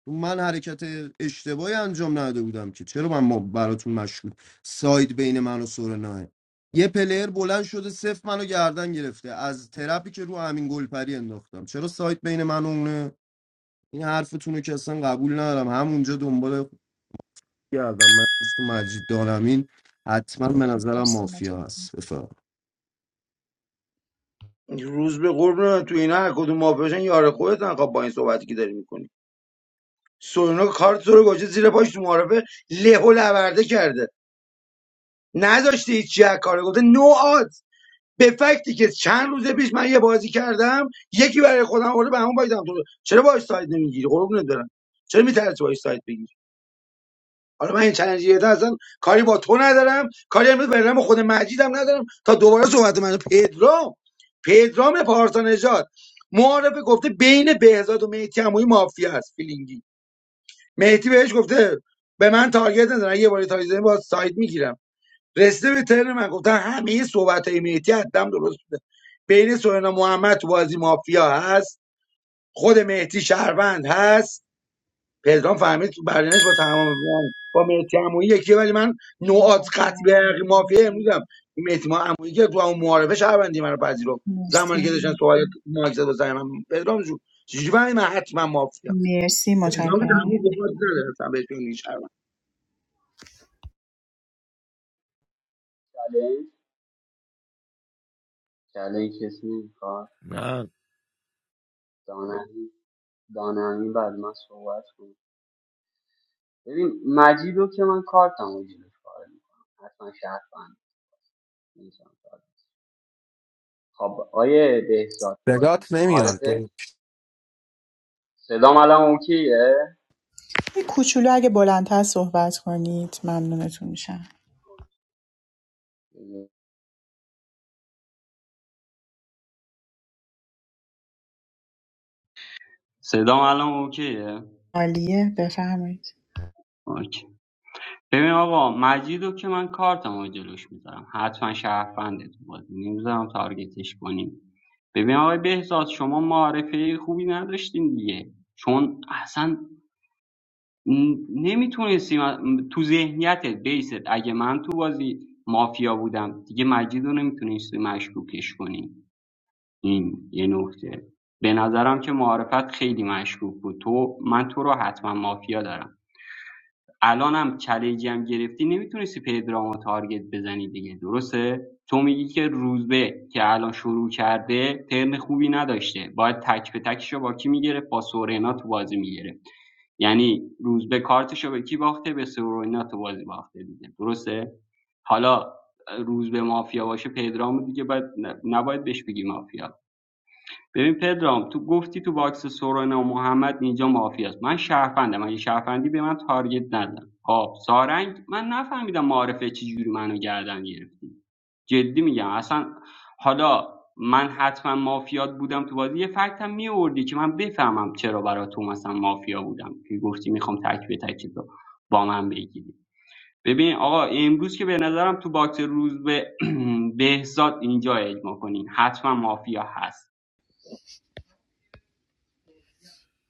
Speaker 8: من حرکت اشتباهی انجام نداده بودم که چرا من ما براتون مشکوک سایت بین من و سورنا یه پلیر بلند شده صفر منو گردن گرفته از ترپی که رو همین گلپری انداختم چرا سایت بین من و اونه این حرفتون رو که اصلا قبول ندارم همونجا دنبال گردم من تو مجید دارم این حتما به نظرم
Speaker 4: مرسی
Speaker 8: مافیا
Speaker 4: متشکرم
Speaker 8: هست
Speaker 18: روز به قرب نه تو اینا هر کدوم مافیاشن یار خودت انقا با این صحبتی که داری میکنی سونا کارت تو رو گوشه زیر پاش تو معارفه له و لورده کرده نذاشته هیچ از کار گفته نو آد به فکتی که چند روز پیش من یه بازی کردم یکی برای خودم آورده به همون بایدم تو رو. چرا باش ساید نمیگیری قربونت برم چرا میترسی باش ساید بگیری حالا من این چلنج یه اصلا کاری با تو ندارم کاری هم به رم خود مجیدم ندارم تا دوباره صحبت من پدرام پدرام پارسا نژاد معارفه گفته بین بهزاد و مهدی عمویی مافیا است فیلینگی مهدی بهش گفته به من تارگت نزن اگه یه بار تارگت زدی با ساید میگیرم رسیده به ترن من گفتن همه صحبت های مهدی حدم درست بوده بین سوینا محمد تو بازی مافیا هست خود مهدی شهروند هست پلگام فهمید تو برنامه‌اش با تمام با مهدی عمویی یکیه ولی من نوعات
Speaker 4: متشکرم
Speaker 18: قطعی به حقیق مافیا امروزم این مهدی ما عمویی که تو همون معارفه شهروندی من رو پذیرفت زمانی که
Speaker 4: مرسی
Speaker 18: داشتن سوال ماک زد واسه من پدرام جون چجوری برای من حتما مافیا
Speaker 4: مرسی
Speaker 18: پدرام که
Speaker 4: متشکرم
Speaker 18: تنها بخواد نداره اصلا بهش شهروند
Speaker 16: چالش چالش کسی میخواد
Speaker 13: نه
Speaker 16: دانمی دانمی بعد من صحبت کنم ببین مجید رو که من کارتم رو جیبش پاره میکنم حتما شرط بند نمی‌تونم کار کنم. خب آیه بهزاد تو بازی
Speaker 12: بگات نمیان
Speaker 16: معارفه
Speaker 12: تو.
Speaker 16: صدام الان اوکیه
Speaker 4: یه کوچولو اگه بلندتر صحبت کنید ممنونتون میشم
Speaker 16: صدام الان اوکیه
Speaker 4: عالیه بفرمایید
Speaker 16: ببین آقا مجیدو که من کارتمو جلوش میذارم حتما شهرفنده تو بازی نمیذارم تارگتش کنیم ببین آقای بهزاد شما معرفه خوبی نداشتین دیگه چون اصلا نمیتونستی تو ذهنیتت بیست اگه من تو بازی مافیا بودم دیگه مجیدو نمیتونستی مشکوکش کنی این یه نکته به نظرم که معرفت خیلی مشکوک بود تو من تو رو حتما مافیا دارم الانم چالنجی هم گرفتی نمیتونستی پدرامو تارگت بزنی دیگه درسته تو میگی که روزبه که الان شروع کرده ترن خوبی نداشته باید تک به تکشو با کی میگرفت با سورنا تو بازی میگرفت یعنی روزبه کارتشو به کی باخته به سورنا تو بازی باخته دیگه درسته حالا روزبه مافیا باشه پدرامو دیگه باید نباید بهش بگی مافیا ببین پدرام تو گفتی تو باکس سورنا و محمد اینجا مافیاست من شهروندم اگه شهروندی به من تارگت نزن خب سارنگ من نفهمیدم معارفه چجوری منو گردن گرفتی جدی میگم اصلا حالا من حتما مافیات بودم تو بازی یه فکتم میوردی که من بفهمم چرا برای تو مثلا مافیا بودم که گفتی میخوام تک به تک تو با من بگیری ببین آقا امروز که به نظرم تو باکس روز به بهزاد اینجا اجما کنین حتما مافیا هست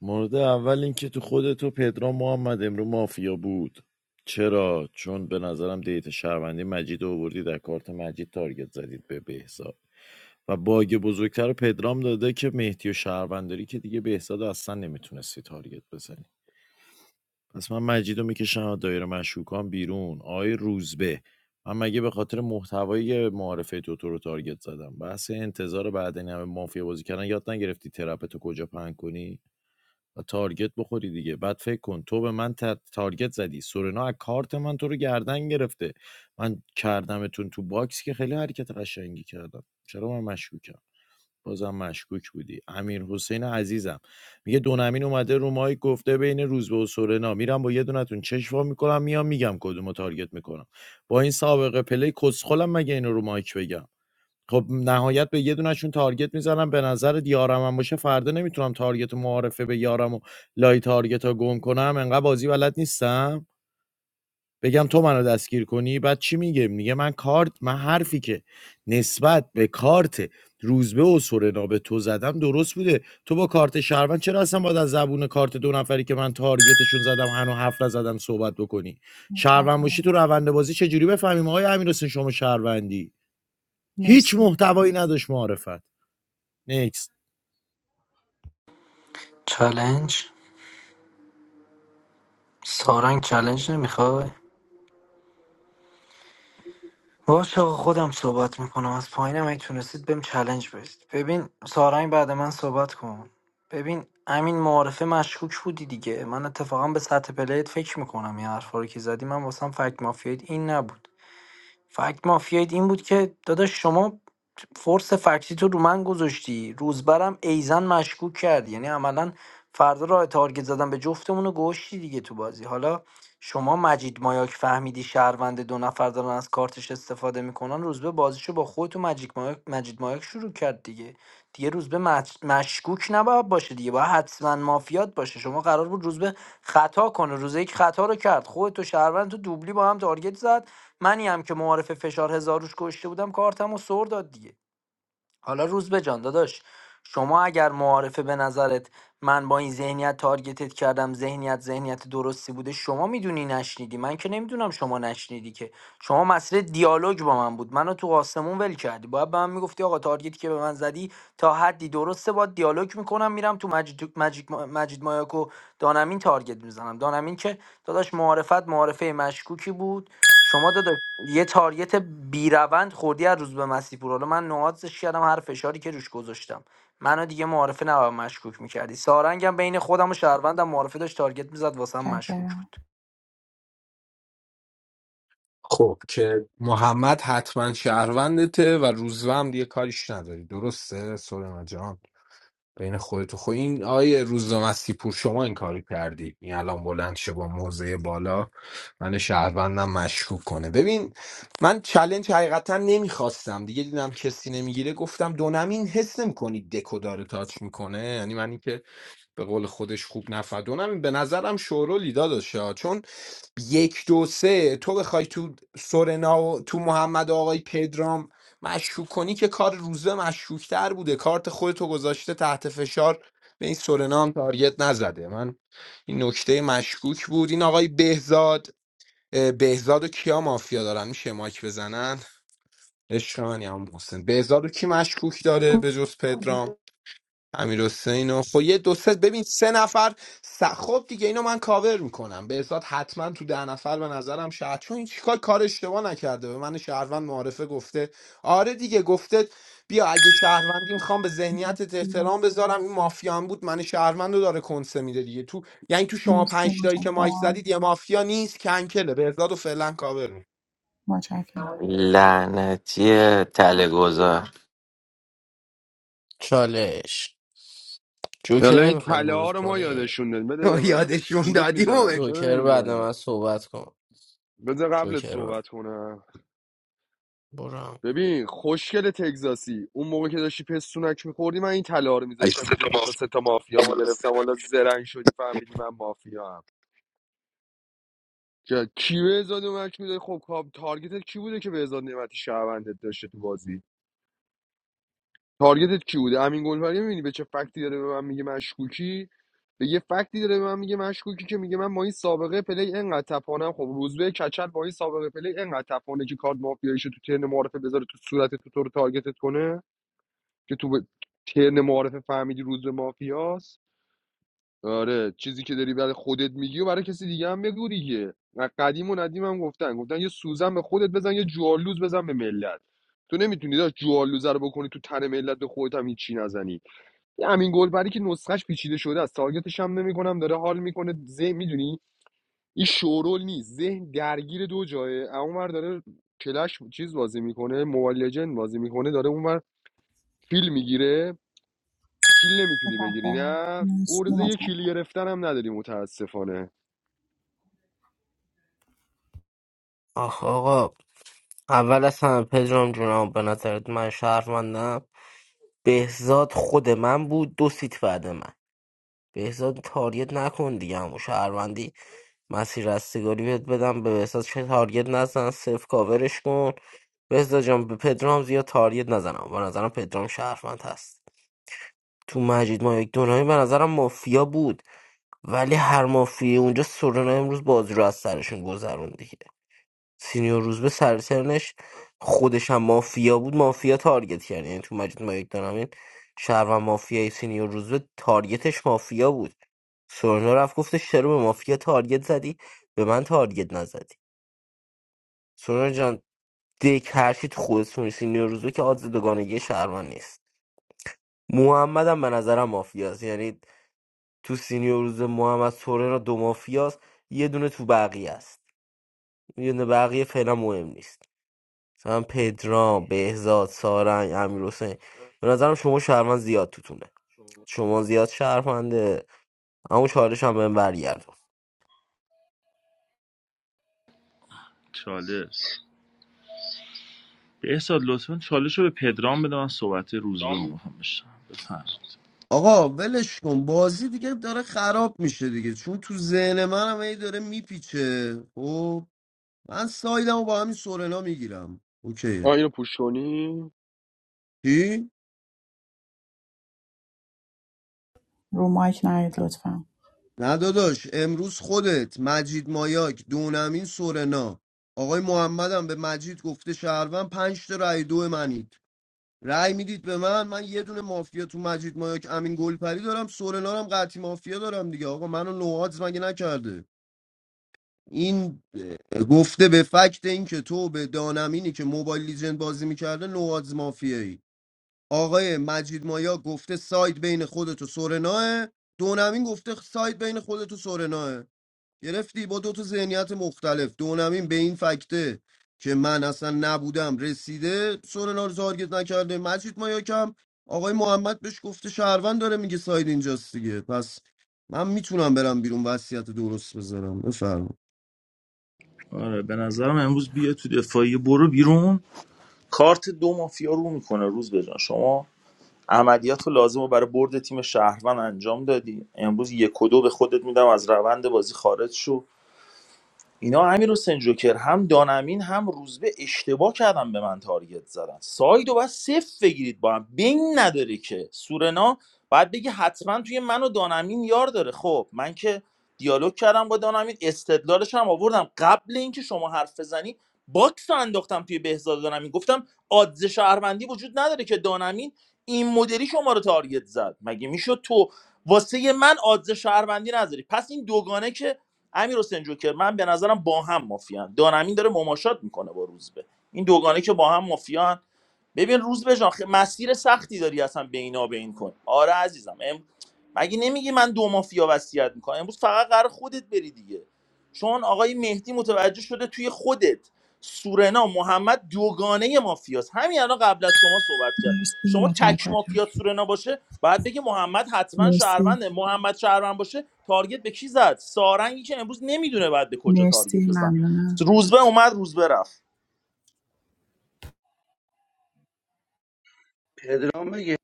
Speaker 13: مورد اول اینکه تو خود تو پدرام محمد امرو مافیا بود چرا چون به نظرم دیت شهروندی مجید رو آوردی در کارت مجید تارگت زدید به بهزاد و باگ بزرگتر رو پدرام داده که مهدی و شهرونداری که دیگه بهزاد رو اصلا نمیتونستی تارگت بزنی پس من مجید رو میکشم دایره مشکوکان بیرون آقای روزبه من مگه به خاطر محتوای معارفه تو تو رو تارگت زدم بحث انتظار بعد این همه مافیا بازی کردن یاد نگرفتی ترپ تو کجا پهن کنی تارگت بخوری دیگه بعد فکر کن تو به من تا- تارگت زدی سورنا از کارت من تو رو گردن گرفته من کردمتون تو باکس که خیلی حرکت قشنگی کردم چرا من مشکوکم بازم مشکوک بودی امیر حسین عزیزم میگه دونمین اومده رو مایک گفته بین روزبه و سورنا میرم با یه دونتون چشم وا میکنم میام میگم کدومو تارگت میکنم با این سابقه پلی کسخلم مگه اینو رو مایک بگم خب نهایت به یه دونه‌شون تارگت میزنم به نظرت یارم هم باشه فردا نمیتونم تارگت و معارفه به یارم و لای تارگتا گم کنم انقدر بازی بلد نیستم بگم تو منو دستگیر کنی بعد چی میگه میگه من کارت من حرفی که نسبت به کارت روزبه و سورنا به تو زدم درست بوده تو با کارت شهروند چرا اصلا باید از زبون کارت دو نفری که من تارگتشون زدم هنو هفت زدم صحبت بکنی شهروند باشی
Speaker 4: متشکرم
Speaker 13: تو روند بازی چجوری بفهمیم آقای امیرحسین شما شهروندی هیچ
Speaker 4: مرسی
Speaker 13: محتوایی نداشت معرفت نیکس
Speaker 9: چالنج سارنگ چالنج نمیخوای باشه آقا خودم صحبت میکنم از پایینم اگه تونستید بهم چلنج بدید ببین سارنگ بعد من صحبت کن ببین همین معارفه مشکوک بودی دیگه من اتفاقا به سطح پلیت فکر میکنم این حرفا رو که زدی من واسم فکت مافیایید این نبود فکت مافیایید این بود که داداش شما فورس فکتی تو رو من گذاشتی روزبرم ایزن مشکوک کردی یعنی عملا فردا راه تارگت زدن به جفتمون رو گوشتی دیگه تو بازی حالا شما مجید مایاک فهمیدی شهروند دو نفر دارن از کارتش استفاده میکنن روزبه بازیشو با خودت و مجید مایاک, مجید مایاک شروع کرد دیگه دیگه روزبه مج... مشکوک نباید باشه دیگه باید حتما مافیات باشه شما قرار بود روزبه خطا کنه روز یک خطا رو کرد خودت و شهروند تو دوبلی با هم تارگت زد منی هم که معارف فشار هزار روش کشته بودم کارتم و سر داد دیگه حالا روز به جان داداش شما اگر معارفه به نظرت من با این ذهنیت تارگتت کردم ذهنیت ذهنیت درستی بوده شما میدونی نشنیدی من که نمیدونم شما نشنیدی که شما مسئله دیالوگ با من بود منو تو آسمون ول کردی باید به من میگفتی آقا تارگتی که به من زدی تا حدی درسته با دیالوگ میکنم میرم تو مجید, مجید, مجید مایاکو دانمین تارگت میزنم دانمین که داداش معارفت معارفه مشکوکی بود شما داداش یه تاریت بیروند خوردی از روز به مسیح پور حالا من نوازش کردم هر فشاری که روش گذاشتم منو دیگه معارفه نباید مشکوک میکردی سارنگم بین خودم و شهروندم معارفه داشت تارگت میزد واسه هم مشکوک
Speaker 4: متشکرم
Speaker 9: بود
Speaker 12: خب که محمد حتما شهروندته و روزوه هم دیگه کاریش نداری درسته سورنا جان بین خودت و خود این آیه روزنامه‌سی پور شما این کاری کردی این الان بلند شه با موضع بالا من شهروندم مشکوک کنه ببین من چلنج حقیقتا نمیخواستم دیگه دیدم کسی نمیگیره گفتم دونم این حس نمیکنی دکو داره تاچ میکنه یعنی من اینکه به قول خودش خوب نفهمید اونم به نظرم شورولی داداش ها. چون یک دو سه تو بخوای تو سورنا و تو محمد و آقای پدرام مشکوک کنی که کار روزه مشکوکتر بوده کارت خودتو گذاشته تحت فشار به این سورنا هم تارگت نزده من این نکته مشکوک بود این آقای بهزاد اه، بهزاد و کیا مافیا دارن میشه مایک بزنن عشق من یا محسن بهزاد و کی مشکوک داره به جز پدرام امیر حسین و خب یه دو سه ببین سه نفر س... خب دیگه اینو من کاور میکنم به ازاد حتما تو ده نفر به نظرم شاید چون این چیکار کار اشتباه نکرده به من شهروند معارفه گفته آره دیگه گفته بیا اگه شهروندی میخوام به ذهنیتت احترام بذارم این مافیا هم بود من شهروند رو داره کنسه میده دیگه تو یعنی تو شما
Speaker 4: مرسی
Speaker 12: پنج تایی
Speaker 4: متشکرم
Speaker 12: که مایک
Speaker 4: متشکرم
Speaker 12: زدید یه مافیا نیست کنکله به ازاد و فعلا کاور میکنم
Speaker 4: متشکرم
Speaker 19: La natia telegor.
Speaker 14: چالش جوکر
Speaker 1: حالا این
Speaker 14: نمیخوای
Speaker 1: تله
Speaker 14: ورود
Speaker 1: ها رو ما
Speaker 14: کنی
Speaker 1: یادشون دادیم بده به من
Speaker 12: یادشون
Speaker 1: ورود
Speaker 12: دادیم و
Speaker 1: میزنم
Speaker 12: بگو
Speaker 1: چرا
Speaker 14: جوکر بعد
Speaker 1: نمیزنم
Speaker 14: من صحبت کن
Speaker 1: بذار قبلت
Speaker 14: جوکر رو
Speaker 1: صحبت کنم
Speaker 14: برم
Speaker 1: ببین خوشگل تگزاسی اون موقع که داشتی پستونک میخوردی من این طلا رو
Speaker 12: اگه
Speaker 1: میذاشتم
Speaker 12: سه
Speaker 1: اینجا
Speaker 12: تا
Speaker 1: دو تا
Speaker 12: مافیا
Speaker 1: سه تا مافیا
Speaker 12: بالا سه-
Speaker 1: میگرفتم حالا زرنگ شدی فهمیدی من مافیا هم. که کی به ازاد نعمتی بوده خب کاب- تارگتت کی بوده که به ازاد نعمتی شهروندت داشته تو بازی تارگتت کی بوده امین گلپری میبینی به چه فکتی داره به من میگه مشکوکی به یه فکتی داره به من میگه مشکوکی که میگه من با این سابقه پلی انقدر تپانم خب روزبه کچل با این سابقه پلی انقدر تپانه که کارت مافیاییشو تو ترن معارفه بذاره تو صورت تو تو رو تارگتت کنه که تو به ترن معارفه فهمیدی روزبه مافیاست آره چیزی که داری برای خودت میگی و برای کسی دیگه هم بگو دیگه و قدیم و ندیم هم گفتن گفتن یه سوزن به خودت بزن یه جوالوز بزن به ملت تو نمیتونی داشت جوالوزه رو بکنی تو تن ملت به خودت هم هیچی نزنی یه همین گلبری که نسخش پیچیده شده است تارگتش هم نمیکنم داره حال میکنه ذهن میدونی این شورول نیست ذهن درگیر دو جایه اونور داره کلش چیز بازی میکنه موبایل لژند بازی میکنه داره اونور فیل میگیره کیل نمیتونی بگیری نه
Speaker 4: مرسی
Speaker 1: ارزه یه
Speaker 4: متشکرم
Speaker 1: کیل گرفتن هم نداری متاسفانه
Speaker 14: آخ آقا اول از همه پدرام جونم به نظرت من شهروندم بهزاد خود من بود دو سیت بعد من بهزاد تارگت نکن دیگه همون شهروندی مسیر رستگاری بهت بدم به بهزاد چه تارگت نزن صرف کاورش کن بهزاد جان به پدرام زیاد تارگت نزنم به نظرم پدرام شهروند هست تو مجید ما یک دونایی به نظرم مافیا بود ولی هر مافیه اونجا سورنا امروز بازی رو از سرشون گذرون دیگه سینیور روزبه سر خودش هم مافیا بود مافیا تارگت کرد یعنی تو مجید مایک دارمین شهر و مافیای سینیور روزبه تارگتش مافیا بود سورنا رفت گفتش چرا به مافیا تارگت زدی به من تارگت نزدی سورنا جان دیک هرچی تو خودتون سینیور روزبه که آدز دوگانگی شهرمن نیست محمد هم به نظرم مافیاست یعنی تو سینیور روزبه محمد سورنا دو مافیاست یه دونه تو بقیه است یه دونه بقیه فعلا مهم نیست مثلا پدرام بهزاد سارنگ امیرحسین به نظرم شما شهروند زیاد توتونه شما زیاد شهرونده اما چالش هم بهم برگردون
Speaker 17: چالش بهزاد لطفا چالش رو به پدرام بده من صحبت روز رو میخوام بشم بفهم
Speaker 8: آقا ولش کن بازی دیگه داره خراب میشه دیگه چون تو ذهن منم هی داره میپیچه خب من سایدمو با همین سورنا میگیرم
Speaker 1: آه
Speaker 8: اوکی
Speaker 1: اینو پوش کنی
Speaker 8: چی
Speaker 4: رو مایک نرید لطفا
Speaker 8: نه داداش امروز خودت مجید مایاک دونمین سورنا آقای محمدم به مجید گفته شهروند پنج تا رأی دو منید رأی میدید به من من یه دونه مافیا تو مجید مایاک امین گلپری دارم سورنا رو هم قطعی مافیا دارم دیگه آقا منو نوادز مگه نکرده این گفته به فکت اینکه تو به دانمینی که موبایل لیجند بازی میکرده نواز مافیایی آقای مجید مایا گفته ساید بین خودت و سورناه دونمین گفته ساید بین خودت و سورناه گرفتی با دو تا ذهنیت مختلف دونمین به این فکته که من اصلا نبودم رسیده سورنا رو تارگت نکرده مجید مایا کم آقای محمد بهش گفته شهروند داره میگه ساید اینجاست دیگه پس من میتونم برم بیرون وصیت درست بذارم بفرمایید
Speaker 17: آره به نظرم امروز بیا تو دفاعی برو بیرون کارت دو مافیا رو میکنه روز بجان شما عملیات رو لازم رو برای برد تیم شهروند انجام دادی امروز یک و دو به خودت میدم از روند بازی خارج شو اینا امیر حسین جوکر هم دانمین هم روزبه اشتباه کردن به من تارگت زدن سایدو باید صفر بگیرید با هم بین نداره که سورنا باید بگی حتما توی من و دانمین یار داره خب من که دیالوگ کردم با دانمین استدلالش هم آوردم قبل اینکه شما حرف بزنی باکس رو انداختم توی بهزاد دانمین گفتم آدز شهروندی وجود نداره که دانمین این مدلی شما رو تارگت زد مگه میشد تو واسه من آدز شهروندی نذاری پس این دوگانه که امیر حسین جوکر من به نظرم با هم مافیان دانمین داره مماشات میکنه با روزبه این دوگانه که با هم مافیان ببین روزبه جان خ- مسیر سختی داری اصلا بینا بین کن آره عزیزم ام... مگه نمیگی من دو مافیا وصیت میکنم امروز فقط قرار خودت بری دیگه چون آقای مهدی متوجه شده توی خودت سورنا محمد دوگانه مافیاست همین الان قبل از شما صحبت کرد
Speaker 4: مرسی
Speaker 17: شما تک
Speaker 4: متشکرم
Speaker 17: مافیا سورنا باشه بعد بگه محمد حتما
Speaker 4: مرسی
Speaker 17: شهرونده محمد شهروند باشه تارگت به کی زد سارنگی که امروز نمیدونه بعد به کجا
Speaker 4: مرسی
Speaker 17: تارگت بزن
Speaker 4: ممنونم
Speaker 17: روزبه اومد روزبه رفت
Speaker 18: پدرام بگه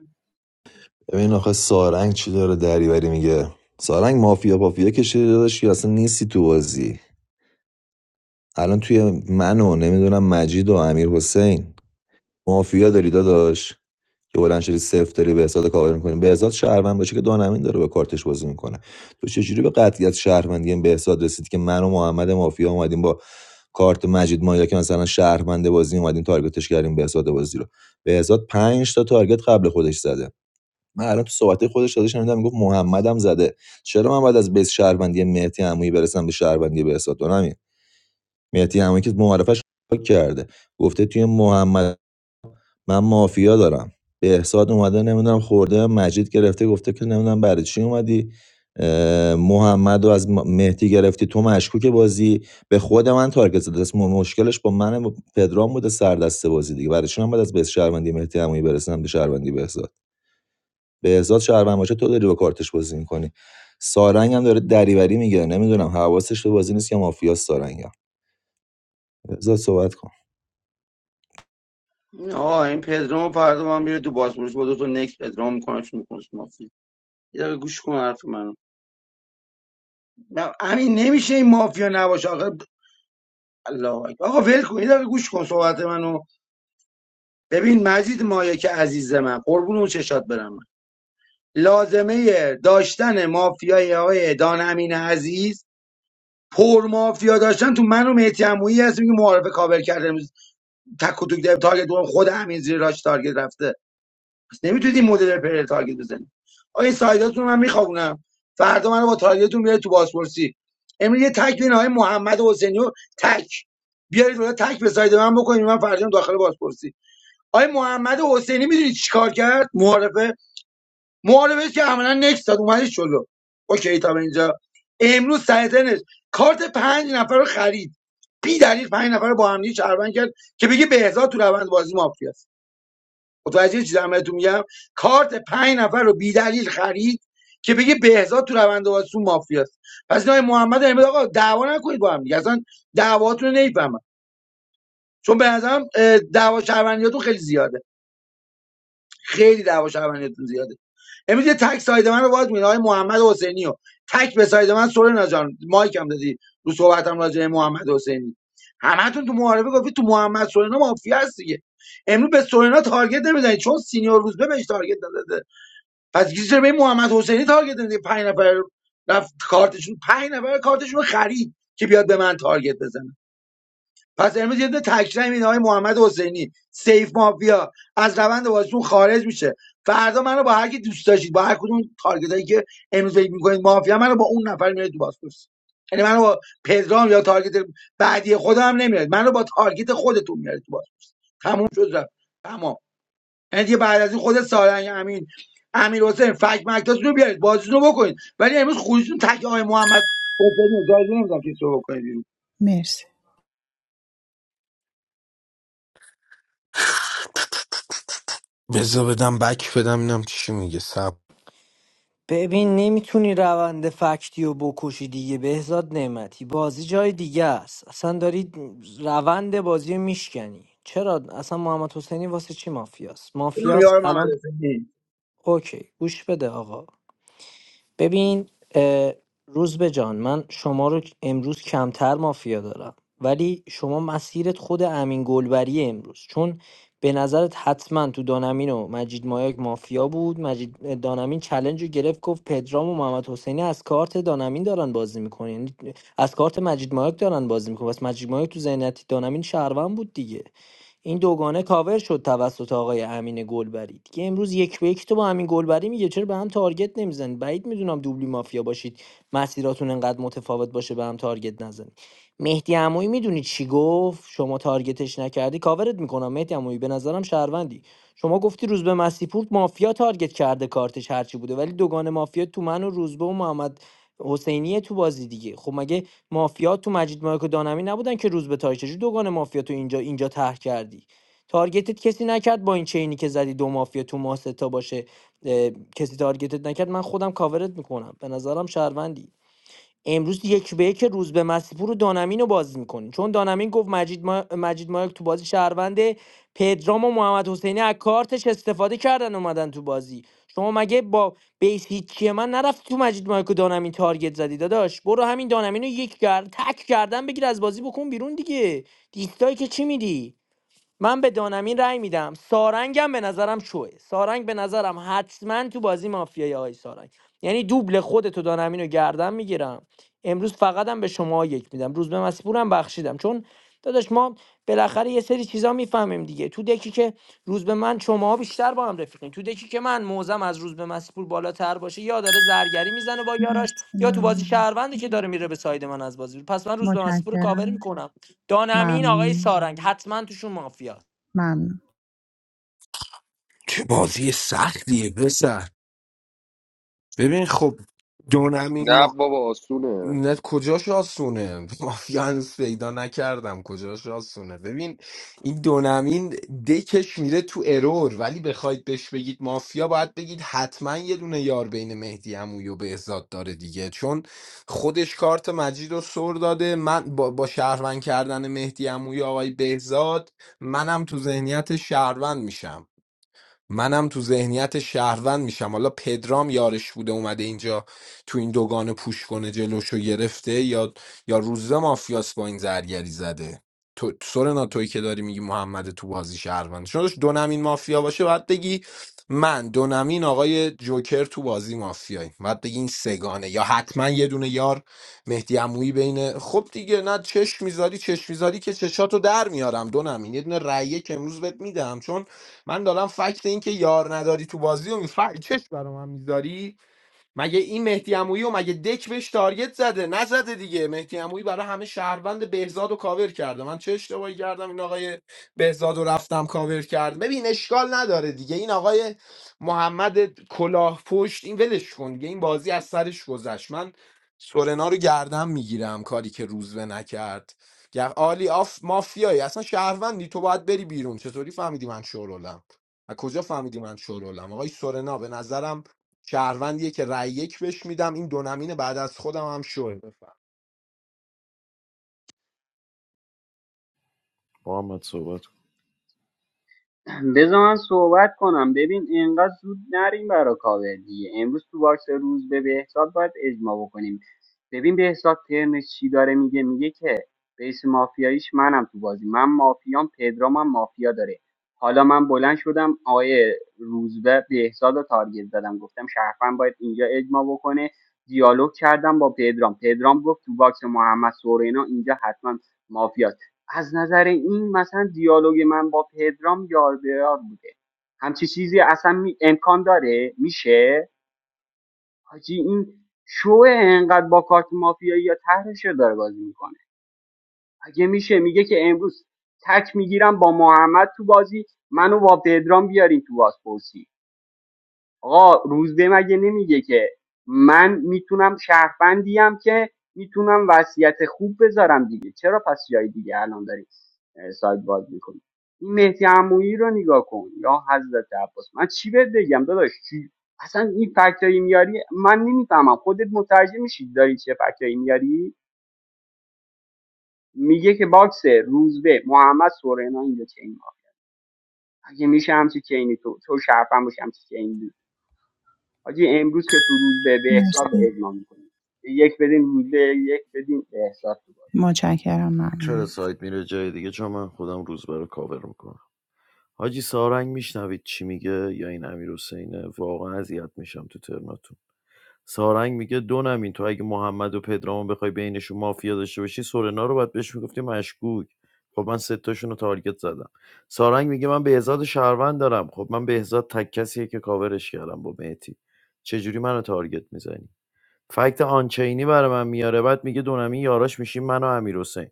Speaker 3: ببین آخه سارنگ چی داره دریوری میگه سارنگ مافیا مافیا کشیده داداش که اصلا نیستی تو بازی الان توی من و نمیدونم مجید و امیر حسین مافیا داری داداش که بلند شدی صفر داری به حساب کاور میکنی به حساب شهروند باشه که دانمین داره با کارتش بازی میکنه تو چجوری به قطعیت شهروندی به حساب رسید که من و محمد مافیا اومدیم با کارت مجید مایا که مثلا شهروند بازی اومدیم تارگتش کردیم به حساب بازی رو به حساب 5 تا تارگت قبل خودش زده من الان تو صحبت خودش داده شنیدم میگفت محمدم زده چرا من بعد از بیس شهروندی مهدی عمویی برسم به شهروندی به حساب دانمین مهدی عمویی که معرفش کرده گفته توی محمد من مافیا دارم بهزاد اومده نمیدونم خورده مجید گرفته گفته که نمیدونم برای چی اومدی اه، محمد رو از م- مهدی گرفتی تو مشکوک بازی به خود من تارگت زده است. م- مشکلش با من و پدرام بوده سر دسته بازی دیگه برای چی من باید از بیس شهروندی مهدی عمویی برسنم به شهروندی بهزاد بهزاد شهروند باشه تو داری با کارتش بازی میکنی سارنگ هم داره دریوری میگیره نمیدونم حواسش به بازی نیست که مافیا سارنگ بذار صحبت کن
Speaker 18: آه این پدرام فردا من میره تو باسپورس با دو تا نک پدرام میکنه چون میکنه مافیا یه دقیقه گوش کن حرف منو نه، همین نمیشه این مافیا نباشه آخه الله اکبر. آقا ول کن یه دقیقه گوش کن صحبت منو ببین مجید مایه که عزیز من قربون اون چشات برم من. لازمه داشتن مافیای آقای دان امین عزیز پر مافیا داشتن تو من و مهدی عمویی هست میگه معارفه کاور کرده امروز تک و توک داره تارگت دوم خود امین زیر راش تارگت رفته پس نمیتونید این مدل پر تارگت بزنید آقا این سایداتون رو من میخوابونم فردا منو با تارگتتون بیارید تو بازپرسی امروز یه تک بین آقای محمد حسینی و تک بیارید اونها تک به ساید من بکنید من فردا داخل بازپرسی آقای محمد حسینی میدونی چیکار کرد معارفه معارفه که عملا نکس داد اومدش جلو اوکی تا به اینجا امروز سایتنش کارت پنج نفر رو خرید بی دلیل پنج نفر رو با هم دیگه شهروند کرد که بگه بهزاد تو روند بازی مافیاست متوجه چیز عملتون میگم کارت پنج نفر رو بی دلیل خرید که بگه بهزاد تو روند بازی مافیاست پس این آقای محمد امید آقا دعوا نکنید با هم دیگه اصلا دعواتون رو نمی‌فهمم. چون به نظرم اه، دعوا شهروندیاتون خیلی زیاده خیلی دعوا شهروندیاتون زیاده امروز یه تک ساید من رو باز میده های محمد حسینی رو تک به ساید من سورنا جان مایک هم دادی رو صحبتم راجع به محمد حسینی همتون تو معارفه گفتی تو محمد سورنا مافیا هست دیگه امروز به سورنا تارگت نمیزنید چون سینیور روزبه بهش تارگت نداده پس گیز به این محمد حسینی تارگت نمیزنید پنج نفر رفت کارتشون پنج نفر کارتشون رو خرید که بیاد به من تارگت بزنه پس امروز یه دونه تکریم این آقای محمد حسینی سیف مافیا از روند بازیتون خارج میشه فردا منو با هر کی دوست داشتید با هر کدوم تارگت که امروز فکر میکنید مافیا منو با اون نفر میاد تو بازپرس یعنی منو با پدرام یا تارگت بعدی خودم هم نمیاد منو با تارگت خودتون میاد تو باز تموم شد رفت تمام یعنی دیگه بعد از این خود سارنگ امین امیر حسین فک مکتاتون رو بیارید بازیتون رو بکنید ولی امروز خودتون تک آقای محمد حسینی اجازه نمیدم که تو بکنید بیرون.
Speaker 4: مرسی
Speaker 12: بذار بدم بک بدم اینم چی میگه صبر
Speaker 9: ببین نمیتونی روند فکتی و بکشی دیگه بهزاد نعمتی بازی جای دیگه است اصلا داری روند بازی رو میشکنی چرا اصلا محمد حسینی واسه چی مافیاست مافیاست
Speaker 18: محمد
Speaker 9: الان
Speaker 18: حسینی
Speaker 9: اوکی گوش بده آقا ببین اه، روزبه جان من شما رو امروز کمتر مافیا دارم ولی شما مسیرت خود امین گلبری امروز چون به نظرت حتما تو دانمین و مجید مایاک مافیا بود مجید دانمین چلنج رو گرفت گفت پدرام و محمد حسینی از کارت دانمین دارن بازی میکنن یعنی از کارت مجید مایاک دارن بازی میکنن بس مجید مایاک تو ذهنیت دانمین شهروند بود دیگه این دوگانه کاور شد توسط آقای امین گلبری دیگه امروز یک به یک تو با امین گلبری میگه چرا به هم تارگت نمیزنید بعید میدونم دوبلی مافیا باشید مسیراتون انقدر متفاوت باشه به هم تارگت نزنید مهدی عمویی میدونی چی گفت شما تارگتش نکردی کاورت میکنم مهدی عمویی به نظرم شهروندی شما گفتی روزبه مسیپور مافیا تارگت کرده کارتش هرچی بوده ولی دوگانه مافیا تو من و روزبه و محمد حسینیه تو بازی دیگه خب مگه مافیا تو مجید مایاک و دانمی نبودن که روز به تاریخ چجوری دوگان مافیا تو اینجا اینجا طرح کردی تارگتت کسی نکرد با این چینی که زدی دو مافیا تو ما سه باشه اه، کسی تارگتت نکرد من خودم کاورت میکنم به نظرم شهروندی امروز یک به یک روز به مسیپور و دانمین رو بازی میکنین چون دانمین گفت مجید, ما... مجید مایک تو بازی شهرونده پدرام و محمد حسینی از کارتش استفاده کردن اومدن تو بازی شما مگه با بیس هیچی من نرفتی تو مجید مایک و دانمین تارگت زدی داداش برو همین دانمین رو یک گرد تک کردن بگیر از بازی بکن بیرون دیگه دیستایی که چی میدی من به دانمین رأی میدم سارنگم به نظرم شوه سارنگ به نظرم حتما تو بازی مافیای آقای سارنگ یعنی دوبل خودتو دانمین رو گردن میگیرم امروز فقط هم به شما یک میدم روز به مسیپورم بخشیدم چون داداش ما بالاخره یه سری چیزا میفهمیم دیگه تو دکی که روز به من شما بیشتر با هم رفیقین تو دکی که من موزم از روز به مسیپور بالاتر باشه یا داره زرگری میزنه با یاراش
Speaker 4: مرسی
Speaker 9: یا تو بازی
Speaker 4: ممنونم
Speaker 9: شهروندی که داره میره به ساید من از بازی پس من روز به مسیپور کاور
Speaker 4: متشکرم
Speaker 9: میکنم دانمین آقای
Speaker 4: ممنون
Speaker 9: سارنگ حتما توشون مافیاست
Speaker 4: ممنون
Speaker 12: چه بازی سختیه پسر ببین خب دونمین
Speaker 1: نه
Speaker 12: ما
Speaker 1: بابا آسونه
Speaker 12: نه کجاش آسونه مافیا هنوز پیدا نکردم کجاش آسونه ببین این دونمین دکش میره تو ارور ولی بخواید بهش بگید مافیا باید بگید حتما یه دونه یار بین مهدی عمویی و بهزاد داره دیگه چون خودش کارت مجید رو سر داده من با, با شهروند کردن مهدی عمویی و آقای بهزاد منم تو ذهنیت شهروند میشم منم تو ذهنیت شهروند میشم حالا پدرام یارش بوده اومده اینجا تو این دوگان پوش کنه جلوشو گرفته یا یا روزه مافیاس با این زرگری زده تو سورنا تویی که داری میگی محمد تو بازی شهروند چون داشت دونمین مافیا باشه باید بگی من دونمین آقای جوکر تو بازی مافیایی باید بگی این سگانه یا حتما یه دونه یار مهدی عمویی بینه خب دیگه نه چشم میذاری چشم میذاری که چشاتو در میارم دونمین یه دونه رأیه که امروز بهت میدم چون من دارم فکت این که یار نداری تو بازی و می- فکت چش برا میذاری مگه این مهدی عمویی و مگه دک بهش تارگت زده نزده دیگه مهدی عمویی برای همه شهروند بهزاد و کاور کرده من چه اشتباهی کردم این آقای بهزاد و رفتم کاور کرد ببین اشکال نداره دیگه این آقای محمد کلاه پشت این ولش کن دیگه این بازی از سرش گذشت من سورنا رو گردم میگیرم کاری که روزبه نکرد گر- عالی آف مافیایی اصلا شهروندی تو باید بری بیرون چطوری فهمیدی من شورولم از کجا فهمیدی من شورولم آقای سورنا به نظرم شهروندیه که رأی یک بهش میدم این دو نمین بعد از خودم هم شوه بفهم
Speaker 13: محمد صحبت کن.
Speaker 16: بذار من صحبت کنم ببین اینقدر زود نریم برا کاور دیگه امروز تو باکس روز به بهزاد باید اجماع بکنیم ببین بهزاد ترنش چی داره میگه میگه که بیس مافیاییش منم تو بازی من مافیام پدرام هم مافیا داره حالا من بلند شدم آقای روزبه بهزاد رو تارگت زدم گفتم شرفن باید اینجا اجماع بکنه دیالوگ کردم با پدرام پدرام گفت تو باکس محمد سورینا اینجا حتما مافیاست از نظر این مثلا دیالوگ من با پدرام یار به یار بوده همچی چیزی اصلا می... امکان داره میشه حاجی این شو انقدر با کارت مافیایی یا طرحش رو داره بازی میکنه اگه میشه میگه که امروز تک میگیرم با محمد تو بازی منو با پدرام بیارین تو بازپرسی آقا روزبه مگه نمیگه که من میتونم شهروندیم که میتونم وصیت خوب بذارم دیگه چرا پس جای دیگه الان داری اه، سایت باز میکنی این مهدی عمویی رو نگاه کن یا حضرت عباس من چی بهت بگم داداش چی اصلا این فکتایی میاری من نمیفهمم خودت متوجه میشی داری چه فکتایی میاری میگه که باکس روزبه محمد سورنا اینجا چین ها اگه میشه همچی چینی تو تو شرفم باشه همچی چینی حاجی امروز که تو روز به به حساب
Speaker 4: مرسی
Speaker 16: اجماع میکنیم یک بدین روز به یک بدین به حساب تو
Speaker 4: متشکرم
Speaker 13: چرا
Speaker 4: ممنون
Speaker 13: سایت میره جای دیگه چون من خودم روزبه رو کاور میکنم حاجی سارنگ میشنوید چی میگه یا این امیر حسینه واقعا اذیت میشم تو ترناتون سارنگ میگه دو نمین تو اگه محمد و پدرامو بخوای بینشون مافیا داشته باشی سورنا رو باید بهش میگفتی مشکوک خب من ستاشون رو تارگت زدم سارنگ میگه من بهزاد شهروند دارم خب من بهزاد تک کسیه که کاورش کردم با مهتی چجوری منو تارگت میزنی فکت آنچینی برای من میاره بعد میگه دونمی یاراش میشیم من و امیرحسین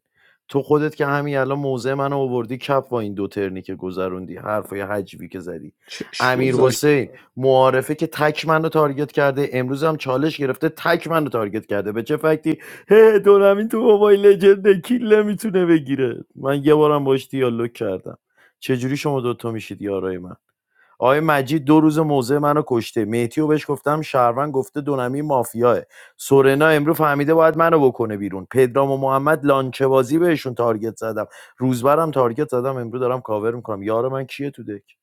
Speaker 13: تو خودت که همین الان موضع منو آوردی کپ با این دو ترنی که گذروندی حرفای حجبی که زدی
Speaker 12: چش
Speaker 13: امیر
Speaker 12: گذاشت
Speaker 13: حسین معارفه که تک منو تارگت کرده امروز هم چالش گرفته تک منو تارگت کرده به چه فکتی هه دونمی تو موبایل لجند کیل میتونه بگیره من یه بارم باش دیالوگ کردم چجوری شما دوتا میشید یارای من آقای مجید دو روز موضع منو کشته مهدی و بهش گفتم شهروند گفته دونمی مافیاه سورنا امروز فهمیده باید منو بکنه بیرون پدرام و محمد لانچه بازی بهشون تارگت زدم روزبرم تارگت زدم امروز دارم کاور میکنم یار من کیه تو دک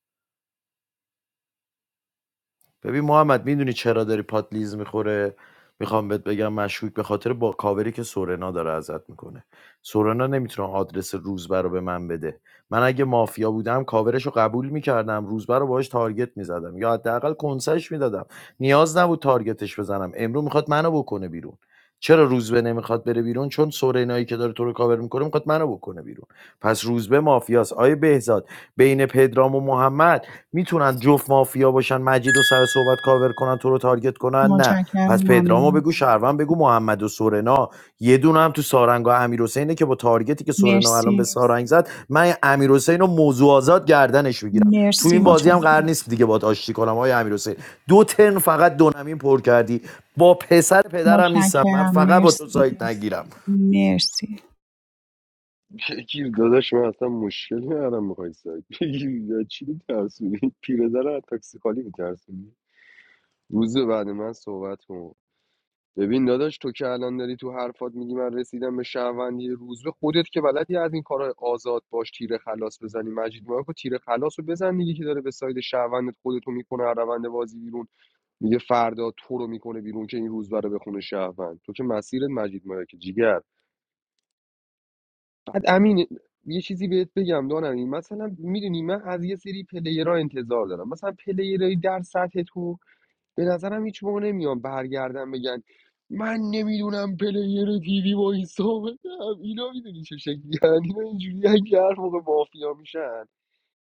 Speaker 13: ببین محمد میدونی چرا داری پات لیز میخوره میخوام بهت بگم مشکوک به خاطر با کاوری که سورنا داره ازت میکنه سورنا نمیتونه آدرس روزبه رو به من بده من اگه مافیا بودم کاورش رو قبول میکردم روزبه رو باهاش تارگت میزدم یا حداقل کنسش میدادم نیاز نبود تارگتش بزنم امرو میخواد منو بکنه بیرون چرا روزبه نمیخواد بره بیرون چون سورینایی که داره تو رو کاور میکنه میخواد منو بکنه بیرون پس روزبه مافیاست آیه بهزاد بین پدرام و محمد میتونن جفت مافیا باشن مجید و سر صحبت کاور کنن تو رو تارگت کنن نه
Speaker 4: متشکرم
Speaker 13: پس پدرامو
Speaker 4: ممنون
Speaker 13: بگو شهروند بگو محمد و سورنا یه دونه هم تو سارنگ و امیر که با تارگتی که سورنا الان به
Speaker 4: مرسی
Speaker 13: سارنگ زد من امیر رو موضوع آزاد گردنش میگیرم تو
Speaker 4: مرسی
Speaker 13: این بازی هم قرار
Speaker 4: متشکرم
Speaker 13: نیست دیگه باهات آشتی کنم آیه امیر دو ترن فقط دو نمین پر کردی با پسر پدرم نیستم من
Speaker 4: متشکرم
Speaker 13: فقط با تو
Speaker 4: مرسی
Speaker 13: سایت نگیرم
Speaker 4: مرسی
Speaker 1: بگیر داداش من اصلا مشکل ندارم میخوای سگ بگیر یا چی میترسونی پیرزن رو از تاکسی خالی میترسونی روز بعد من صحبت کن ببین داداش تو که الان داری تو حرفات میگی من رسیدم به شهروندی روز به خودت که بلدی از این کارهای آزاد باش تیر خلاص بزنی مجید ما تیر خلاص رو بزن دیگه که داره به ساید شهروندت خودتو میکنه هر روند بازی بیرون میگه فردا تو رو میکنه بیرون که این روز رو بخونه شهروند تو که مسیرت مجید ما جیگر بعد امین یه چیزی بهت بگم دانم این مثلا میدونی من از یه سری پلیرها انتظار دارم مثلا پلیرهای در سطح تو به نظرم هیچ موقع نمیان برگردن بگن من نمیدونم پلیر تیوی با این اینا میدونی چه شکلی هن؟ اینا اینجوری اگه هر موقع مافیا میشن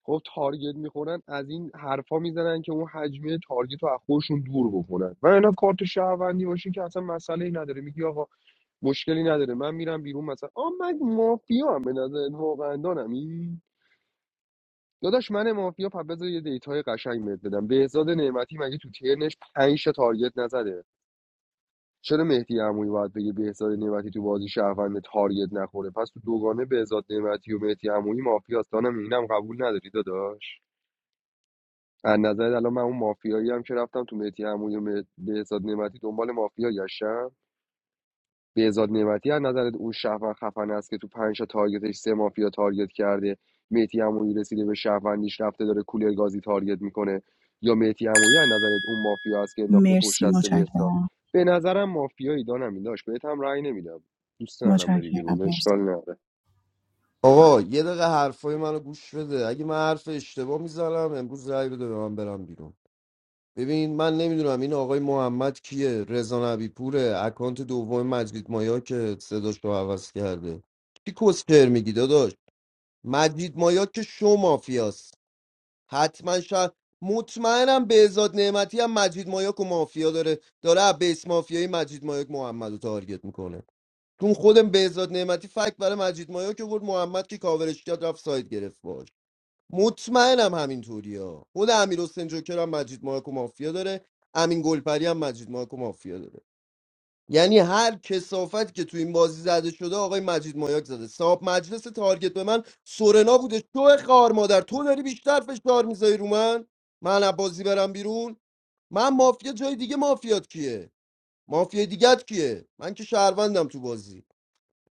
Speaker 1: خب تارگت میخورن از این حرفا میزنن که اون حجمه تارگت رو از خودشون دور بکنن و اینا کارت شهروندی باشه که اصلا مسئله ای نداره میگی آقا مشکلی نداره من میرم بیرون مثلا آ من مافیا هم به نظر واقعا دانمی داداش من مافیا پس بذار یه دیتای قشنگ بهت بدم بهزاد نعمتی مگه تو ترنش 5 تارگت نزده چرا مهدی عمویی باید بگه بهزاد نعمتی تو بازی شهروند تارگت نخوره پس تو دوگانه بهزاد نعمتی و مهدی عمویی مافیاست دانم اینم قبول نداری داداش از نظر الان من اون مافیایی هم که رفتم تو مهدی عمویی و مه- بهزاد نعمتی دنبال مافیا گشتم بهزاد نعمتی از نظر اون شهروند خفن است که تو پنج تا تارگتش سه مافیا تارگت کرده مهدی عمویی رسیده به شهروندیش رفته داره کولر گازی تارگت میکنه یا مهدی عمویی از نظر اون مافیا است که انداخته پشت
Speaker 4: مرسی
Speaker 1: دست بهزاد
Speaker 4: متشکرم
Speaker 1: به نظرم مافیایی دانم این داشت بهت هم رأی نمیدم دوست ندارم بری
Speaker 4: متشکرم
Speaker 1: بیرون
Speaker 4: مرسی
Speaker 1: اشکال نداره
Speaker 8: آقا یه دقیقه حرفای منو گوش بده اگه من حرف اشتباه میزنم امروز رأی بده به من برم بیرون ببین من نمیدونم این آقای محمد کیه رضا نبیپوره اکانت دوم مجید مایا که صداش رو عوض کرده کی کسکر میگی داداش مجید مایا که شو مافیاست حتما شاید مطمئنم بهزاد نعمتی هم مجید مایاک و مافیا داره داره از بیس مافیای مجید مایاک محمد رو تارگت میکنه چون خودم بهزاد نعمتی فکت برای مجید مایا که بود محمد که کاورش کرد رفت سایت گرفت باش مطمئنم همینطوری ها خود امیر حسین جوکر هم مجید مایا کو مافیا داره امین گلپری هم مجید مایا کو مافیا داره یعنی هر کسافت که تو این بازی زده شده آقای مجید مایاک زده صاحب مجلس تارگت به من سورنا بوده تو خار مادر تو داری بیشتر فشار میذاری رو من من از بازی برم بیرون من مافیا جای دیگه مافیات کیه مافیا دیگت کیه من که شهروندم تو بازی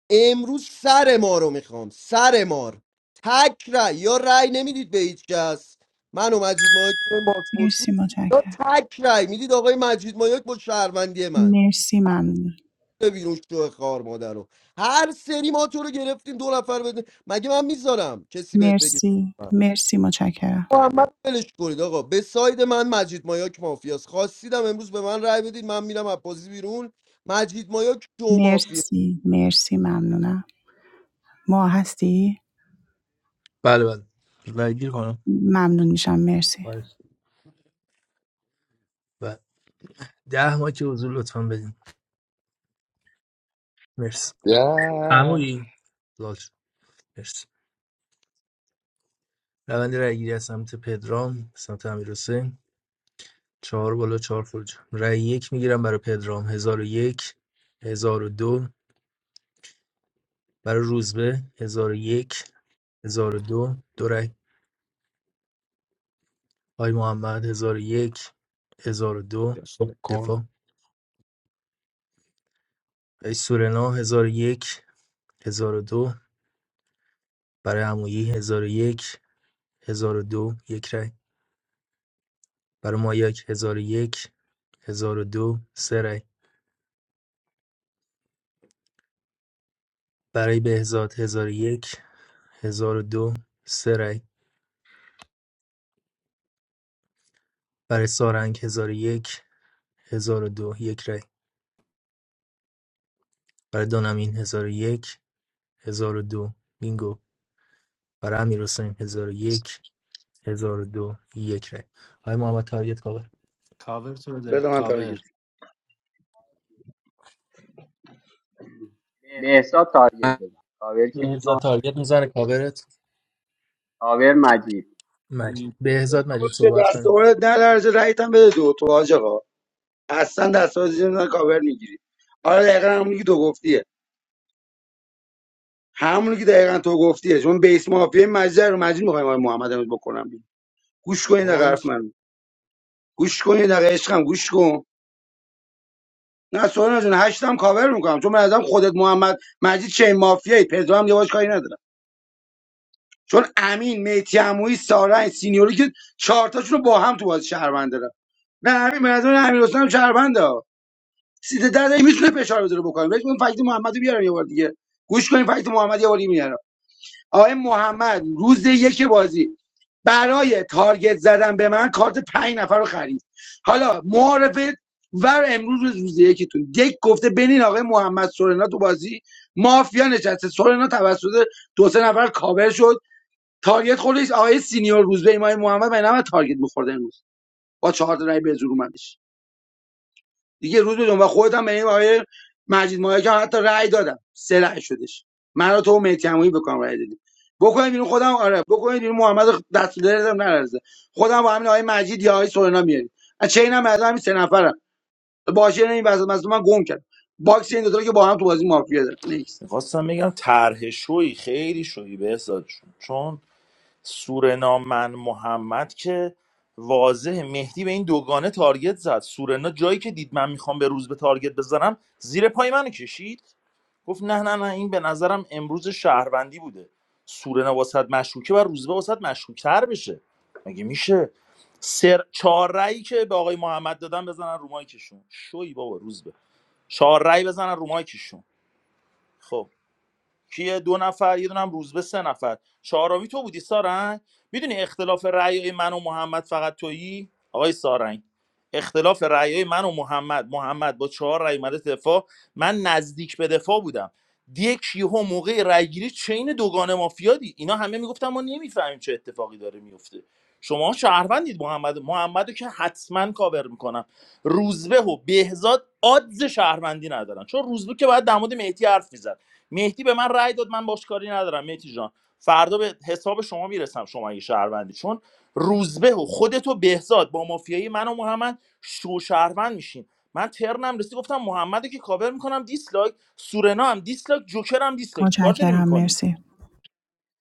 Speaker 8: امروز سر ما رو میخوام سر مار تک رای یا رای نمیدید به هیچ کس من و مجید مایک بازپرسی
Speaker 4: مرسی
Speaker 8: یا
Speaker 4: متشکرم
Speaker 8: تک رای میدید آقای مجید مایک با شهروندی من
Speaker 4: مرسی ممنون
Speaker 8: به بیرون شو خار مادر رو هر سری ما تو رو گرفتیم دو نفر بده مگه من میذارم کسی بهت بگه
Speaker 4: مرسی مرسی متشکرم
Speaker 8: محمد ولش کنید آقا به ساید من مجید مایاک مافیاست خواستیدم امروز به من رای بدید من میرم از بازی بیرون مجید مایاک دو مافیا
Speaker 4: مرسی مرسی ممنونم ما هستی
Speaker 20: بله بله رای گیر کنم
Speaker 4: ممنون میشم مرسی
Speaker 20: باش. بله ده ماه که حضور لطفا بدین مرسی
Speaker 1: یه.
Speaker 20: عمویی لال شد. مرسی روند رای گیری از سمت پدرام به سمت امیر حسین چهار بالا چهار فرج رای یک میگیرم برای پدرام هزار و یک هزار و دو برای روزبه هزار و یک هزار و دو دو رای آی محمد هزار و یک هزار و دو
Speaker 12: کن
Speaker 20: دفاع آی سورنا هزار و یک هزار و دو برای عمویی هزار و یک هزار و دو یک رای برای مایک هزار 1001 1002 سه رای برای بهزاد 1001 1002 سه رای برای سارنگ 1001 1002 یک هزار و دو یک رای برای دانمین 1001 دو بینگو برای امیرحسین 1001 1002 یک هزار و دو یک رای آقای محمد تاریت کاور
Speaker 9: کاور تو بده
Speaker 18: بده من تارگت
Speaker 9: کاور
Speaker 16: بازی به حساب تارگت بزن تاور کی
Speaker 20: بهزاد
Speaker 16: میخوام
Speaker 20: تاریت میزنه کاورت
Speaker 16: تاور مجید
Speaker 20: مجید بهزاد مجید
Speaker 18: به
Speaker 20: صحبت
Speaker 18: دست
Speaker 20: کنید
Speaker 18: خودت نه درجه رایت هم بده دو تو حاج آقا اصلا دست خودت زیر نزن، کاور میگیری آره دقیقا همونی که تو گفتیه همونی که دقیقا تو گفتیه چون بیس مافیا مجزه رو مجزی میخوایم آقای محمد امروز بکنم بیرون. گوش کنین دقیقا حرف
Speaker 8: آنچه
Speaker 18: من گوش کنین دقیقا عشقم گوش کن نه سوال جون هشتم کاور میکنم چون من ازم خودت محمد مجید چه مافیایی پدرو هم یواش کاری ندارم چون امین میتی عمویی سارنگ سینیوری که چهار تاشون رو با هم تو باز شهروند دارم نه همین به نظر من امیر حسین هم شهرونده سیده در داری میتونه فشار بذاره بکنه بهش میگم فکت محمد رو بیارم یه بار دیگه گوش کنین فکت محمد یه بار میارم آقای محمد روز یک بازی برای تارگت زدن به من کارت پنج نفر رو خرید حالا معارفه ور امروز روز روز یکیتون یک گفته بنین آقای محمد سورنا تو بازی مافیا نشسته سورنا توسط دو سه نفر کاور شد تارگت خودش آقای سینیور روزبه ایمای محمد من نباید تارگت میخورد امروز با چهار تا رای به زور اومدش دیگه روز بدون و خودم هم به این آقای مجید مایک حتی رأی دادم سه رأی شدش من رو تو و مهدی عمویی بکنم رأی دادیم بکنید بیرون خودم آره بکنید بیرون محمد دستور دادم نرزه خودم با همین آقای مجید یا آقای سورنا میاریم از چه اینم از همین سه نفرم باشه این وسط مثلا من گم کرد باکس این دو تا که با هم تو بازی مافیا دارن نیست
Speaker 17: میخواستم بگم طرح شوی خیلی شوی بهزاد جون. چون سورنا من محمد که واضح مهدی به این دوگانه تارگت زد سورنا جایی که دید من میخوام به روز به تارگت بزنم زیر پای منو کشید گفت نه نه نه این به نظرم امروز شهروندی بوده سورنا واسط مشکوکه و روزبه واسط مشکوکتر بشه مگه میشه سر چهار رأیی که به آقای محمد دادن بزنن رو مایکشون شوی بابا روزبه چهار رأی بزنن رو مایکشون خب کیه دو نفر یه دونم روزبه سه نفر چهارمی تو بودی سارنگ میدونی اختلاف رأی من و محمد فقط تویی آقای سارنگ اختلاف رأی من و محمد محمد با چهار رأی اومده دفاع من نزدیک به دفاع بودم دیک یهو موقع رأیگیری چین دوگانه مافیادی اینا همه میگفتن ما نمیفهمیم چه اتفاقی داره میفته شما شهروندید محمد محمدو که حتما کاور میکنم روزبه و بهزاد آدز شهروندی ندارن چون روزبه که باید در مورد مهدی حرف میزد مهدی به من رأی داد من باش کاری ندارم مهدی جان فردا به حساب شما میرسم شما اگه شهروندی چون روزبه و خودت و بهزاد با مافیایی من و محمد شو شهروند میشین من ترنم رسی گفتم محمد رو که کاور میکنم دیسلایک سورنا هم دیسلایک جوکر هم دیسلایک چیکار داریم
Speaker 4: متشکرم
Speaker 17: میکنیم
Speaker 4: مرسی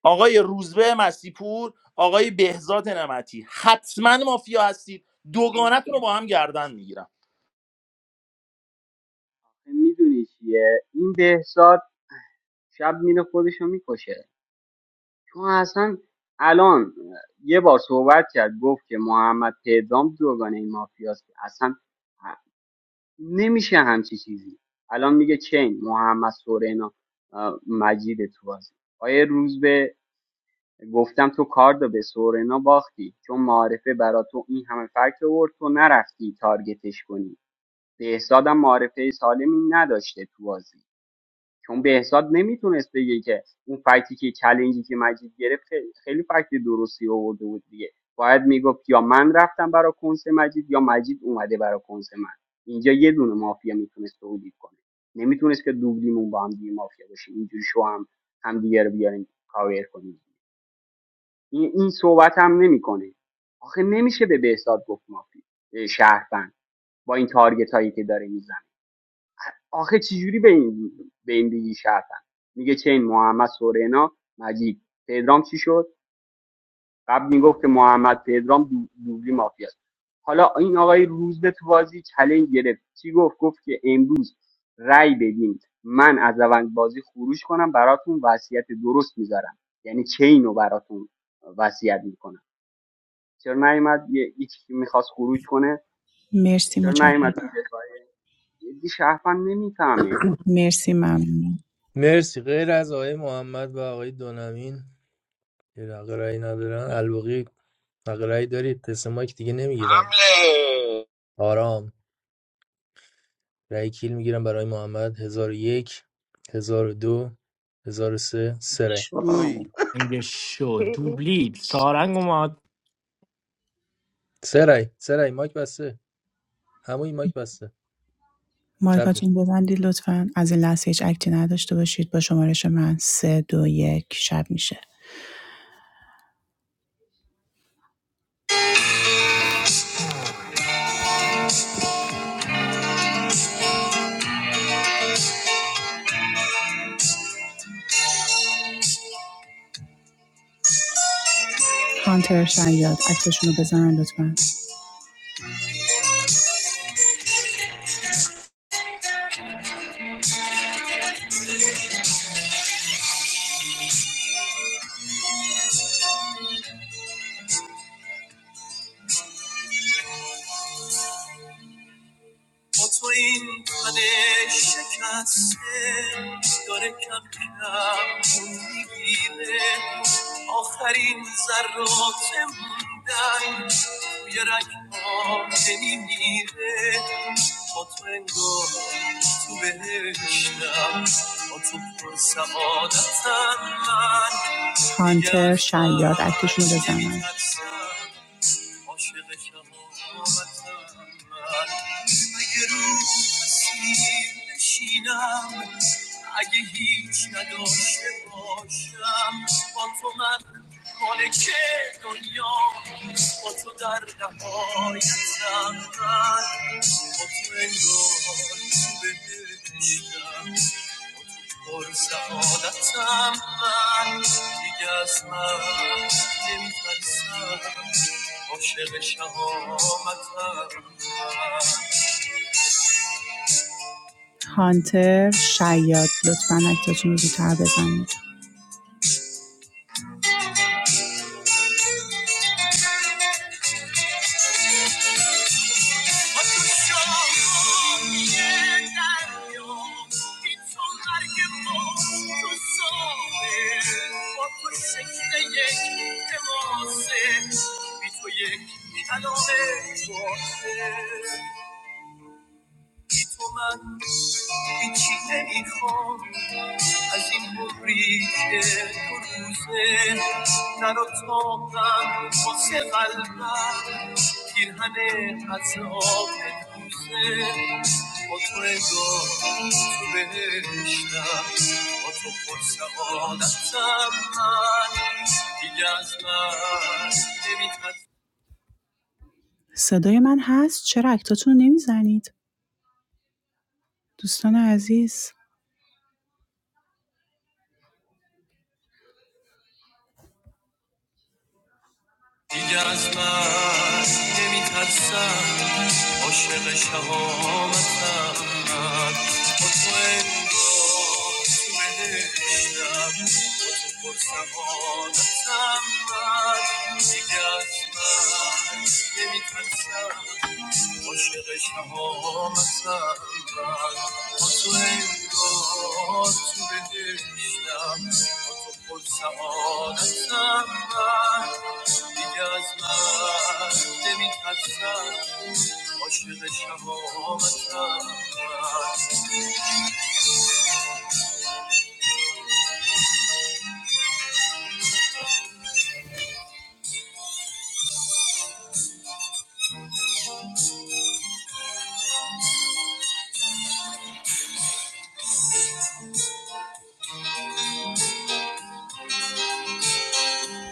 Speaker 17: آقای روزبه مسیپور آقای بهزاد نمتی حتما مافیا هستید دوگانتون رو با هم گردن میگیرم
Speaker 16: میدونی چیه این بهزاد شب میره خودشو میکشه چون اصلا الان اه، یه بار صحبت کرد گفت که محمد پدرام دوگانه این مافیاست که اصلا ه- نمیشه همچی چیزی الان میگه چین محمد سورینا اه، مجید تو بازی آیه روزبه گفتم تو کاردو به سورنا باختی چون معارفه برا تو این همه فکر آورد تو نرفتی تارگتش کنی بهزادم معارفه سالمی نداشته تو بازی چون بهزاد نمیتونست بگه که اون فکتی که چلنجی که مجید گرفت خیلی خیلی فکت درستی آورده بود دیگه باید میگفت یا من رفتم برا کنس مجید یا مجید اومده برا کنس من اینجا یه دونه مافیا میتونست تولید کنه نمیتونست که دوبلیمون با هم دیگه مافیا باشیم اینجوری شو هم هم دیگه رو بیاریم کاور کنیم این این صحبت هم نمیکنه آخه نمیشه به بهزاد گفت مافی اه، شهروند با این تارگت هایی که داره میزنه آخه چجوری به این به این دیگی شهروند میگه چه این محمد سورنا مجید پدرام چی شد قبل میگفت که محمد پدرام دو- دوبلی مافیاست. حالا این آقای روز به تو بازی چلنج گرفت چی گفت گفت که امروز رای بدین من از روند بازی خروج کنم براتون وصیت درست میذارم یعنی چین رو براتون وصیت میکنم چرا نیومد یه یکی که میخواست خروج کنه
Speaker 4: مرسی
Speaker 16: چرا
Speaker 4: متشکرم
Speaker 16: نیومد تو دفاعی یه شهروند نمیفهمه
Speaker 4: مرسی ممنون
Speaker 20: مرسی غیر از آقای محمد و آقای دونمین یه دقیقه رأی ندارن الباقی حق رأی دارید تست مایک دیگه نمیگیرم
Speaker 1: حمله
Speaker 20: آرام رأی کیل میگیرم برای محمد هزار و یک هزار و دو هزار و سه سه رأی
Speaker 18: آه،
Speaker 8: شویی.
Speaker 20: سه رأی سه رأی مایک بسته همون مایک بسته چپ می
Speaker 4: مایکاتون ببندید لطفا از این لحظه هیچ اکتی نداشته باشید با شمارش من سه دو یک شب میشه هانتر شیاد اکتشون رو بزنن لطفا با تو این تن شکسته داره کم کم میگیره آخرین ذرات موندن توی رگ ها نمیمیره با تو انگار تو بهشتم با تو پر سعادتم من هانتر دیگه از شیاد اکتشون رو عاشق شهامتم من اگه رو مسیر نشینم اگه هیچ نداشته باشم با تو من مالک دنیا با تو در نهایتم من با تو انگار تو بهشتم پر سعادتم من دیگه از مرگ نمیترسم عاشق شهامتم من. هانتر شیاد لطفا اکتاتون رو زودتر بزنید یک کلام بازه تو من هیچی نمیخوام از این مبری که دو روزه در اتاقم واسه قلبم پیرهن عذاب دوزه با تو انگار تو بهشتم با تو پرسعادتم من دیگه از من نمیترسم. صدای من هست چرا اکتاتون رو نمیزنید دوستان عزیز دیگه از مست نمی ترسم عاشق شهامتم من با تو انگار تو بهشتم با تو پر سعادتم من دیگه از مست نمی عاشق شهامتم با تو انگار تو بهشتم با تو پر سعادتم من دیگه از من نمیترسم عاشق شهامتم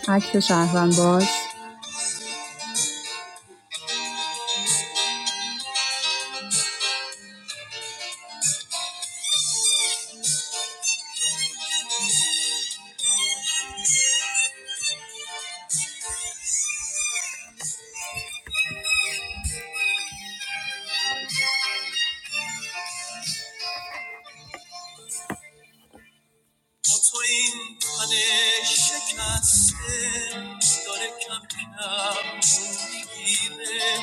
Speaker 4: من عکس شهروند باش با تو این تن شکسته داره کم کم میگیره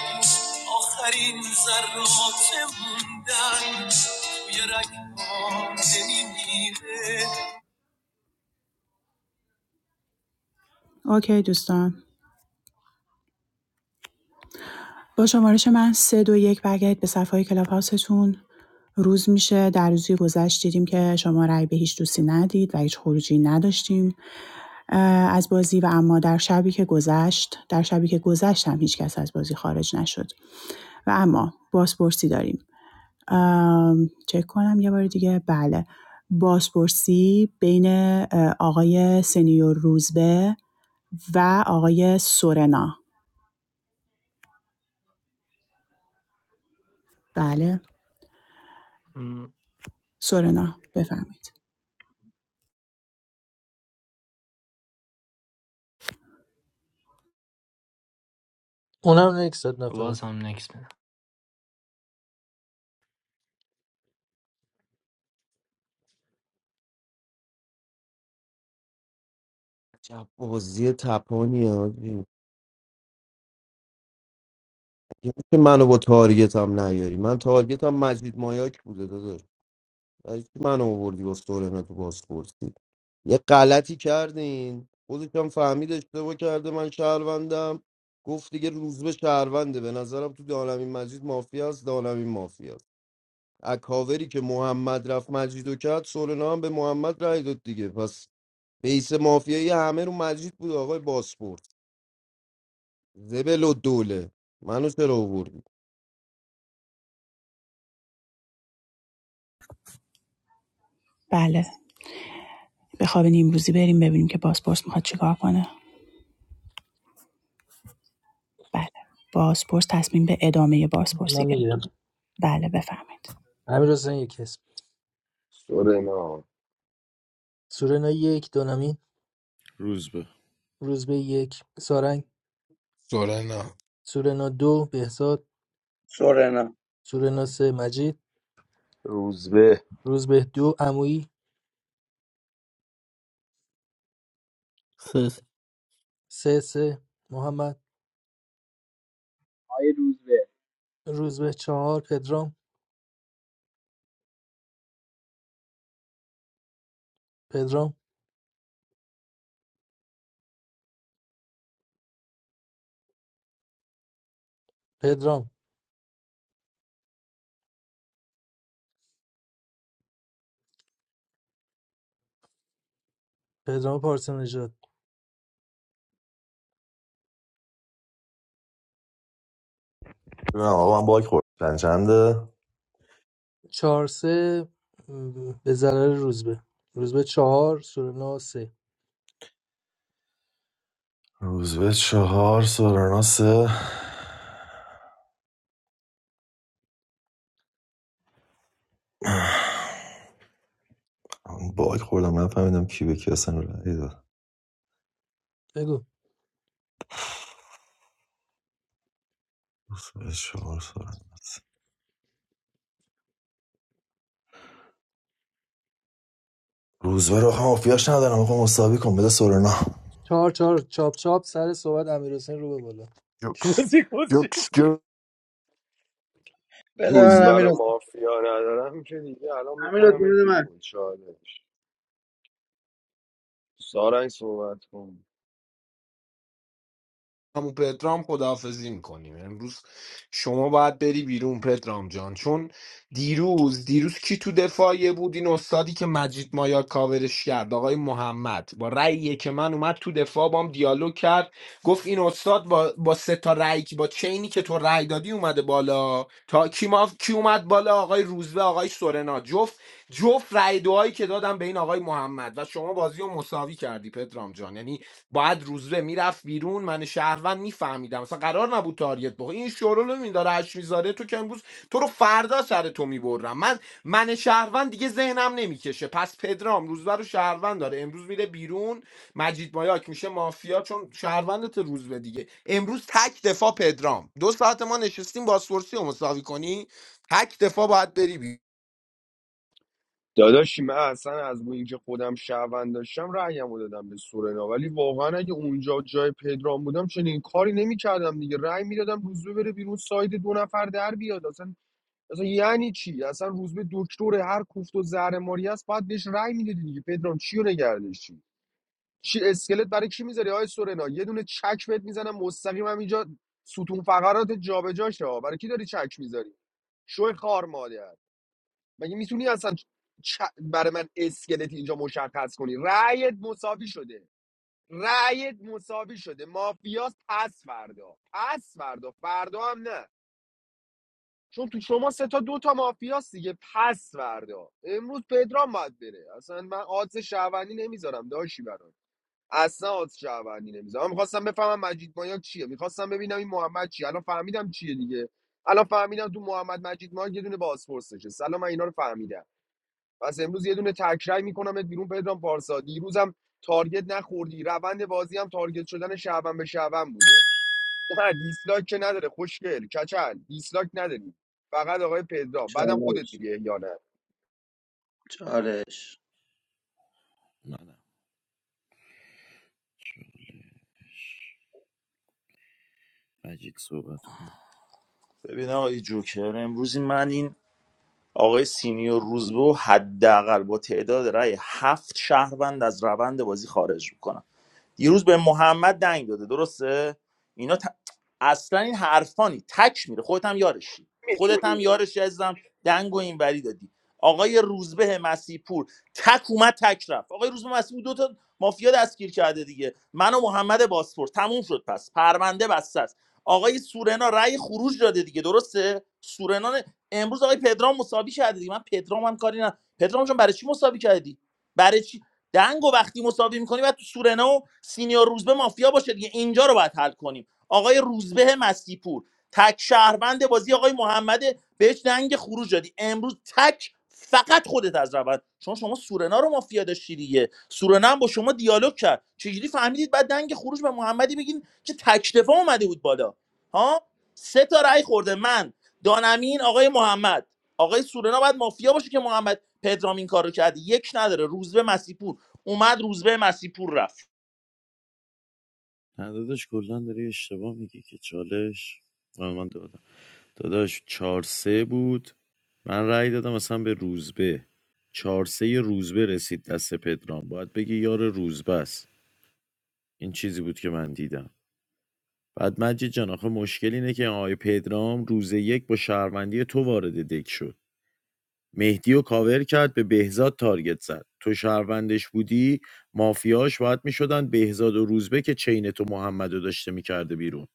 Speaker 4: آخرین ذرات موندن توی رگها نمیمیره اوکی دوستان با شمارش من سه دو یک برگردید به صفحه های کلاب هاوستون روز میشه در روزی گذشت دیدیم که شما رأی به هیچ دوستی ندید و هیچ خروجی نداشتیم از بازی و اما در شبی که گذشت در شبی که گذشت هم هیچ کس از بازی خارج نشد و اما بازپرسی داریم ام، چک کنم یه بار دیگه بله بازپرسی بین آقای سنیور روزبه و آقای سورنا بله
Speaker 9: م،
Speaker 4: سورنا بفرمایید
Speaker 20: اونم یک صد
Speaker 9: وا-
Speaker 20: نفر
Speaker 8: چه بازی تپانی آجی یکی که منو با تارگت هم نیاری من تارگت هم مجید مایاک بوده داداش برای چی منو آوردی با سورنا تو بازپرسی یه غلطی کردین خودش هم فهمید اشتباه کرده من شهروندم گفت دیگه روز به شهرونده به نظرم تو دانمین مجید مافیا است دانمین مافیا است اکاوری که محمد رفت مجیدو کرد سورنا هم به محمد رای داد دیگه پس بیس مافیایی همه رو مجید بود آقای باسپور زبل و دوله منو چرا آوردی
Speaker 4: بله به خواب نیمروزی بریم ببینیم که بازپرس میخواد چیکار کنه بله بازپرس تصمیم به ادامه بازپرسی
Speaker 20: من
Speaker 4: گرفت
Speaker 20: میگیرم
Speaker 4: بله بفهمید
Speaker 20: امیر حسین یک اسم
Speaker 1: سورنا
Speaker 20: سورنا یک دونمین
Speaker 13: روزبه
Speaker 20: روزبه یک سارنگ
Speaker 12: سورنا
Speaker 20: سورنا دو بهزاد
Speaker 18: سورنا
Speaker 20: سورنا سه مجید
Speaker 17: روزبه
Speaker 20: روزبه دو عمویی
Speaker 14: سس.
Speaker 20: سه سه محمد
Speaker 16: آیه روزبه
Speaker 20: روزبه چهار پدرام پدرام پدرام پدرام پارسا نژاد
Speaker 3: نه آقا من باک خورد چند چنده
Speaker 20: چهار سه م، به ضرر روزبه روزبه چهار سورنا سه
Speaker 3: روز به چهار سورانا سه من باک خوردم نفهمیدم کی به کی اصلا رأی داد
Speaker 20: بگو
Speaker 3: روز به چهار سورانا روز به رو هم مافیاش ندارم آقا مساوی کن بده سورانا
Speaker 20: چهار چهار چاپ چاپ سر صحبت امیر حسین رو به بالا چی
Speaker 12: جوکس
Speaker 20: بازی
Speaker 12: جوکس
Speaker 18: بده من
Speaker 1: روزبر
Speaker 18: امیر
Speaker 1: و مافیا ندارم که دیگه الان
Speaker 18: امیر
Speaker 1: میکنم
Speaker 18: بده من
Speaker 1: بیرون چالش سارنگ صحبت کن
Speaker 12: همون پدرام خداحافظی میکنیم امروز شما باید بری بیرون پدرام جان چون دیروز دیروز کی تو دفاعیه بود این استادی که مجید مایا کاورش کرد آقای محمد با رأیی که من اومد تو دفاع بام دیالوگ کرد گفت این استاد با با سه تا رأی که- با چینی که تو رأی دادی اومده بالا تا کی ما کی اومد بالا آقای روزبه آقای سورنا جفت جفت رأی دعایی که دادم به این آقای محمد و شما بازی رو مساوی کردی پدرام جان یعنی باید روزبه میرفت بیرون من شهروند میفهمیدم مثلا قرار نبود تاریت بخوره این شورالو این داره اش میذاره تو که امروز تو رو فردا سر تو میبرم من من شهروند دیگه ذهنم نمیکشه پس پدرام روزبه رو شهروند داره امروز میره بیرون مجید مایاک میشه مافیا چون شهروندت روزبه دیگه امروز تک دفاع پدرام دو ساعت ما نشستیم بازپرسی رو مساوی کنی تک دفاع باید بری بیرون
Speaker 1: داداشی من اصلا از بو اینکه خودم شهروند داشتم رأیمو دادم به سورنا ولی واقعا اگه اونجا جای پدرام بودم چنین کاری نمیکردم دیگه رأی میدادم روزبه بره بیرون ساید دو نفر در بیاد اصلا اصلا یعنی چی اصلا روزبه دکتر هر کوفت و زهر ماری است باید بهش رأی میدادی دیگه پدرام چی رو نگردشی چی اسکلت برای کی میذاری آی سورنا یه دونه چک بهت میزنم مستقیم هم اینجا ستون فقرات جابجا شه برای کی داری چک میذاری شوی خار مادر مگه میتونی اصلا چ... برای من اسکلت اینجا مشخص کنی رأیت مساوی شده رأیت مساوی شده مافیاس پس فردا پس فردا فردا هم نه چون تو شما سه تا دو تا مافیاس دیگه پس فردا امروز پدرام باید بره اصلا من آدز شهروندی نمیذارم داشی برام اصلا آدز شهروندی نمیذارم من میخواستم بفهمم مجید مایا چیه میخواستم ببینم این محمد چیه الان فهمیدم چیه دیگه الان فهمیدم تو محمد مجید مایا یه دونه بازپرس نشسته الان من اینا رو فهمیدم پس امروز یه دونه تکرای میکنمت بیرون پدرام پارسا دیروزم تارگت نخوردی روند بازی هم تارگت شدن شعبان به شعبان بوده نه دیسلاک که نداره خوشگل کچل دیسلاک نداری فقط آقای پدرام بعدم خودت
Speaker 18: چالش
Speaker 1: دیگه یا نه
Speaker 18: چالش
Speaker 13: به منم مجید صحبت کن
Speaker 17: ببین آقای جوکر امروز من این آقای سینیور روزبه حداقل با تعداد رأی هفت شهروند از روند بازی خارج میکنم دیروز به محمد دنگ داده درسته اینا ت... اصلا این حرفانی تک میره خودت هم یارشی خودت هم
Speaker 1: میتونی
Speaker 17: یارشی عزیزم دنگ و اینوری دادی آقای روزبه مسیپور تک اومد تک رفت آقای روزبه مسیپور دو تا مافیا دستگیر کرده دیگه من و محمد باسپور تموم شد پس پرونده بسته است آقای سورنا رأی خروج داده دیگه درسته سورنا نه- امروز آقای پدرام مساوی کرده دیگه من پدرام هم کاری نه پدرام جان برای چی مساوی کردی برای چی؟ دنگو وقتی مساوی میکنی باید تو سورنا و سینیور روزبه مافیا باشه دیگه اینجا رو باید حل کنیم آقای روزبه مسیپور تک شهروند بازی آقای محمد بهش دنگ خروج دادی امروز تک فقط خودت از روند چون شما سورنا رو مافیا داشتی دیگه سورنا هم با شما دیالوگ کرد چجوری فهمیدید بعد دنگ خروج به محمدی بگین که تک دفاع اومده بود بالا ها سه تا رأی خورده من دانمین آقای محمد آقای سورنا باید مافیا باشه که محمد پدرام این کارو کرده یک نداره روزبه مسیپور اومد روزبه مسیح پور رفت
Speaker 13: نه داداش کلا داری اشتباه میگی که چالش من دادم داداش چهار سه بود من رأی دادم اصلا به روزبه چهار سه روزبه رسید دست پدرام باید بگی یار روزبه است این چیزی بود که من دیدم بعد مجید جان آخه مشکل اینه که آقای پدرام روز یک با شهروندی تو وارد دک شد مهدی رو کاور کرد به بهزاد تارگت زد تو شهروندش بودی مافیاش باید میشدن بهزاد و روزبه که چین تو محمد رو داشته میکرده بیرون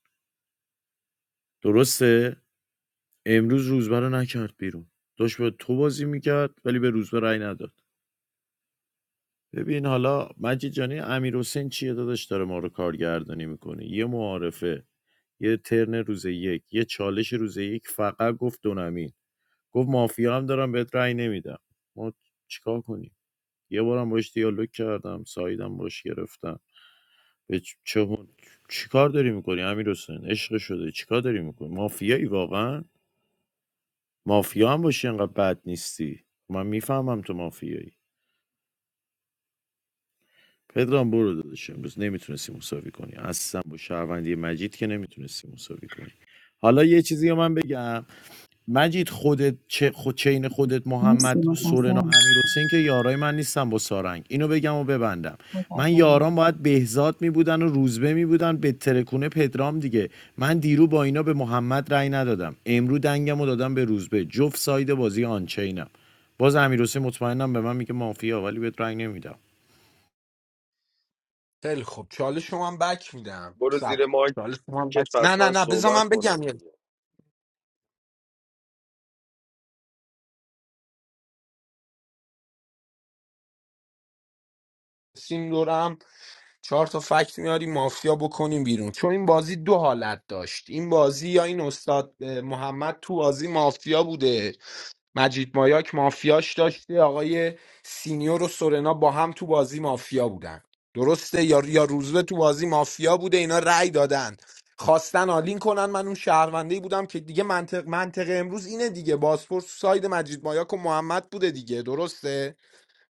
Speaker 13: درسته امروز روزبه رو نکرد بیرون داشت به تو بازی میکرد ولی به روزبه رأی نداد ببین حالا مجید جانی امیر حسین چیه داداش داره ما رو کارگردانی میکنه یه معارفه یه ترن روز یک یه چالش روز یک فقط گفت دونمین گفت مافیا هم دارم بهت رأی نمیدم ما چیکار کنیم یه بارم باش دیالوگ کردم سایدم باش گرفتم به چ- چه هون- چیکار داری میکنی امیر حسین عشق شده چیکار داری میکنی مافیایی واقعا مافیا هم باشی انقدر بد نیستی من میفهمم تو مافیایی پدرام برو داداش امروز نمیتونستی مساوی کنی اصلا با شهروندی مجید که نمیتونستی مساوی کنی حالا یه چیزی رو من بگم مجید خودت چه خود چین خودت محمد سورنا امیر حسین که یارای من نیستن با سارنگ اینو بگم و ببندم من یاران باید بهزاد می بودن و روزبه می بودن به ترکونه پدرام دیگه من دیرو با اینا به محمد رأی ندادم امرو دنگم دادم به روزبه جفت ساید بازی آنچینم باز امیر حسین مطمئنم به من میگه مافیا ولی بهت رأی نمیدم
Speaker 12: خیلی خب چالش شما هم بک میدم
Speaker 1: برو
Speaker 12: سب
Speaker 1: زیر مایکت
Speaker 12: چالش شما هم بک نه
Speaker 1: پس
Speaker 12: نه
Speaker 1: من
Speaker 12: نه بذار
Speaker 1: صحبت
Speaker 12: من
Speaker 1: کنم
Speaker 12: بگم
Speaker 1: دیگه
Speaker 12: سیم دورم چهار تا فکت میاری مافیا بکنیم بیرون چون این بازی دو حالت داشت این بازی یا این استاد اه، محمد تو بازی مافیا بوده مجید مایاک مافیاش داشته آقای سینیور و سورنا با هم تو بازی مافیا بودن درسته یا یا روزبه تو بازی مافیا بوده اینا رأی دادن خواستن آلین کنن من اون شهروندهی بودم که دیگه منطق منطقه امروز اینه دیگه بازپرس ساید مجید مایاک و محمد بوده دیگه درسته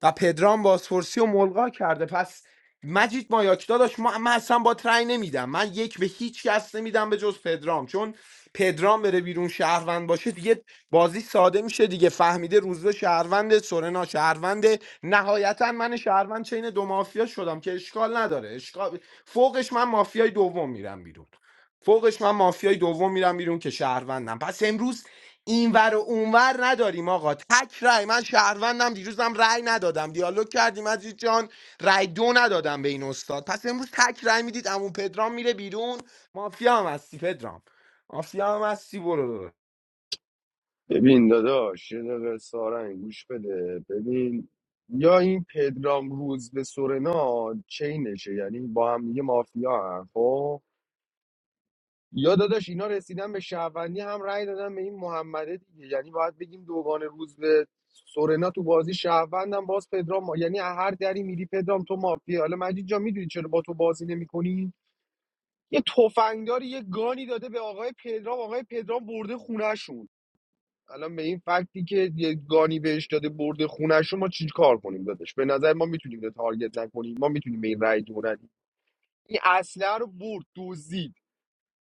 Speaker 12: و پدرام بازپرسی و ملغا کرده پس مجید مایاک داداش ما من اصلا با رأی نمیدم من یک به هیچ کس نمیدم به جز پدرام چون پدرام بره بیرون شهروند باشه دیگه بازی ساده میشه دیگه فهمیده روزبه شهروند سورنا شهروند نهایتا من شهروند چین دو مافیا شدم که اشکال نداره اشکال فوقش من مافیای دوم میرم بیرون فوقش من مافیای دوم میرم بیرون که شهروندم پس امروز اینور و اونور نداریم آقا تک رای من شهروندم دیروزم رای ندادم دیالوگ کردیم عزیز جان رای دو ندادم به این استاد پس امروز تک رای میدید عمو پدرام میره بیرون مافیا هم هستی پدرام مافیا هم هستی برو
Speaker 1: ببین داداش یه دقیقه سارنگ گوش بده ببین یا این پدرام روز به سورنا چینشه یعنی با هم دیگه مافیا هم خب یا داداش اینا رسیدن به شهروندی هم رأی دادن به این محمده دیگه یعنی باید بگیم دوگان روز به سورنا تو بازی شهروندم باز پدرام ما. یعنی از هر دری میری پدرام تو مافی حالا مجید جا میدونی چرا با تو بازی نمیکنی یه تفنگدار یه گانی داده به آقای پدرام آقای پدرام برده خونهشون الان به این فکتی که یه گانی بهش داده برده خونهشون ما چی کار کنیم دادش به نظر ما میتونیم به تارگت نکنیم ما میتونیم به این رأی دو ندیم. این اصله رو برد دزدید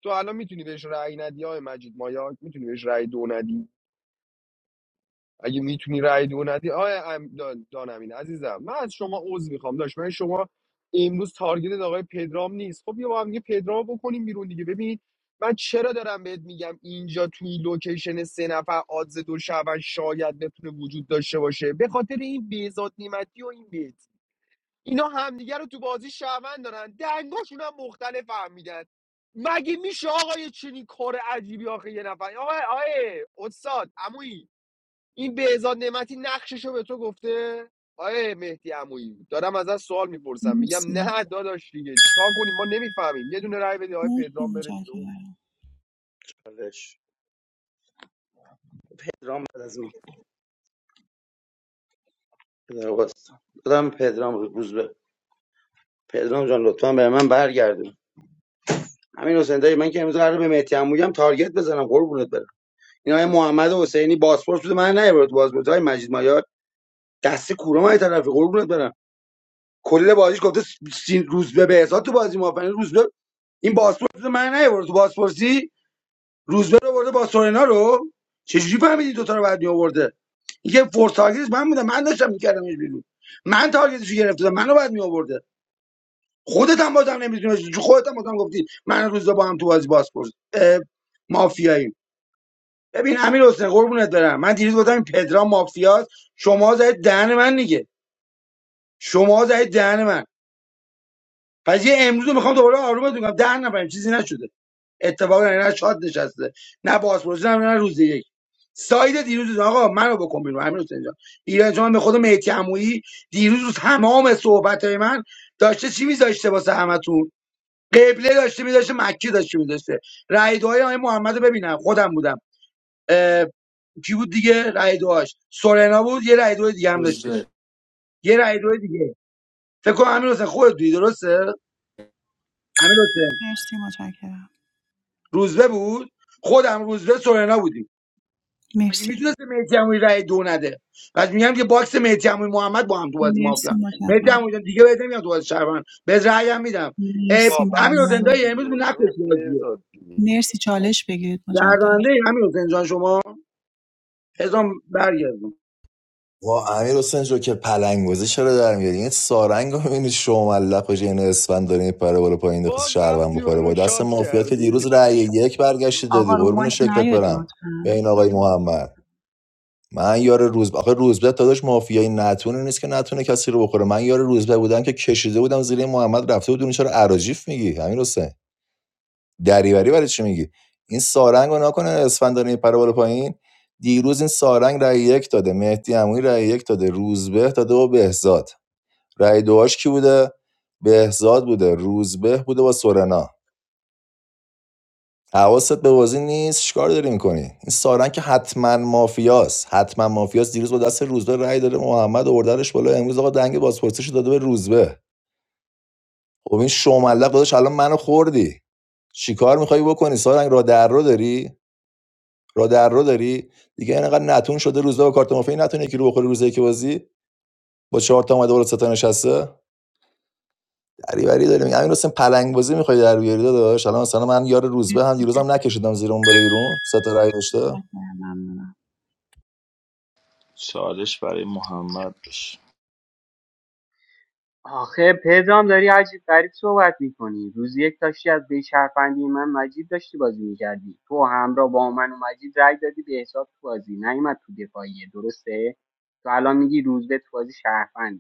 Speaker 1: تو الان میتونی بهش رأی ندی آقای مجید مایاک میتونی بهش رأی دو ندی اگه میتونی رأی دو ندی آقای ام- دا- دانمین عزیزم من از شما عذر میخوام داشت من شما امروز تارگت آقای پدرام نیست خب بیا با هم دیگه پدرام بکنیم بیرون دیگه ببین من چرا دارم بهت میگم اینجا توی لوکیشن سه نفر آدز دو شعبن شاید بتونه وجود داشته باشه به خاطر این بیزاد نیمتی و این بیت اینا همدیگه رو تو بازی شهروند دارن دنگاشون هم مختلف فهمیدن مگه میشه آقا یه چنین کار عجیبی آخه یه نفر آقا آیه استاد عمویی این بهزاد نعمتی نقششو به تو گفته آیه مهدی عمویی دارم ازت سوال میپرسم میگم
Speaker 4: مرسی
Speaker 1: نه داداش دیگه چیکار کنیم ما نمیفهمیم یه دونه رای بده آیه
Speaker 4: مرسی
Speaker 1: پدرام بره بیرون
Speaker 4: متشکرم
Speaker 18: چالش پدرام بعد از من پدرام باستم. پدرام روز پدرام جان لطفا به من برگردون همین حسین دایی من که امروز قراره به مهدی هم تارگت بزنم قربونت برم این های محمد حسینی پاسپورت بوده من نیبرد پاسپورت های مجید مایار دست کوره های طرفی قربونت برم کل بازیش گفته س- سین روزبه به حساب تو بازی موافقه روزبه این پاسپورت بوده من نیبرد تو پاسپورتی روزبه رو برده با سورنا رو چجوری فهمیدی دو تا رو بعد می آورده این فور تارگتش من بودم من داشتم میکردمش بیرون من تارگتش رو گرفته بودم منو بعد می آورده خودت هم بازم نمیدونی خودت هم بازم گفتی من روزا با هم تو بازی باز مافیایی ببین امیر حسین قربونت برم من دیروز گفتم این پدرام مافیاست شما زدید دهن من دیگه شما زدید دهن من پس یه امروز رو میخوام دوباره آرومتون کنم دهن نبرم چیزی نشده اتفاقا نه نه شاد نشسته نه بازپرسی نه نه روز یک ساید دیروز آقا منو بکن بیرون امیر حسین جان ایران جان به خود مهدی عمویی دیروز تمام صحبت من داشته چی میذاشته واسه همتون قبله داشته میداشته مکی داشته میداشته رای دعای آقای محمد رو ببینم خودم بودم اه، کی بود دیگه رای دعاش سورنا بود یه رای دعای دیگه هم داشتش یه رای دعای دیگه فکر کنم امیر حسین خودت بودی درسته امیر حسین
Speaker 4: مرسی متشکرم
Speaker 18: روزبه بود خودم روزبه سورنا بودیم مگه
Speaker 4: مرسی
Speaker 18: میتونست مهدی عمویی رای دو نده بعد میگم که باکس مهدی عمویی محمد با هم تو بازی
Speaker 4: مرسی
Speaker 18: مافیا مهدی
Speaker 4: متشکرم
Speaker 18: عمویی جان دیگه بهت نمیاد تو بازی شهروند بهت رأی هم میدم اه،
Speaker 4: مرسی
Speaker 1: آ
Speaker 18: امیر
Speaker 1: بس
Speaker 18: حسین
Speaker 4: ممنون
Speaker 18: دایی امروز
Speaker 1: دیگه
Speaker 18: نکش
Speaker 1: نه،
Speaker 18: بازیه
Speaker 1: بهزاد دیگه.
Speaker 4: مرسی چالش بگیرید مجدد
Speaker 18: دردانده امیر حسین جان شما پزم برگردم
Speaker 3: وا امیر حسین جو که پلنگوزی چرا در میاری این سارنگ رو میبینی شوملق بشه این اسفند داره میپره بالا پایین دخص
Speaker 1: باز
Speaker 3: شهروند
Speaker 1: رفتی
Speaker 3: بخوره با
Speaker 1: منو
Speaker 3: دست
Speaker 1: شات
Speaker 3: مافیات که دیروز
Speaker 1: کردی
Speaker 3: رأی یک برگشتی دادی
Speaker 4: آقا رو
Speaker 3: قربون
Speaker 4: مایک
Speaker 3: شکلت
Speaker 4: نیاد
Speaker 3: برم به
Speaker 4: لطفا
Speaker 3: این آقای محمد من یار روز آخه روزبه داداش مافیایی نتونه نیست که نتونه کسی رو بخوره من یار روزبه بودم که کشیده بودم زیر محمد رفته بود اون چرا اراجیف میگی امیر حسین دریوری برای چی میگی این سارنگ رو نکنه اسفندانی پره بالا پایین دیروز این سارنگ رای یک داده مهدی عمویی رای یک داده روزبه داده و بهزاد رای دوهاش کی بوده بهزاد بوده روزبه بوده با سورنا حواست به بازی نیست چیکار داری میکنی این سارنگ که حتما مافیاست حتما مافیاست دیروز با دست روزبه رای داده محمد اوردرش بالا امروز آقا دنگ بازپرسیش داده به روزبه خب این شوملق داداش الان منو خوردی چیکار میخوای بکنی سارنگ را در رو داری را در رو داری دیگه اینقدر نتون شده روزا با کارت مافیا نتونه یکی رو بخوره روزی که بازی با چهار تا اومده بالا سه تا نشسته دریوری داریم امین حسین پلنگ بازی میخوای در بیاری داداش الان مثلا من یار روزبه هم دیروزم نکشیدم زیر اون بره
Speaker 12: داداش.
Speaker 3: بیرون سه تا رای داشته
Speaker 4: متشکرم ممنونم
Speaker 17: چالش برای محمد بشه
Speaker 16: آخه پدرام داری عجیب غریب صحبت میکنی روز یک داشتی از به شهروندی من مجید داشتی بازی میکردی تو همراه با من و مجید رای دادی به حساب تو بازی نیومد تو دفاعیه درسته تو الان میگی روزبه تو بازی شهروند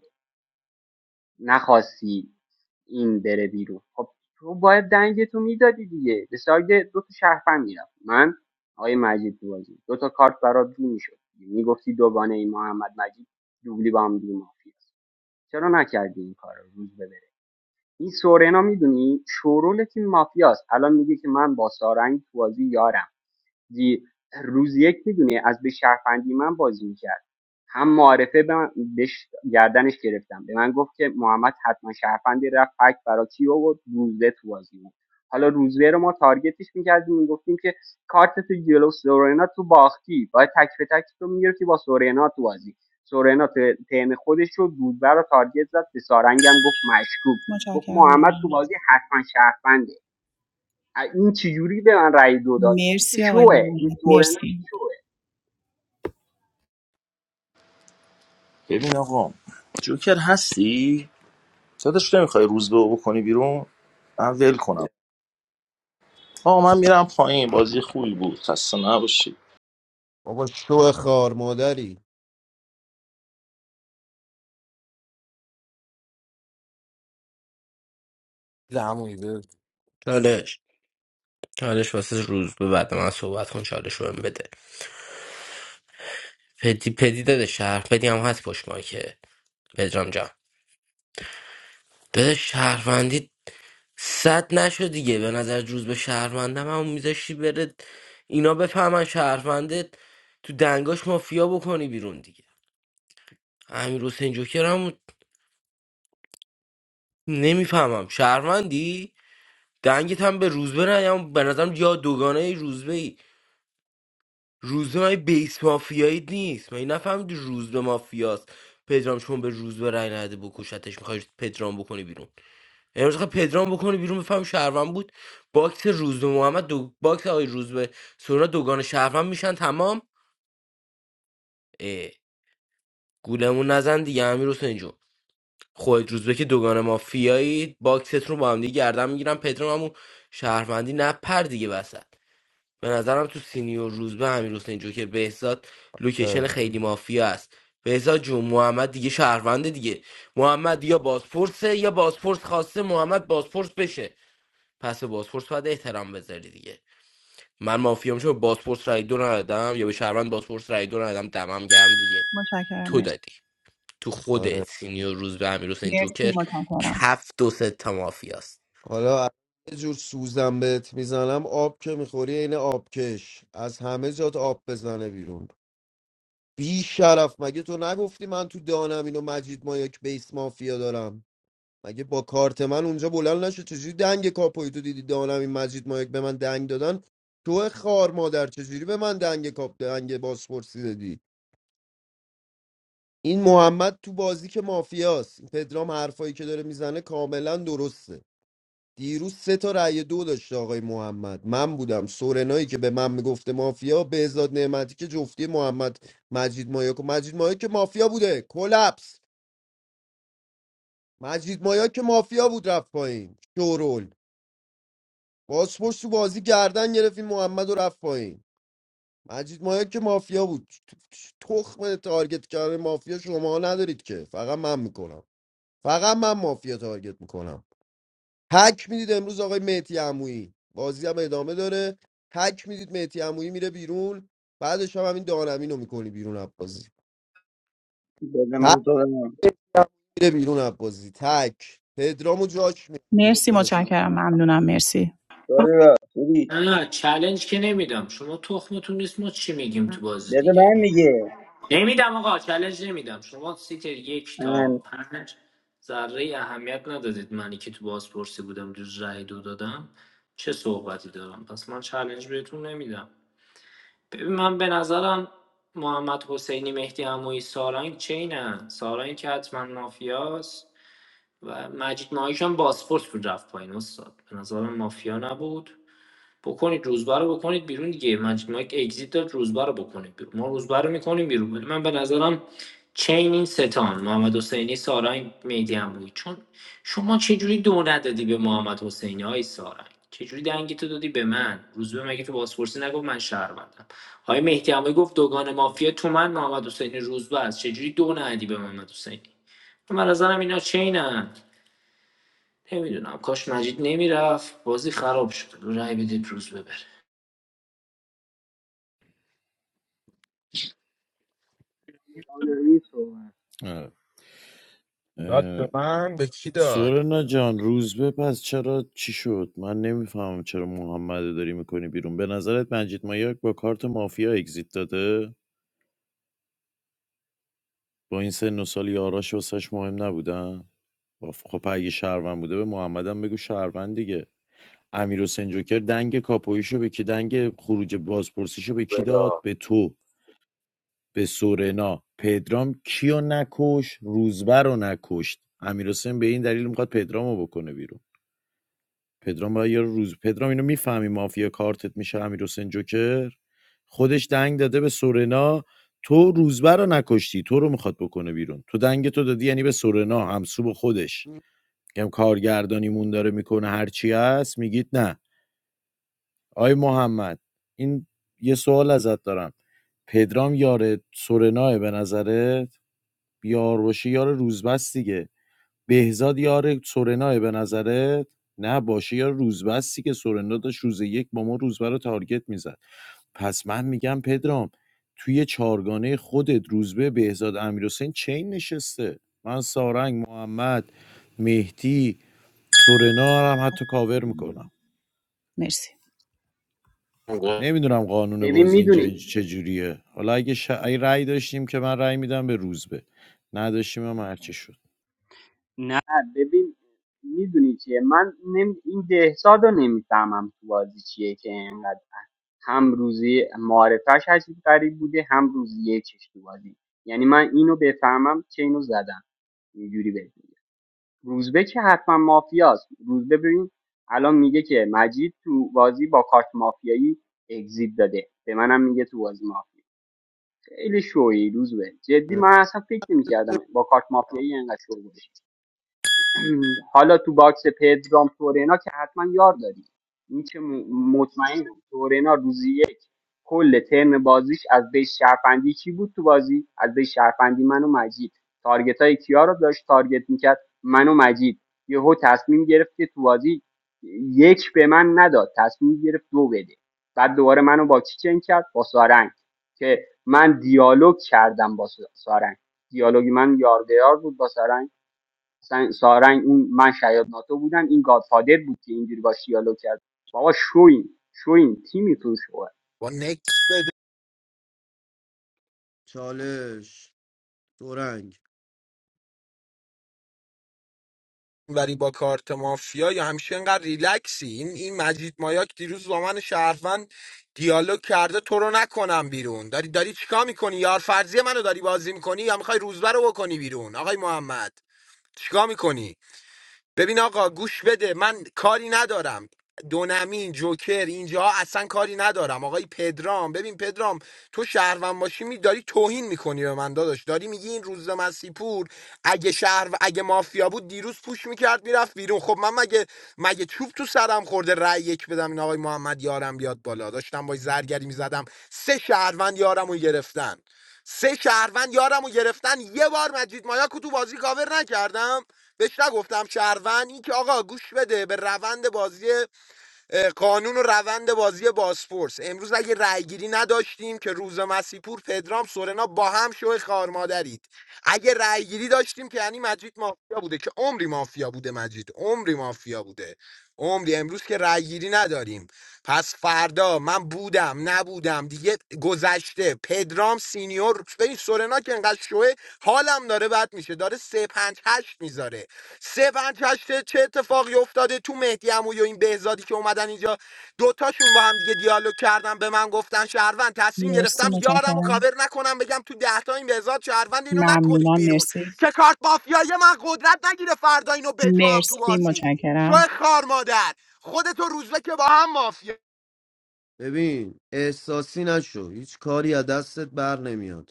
Speaker 16: نخواستی این بره بیرون خب تو باید دنگ تو میدادی دیگه به ساید دو تا شهروند میرفت من آقای مجید تو بازی دو تا کارت برات رو میشد میگفتی دوگانه این محمد مجید دوبلی با هم دیگه مافیاست چرا نکردی این کار روز ببره این سورنا میدونی شورول تیم مافیاست الان میگه که من با سارنگ تو بازی یارم زی- روز یک میدونی از به شهروندی من بازی میکرد هم معارفه به من بهش گردنش گرفتم به من گفت که محمد حتما شهروندی رفت فکت برای کی آورد روزه تو بازی بود حالا روزه رو ما تارگتش میکردیم میگفتیم که کارت تو جلو سورنا تو باختی باید تک به تک تو میگرفتی با سورنا تو بازی سورنا ت- خودش رو دودبر رو تارگت زد به سارنگم گفت مشکوک گفت
Speaker 4: متشکرم
Speaker 16: محمد تو
Speaker 4: ممنون
Speaker 16: بازی حتما شرفنده. ا- این چجوری به من رأی دو داد این که
Speaker 4: مرسی آقای
Speaker 16: شوه این
Speaker 4: ممنون
Speaker 16: سورنا که
Speaker 4: مرسی
Speaker 16: شوه
Speaker 17: ببین آقا جوکر هستی؟ داداش نمیخوای روزبه به بکنی بیرون؟ من ول کنم آقا من میرم پایین بازی خوبی بود خسته نباشید
Speaker 8: بابا شو خار مادری
Speaker 12: عمویی بده.
Speaker 14: چالش چالش واسه روز به بعد من صحبت کن چالش رو بهم بده پدی پدی داده شهر پدی هم هست پشت ما که پدرام جان داده شهروندی صد نشد دیگه به نظر روز به شهروندم همون میذاشتی بره اینا بفهمن شهرونده تو دنگاش مافیا بکنی بیرون دیگه امیر حسین جوکر هم نمیفهمم شهروندی دنگت هم به روزبه نیام به نظرم یا دوگانه روزبه ای روزبه های بیس مافیایی نیست من نفهمیدی روزبه مافیاست پدرام چون به روزبه رای نده بکشتش میخوای پدرام بکنی بیرون امروز خواهی پدرام بکنی بیرون بفهم شهروند بود باکس روزبه محمد دو... باکس آقای روزبه سورا دوگانه شهروند میشن تمام اه. گولمون نزن دیگه امیر حسین جون. خودت روزبه که دوگان مافیایی باکست رو با هم دیگه گردن میگیرم پدرام هم اون شهروندی نپر دیگه وسط به نظرم تو سینیور روزبه امیر حسین جو که بهزاد لوکیشن
Speaker 8: اه،
Speaker 14: خیلی مافیا است بهزاد جون محمد دیگه شهرونده دیگه محمد یا بازپرسه یا بازپرس خواسته محمد بازپرس بشه پس به بازپرس باید احترام بذاری دیگه من مافیام چون بازپرس رای دو ندادم یا به شهروند بازپرس رای دو ندادم دمم گرم دیگه
Speaker 4: متشکرم
Speaker 14: تو
Speaker 4: مرسی
Speaker 14: دادی تو خودت
Speaker 8: آره.
Speaker 14: سینیور روز به امیر حسین
Speaker 4: مرسی
Speaker 14: جوکر
Speaker 4: متشکرم
Speaker 14: کف دو سه تا مافیاست
Speaker 8: حالا یه جور سوزن بهت میزنم آب که میخوری عین آبکش از همه جات آب بزنه بیرون بی شرف مگه تو نگفتی من تو دانم اینو مجید ما یک بیس مافیا دارم مگه با کارت من اونجا بلند نشد چجوری دنگ کاپوی تو دیدی دانم این مجید ما یک به من دنگ دادن تو خار مادر چجوری به من دنگ کاپ دنگ باسپورسی دادی این محمد تو بازی که مافیاست این پدرام حرفایی که داره میزنه کاملا درسته دیروز سه تا رأی دو داشت آقای محمد من بودم سورنایی که به من میگفته مافیا بهزاد نعمتی که جفتی محمد مجید مایا که مجید مایا که مافیا بوده کلپس مجید مایا که مافیا بود رفت پایین شورول بازپشت تو بازی گردن گرفت این محمد و رفت پایین مجید مایا که مافیا بود تخم تارگت کردن مافیا شما ندارید که فقط من میکنم فقط من مافیا تارگت میکنم حک میدید امروز آقای مهدی عمویی بازی هم ادامه داره حک میدید مهدی عمویی میره بیرون بعدش هم همین دانمین رو میکنی بیرون عبازی
Speaker 18: بده من
Speaker 8: حک
Speaker 18: تو دارم
Speaker 8: مهدی عمویی میره بیرون عبازی تک پدرامو جاش میره بیرون
Speaker 4: مرسی
Speaker 8: داداش
Speaker 4: متشکرم ممنونم مرسی
Speaker 18: داری با خوبی
Speaker 9: نه نه چلنج که نمیدم شما تخمتون نیست ما چی میگیم تو بازی
Speaker 18: بده
Speaker 9: دیگه
Speaker 18: من میگه
Speaker 9: نمیدم آقا چلنج نمیدم شما سیتر یک تا
Speaker 18: من
Speaker 9: پنج ذره اهمیت ندادید منی که تو بازپرسی بودم دوز رای دو دادم چه صحبتی دارم پس من چلنج بهتون نمیدم ببین من به نظرم محمد حسینی مهدی عمویی سارنگ چینه سارنگ که حتما مافیاست و مجید ماهیش هم بازپرس بود رفت پایین استاد به نظرم مافیا نبود بکنید روزبه رو بکنید بیرون دیگه مجید ماهی که اگزیت داد روزبه رو بکنید بیرون ما روزبه رو میکنیم بیرون من به نظرم چین این ستان محمد حسینی سارنگ میدی هم بود چون شما چجوری دو ندادی به محمد حسینی های سارنگ چجوری دنگی تو دادی به من روزبه مگه تو بازپرسی نگفت من شهروندم های مهدی هم گفت دوگان مافیا تو من محمد حسینی روزبه است چجوری دو ندی به محمد حسینی من به نظرم اینا چینن نمیدونم کاش مجید نمیرفت بازی خراب شد رای بدید روز ببره
Speaker 16: دانایی شوه.
Speaker 12: داد به من به کی داد
Speaker 13: سورنا جان روز به پس چرا چی شد من نمیفهمم چرا محمد رو داری میکنی بیرون به نظرت منجید مایاک با کارت مافیا اگزیت داده با این سن و سال یاراش واسش مهم نبودن باف- خب اگه شهروند بوده به محمدم بگو شهروند دیگه امیر حسین جوکر دنگ کاپویشو به کی دنگ خروج بازپرسیشو به کی داد
Speaker 1: بلا
Speaker 13: به تو به سورنا پدرام کیو نکش روزبه رو نکشت امیر حسین به این دلیل میخواد پدرامو بکنه بیرون پدرام باید یه روز پدرام اینو میفهمی مافیا کارتت میشه امیر حسین جوکر خودش دنگ داده به سورنا تو روزبر رو نکشتی تو رو میخواد بکنه بیرون تو دنگ تو دادی یعنی به سورنا همسو به خودش کم کارگردانیمون داره میکنه هرچی هست میگید نه آی محمد این یه سوال ازت دارم پدرام یاره سورناه به نظرت بیار باشه یار روزبست دیگه بهزاد یار سورنا به نظرت نه باشه یا روزبستی که سورنا داشت روز یک با ما روزبه رو تارگت میزد پس من میگم پدرام توی چارگانه خودت روزبه بهزاد امیرحسین چین نشسته من سارنگ محمد مهدی سورنا هم حتی کاور میکنم
Speaker 4: مرسی
Speaker 13: نمیدونم قانون
Speaker 16: ببین
Speaker 13: بازی اینجا
Speaker 16: میدونی
Speaker 13: اینج-
Speaker 16: چیه
Speaker 13: چجوریه حالا اگه, ش... اگه رأی داشتیم که من رأی میدم به روزبه نداشتیم هم هرچی شد
Speaker 16: نه نه ببین میدونی چیه من نمی... این دهساد رو نمیفهمم تو بازی چیه که اینقدر هم روزی معارفش عجیب غریب بوده هم روزی یکش تو بازی یعنی من اینو بفهمم چه اینو زدم اینجوری بگیم روزبه که حتما مافیاست روزبه ببین الان میگه که مجید تو بازی با کارت مافیایی اگزیت داده به منم میگه تو بازی مافیا خیلی شوی روز به جدی من اصلا فکر نمی‌کردم با کارت مافیایی اینقدر شو بودی حالا تو باکس پدرام تورینا که حتما یار داری این که م- مطمئنم تورینا روزی یک کل ترم بازیش از بیس شرفندی کی بود تو بازی از بیس شرفندی من و مجید تارگت های کیا رو داشت تارگت میکرد من و مجید یهو تصمیم گرفت که تو بازی یک به من نداد تصمیم گرفت دو بده بعد دوباره منو با کی چنگ کرد با سارنگ که من دیالوگ کردم با سارنگ دیالوگی من یار به یار بود با سارنگ سن- سارنگ این من شاید ناتو بودم این گادفادر بود که اینجوری با دیالوگ کرد بابا شوین شوین تیمیتون شو
Speaker 12: با نکس
Speaker 8: چالش دورنگ
Speaker 12: وری با کارت مافیا یا همیشه اینقدر ریلکسی این این مجید مایاک دیروز با من شهروند دیالوگ کرده تو رو نکنم بیرون داری داری چیکار میکنی یار فرضیه منو داری بازی میکنی یا میخوای روزبه رو بکنی بیرون آقای محمد چیکار میکنی ببین آقا گوش بده من کاری ندارم دونمین جوکر اینجا اصلا کاری ندارم آقای پدرام ببین پدرام تو شهروند باشی می داری توهین میکنی به من داداش داری میگی این روز مسیپور اگه شهر اگه مافیا بود دیروز پوش میکرد میرفت بیرون خب من مگه مگه چوب تو سرم خورده رأی یک بدم این آقای محمد یارم بیاد بالا داشتم با زرگری میزدم سه شهروند یارم رو گرفتن سه شهروند یارم رو گرفتن یه بار مجید مایا کو تو بازی کاور نکردم بهش نگفتم شهروند این که آقا گوش بده به روند بازی اه، قانون و روند بازی بازپرس امروز اگه رأیگیری نداشتیم که روز مسیپور پدرام سورنا با هم شو خار مادرید اگه رأیگیری داشتیم که یعنی مجید مافیا بوده که عمری مافیا بوده مجید عمری مافیا بوده عمری امروز که رأیگیری نداریم پس فردا من بودم نبودم دیگه گذشته پدرام سینیور ببین سورنا که انقدر شوه حالم داره بد میشه داره سه پنج هشت میذاره سوند کشته چه اتفاقی افتاده تو مهدی عمویی و این بهزادی که اومدن اینجا دوتاشون با هم دیگه دیالوگ کردن به من گفتن شهروند تصمیم
Speaker 4: مرسی
Speaker 12: گرفتم یارم و
Speaker 4: متشکرم
Speaker 12: کاور نکنم بگم تو دهتا این بهزاد شهروند اینو نکنید
Speaker 4: ممنونم
Speaker 12: بیرون
Speaker 4: مرسی
Speaker 12: که کارت مافیایی من قدرت نگیره فردا اینو بجام تو
Speaker 4: مرسی
Speaker 12: باسی شو
Speaker 4: متشکرم
Speaker 12: خار مادر خودتو روزبه که با هم مافیا
Speaker 8: ببین احساسی نشو هیچ کاری از دستت بر نمیاد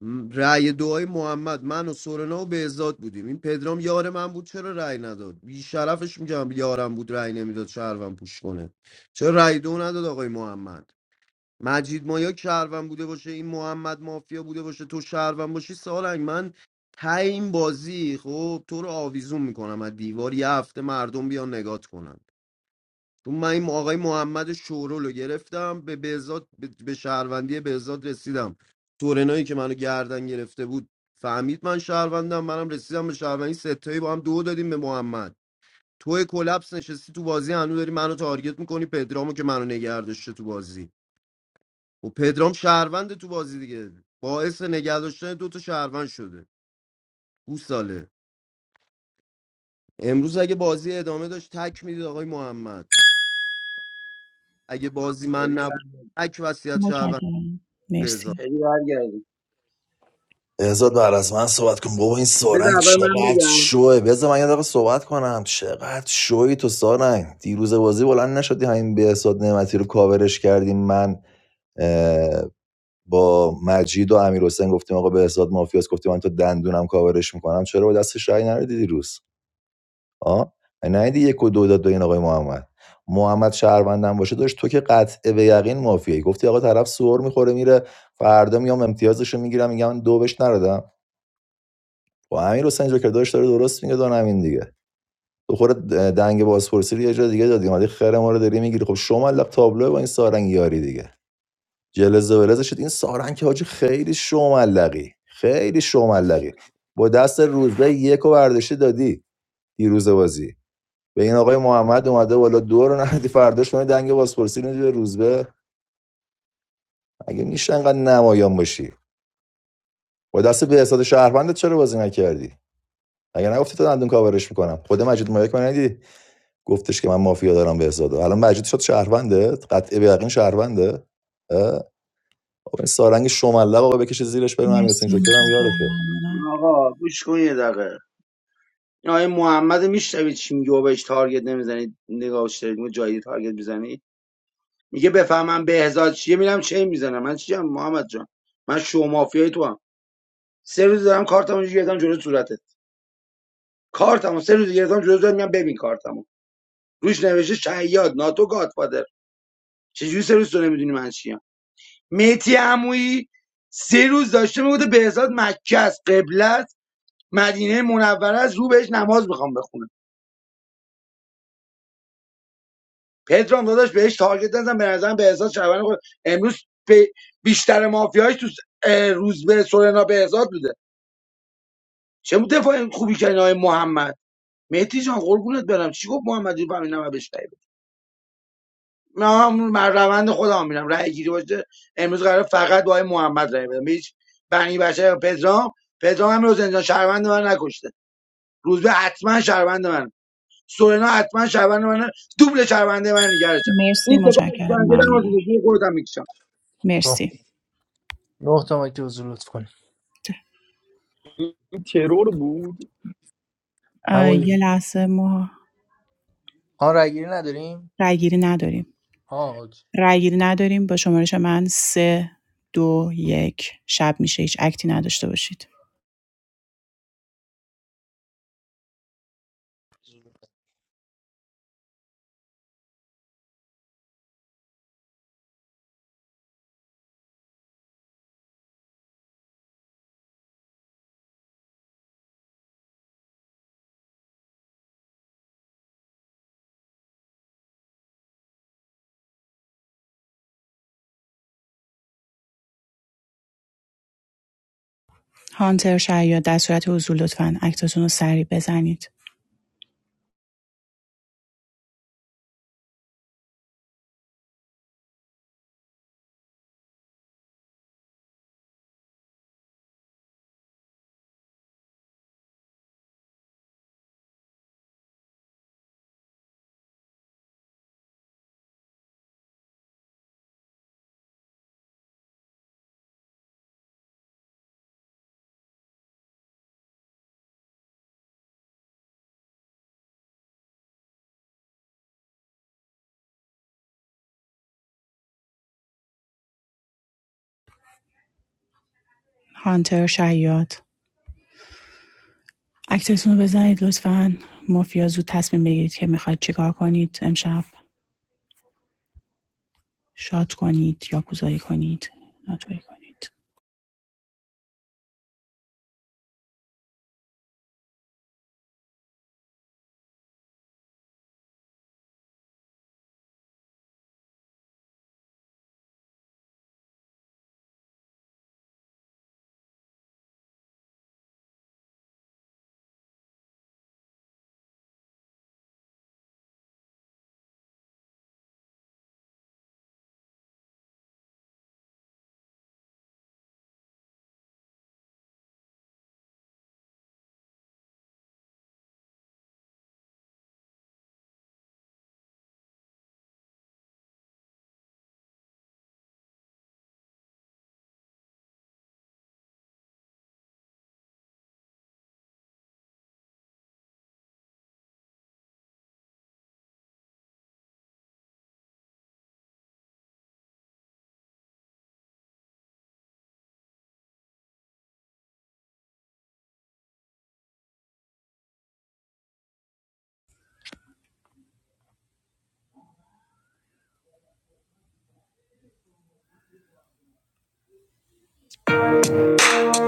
Speaker 8: م، رأی دعای محمد من و سورنا و بهزاد بودیم این پدرام یار من بود چرا رأی نداد بی شرفش میگم یارم بود رأی نمیداد شهروند پوش کنه چرا رأی دو نداد آقای محمد مجید مایا شهروند بوده باشه این محمد مافیا بوده باشه تو شهروند باشی سالنگ من ته این بازی خب تو رو آویزون میکنم از دیوار یه هفته مردم بیان نگات کنن تو من این آقای محمد شورول رو گرفتم به بهزاد به به شهروندی بهزاد رسیدم تورنایی که منو گردن گرفته بود فهمید من شهروندم منم رسیدم به شهروندی ستایی با هم دو دادیم به محمد تو کلپس نشستی تو بازی هنو داری منو تارگت میکنی پدرامو که منو نگه داشته تو بازی و پدرام شهروند تو بازی دیگه باعث نگه داشتن دو تا شهروند شده گوساله امروز اگه بازی ادامه داشت تک میدید آقای محمد اگه بازی من
Speaker 18: خیلی بر
Speaker 8: نبود تک وصیت شهروند
Speaker 4: متشکرم
Speaker 8: بهزاد
Speaker 4: مرسی
Speaker 18: خیلی برگردم
Speaker 3: بهزاد بعد از من صحبت کن بابا این
Speaker 18: بده
Speaker 3: سارنگ
Speaker 18: اول من
Speaker 3: چقدر
Speaker 18: بگم
Speaker 3: شوه بذار من یه دقیقه صحبت کنم چقدر شوی تو سارنگ دیروز بازی بلند نشدی همین به بهزاد نعمتی رو کاورش کردیم من با مجید و امیرحسین گفتیم آقا بهزاد مافیاس گفتیم من تا دندونم کاورش میکنم چرا با دستش رأی نردی دیروز آ ندی یک و دو داد به این آقای محمد محمد شهروندم باشه داشت تو که قطع به یقین مافیایی گفتی آقا طرف سور میخوره میره فردا میام امتیازشو میگیرم میگم من دو بهش نردم و امیر حسین جو که داشت داره درست میگه دانم این دیگه تو خود دنگ بازپرسی رو یه جا دیگه دادی اومدی خیر ما رو داری میگیری خب شما لق تابلو با این سارنگ یاری دیگه جلز و ولز شد این سارنگ که حاجی خیلی شو ملقی خیلی شو
Speaker 12: آف.
Speaker 3: ملقی با دست روزبه یک و برداشته دادی دیروز بازی به این آقای محمد اومده بالا دو رو ندی فرداش کنه دنگ بازپرسی رو بدی به روزبه اگه میشه انقدر نمایان باشی با دست به حساب شهروندت چرا بازی نکردی اگه نگفتی تو دندون کاورش میکنم خود مجید مایک من ندی گفتش که من مافیا دارم به حساب الان مجید شد شهروندت قطعه به یقین شهرونده اه؟ آقا این سارنگ شمله آقا بکشه زیرش بریم امیر حسین
Speaker 4: مرسی
Speaker 3: جوکر هم
Speaker 4: متشکرم
Speaker 3: یارشه
Speaker 4: ممنونم
Speaker 18: آقا گوش کن یه دقیقه این آقای محمد میشنوید چی میگه و بهش تارگت نمیزنید نگاهش دارید میگه جایی تارگت میزنی میگه بفهمم بهزاد چیه میرم چه میزنم من چیم محمد جان من شو مافیای تو هم سه روز دارم کارتمو اینجوری گرفتم جلو صورتت کارتمو سه روز گرفتم جلو صورتت میگم ببین کارتمو روش نوشته شهیاد ناتو گادفادر چجوری سه روز تو نمیدونی من چیم میتی عمویی سه روز داشته میگفته بهزاد مکه است قبله است مدینه منوره است رو بهش نماز میخوام بخونه پدرام داداش بهش تارگت نزن به نظرم بهزاد شهروند خود امروز به- بیشتر مافیاش تو س- اه، روز به سورنا بهزاد بوده چه متفاهم خوبی کردین آقای محمد مهدی جان قربونت برم چی گفت محمد رو فهمیدم و بهش رأی بدم. من هم من روند خودم میرم رأی گیری باشه امروز قرار فقط با آقای محمد رأی بدم به هیچ بنی بچه پدرام پدرام هم رو زندان شهروند من نکشته روزبه حتما شهروند من سورنا حتما شهروند من دوبل شهرونده من نگرشم
Speaker 4: مرسی
Speaker 18: این ستا
Speaker 4: متشکرم
Speaker 18: اکسپنجه در واسه
Speaker 4: ممنونم
Speaker 18: دیگه خودت میکشم
Speaker 20: خب
Speaker 4: مرسی
Speaker 20: نه تا که حضور لطف کنیم
Speaker 1: این ترور بود
Speaker 4: اه، یه
Speaker 20: همون
Speaker 4: لحظه ما
Speaker 20: ها رای گیری نداریم
Speaker 4: رای گیری نداریم
Speaker 20: ها اوکی
Speaker 4: رای گیری نداریم با شمارش من سه دو یک شب میشه هیچ اکتی نداشته باشید هانتر شیاد در صورت حضور لطفا اکتاتون رو سریع بزنید هانتر شیاد اکتاتون رو بزنید لطفا مافیا زود تصمیم بگیرید که میخواید چیکار کنید امشب شاد کنید یا کوزایی کنید ناتوری کنید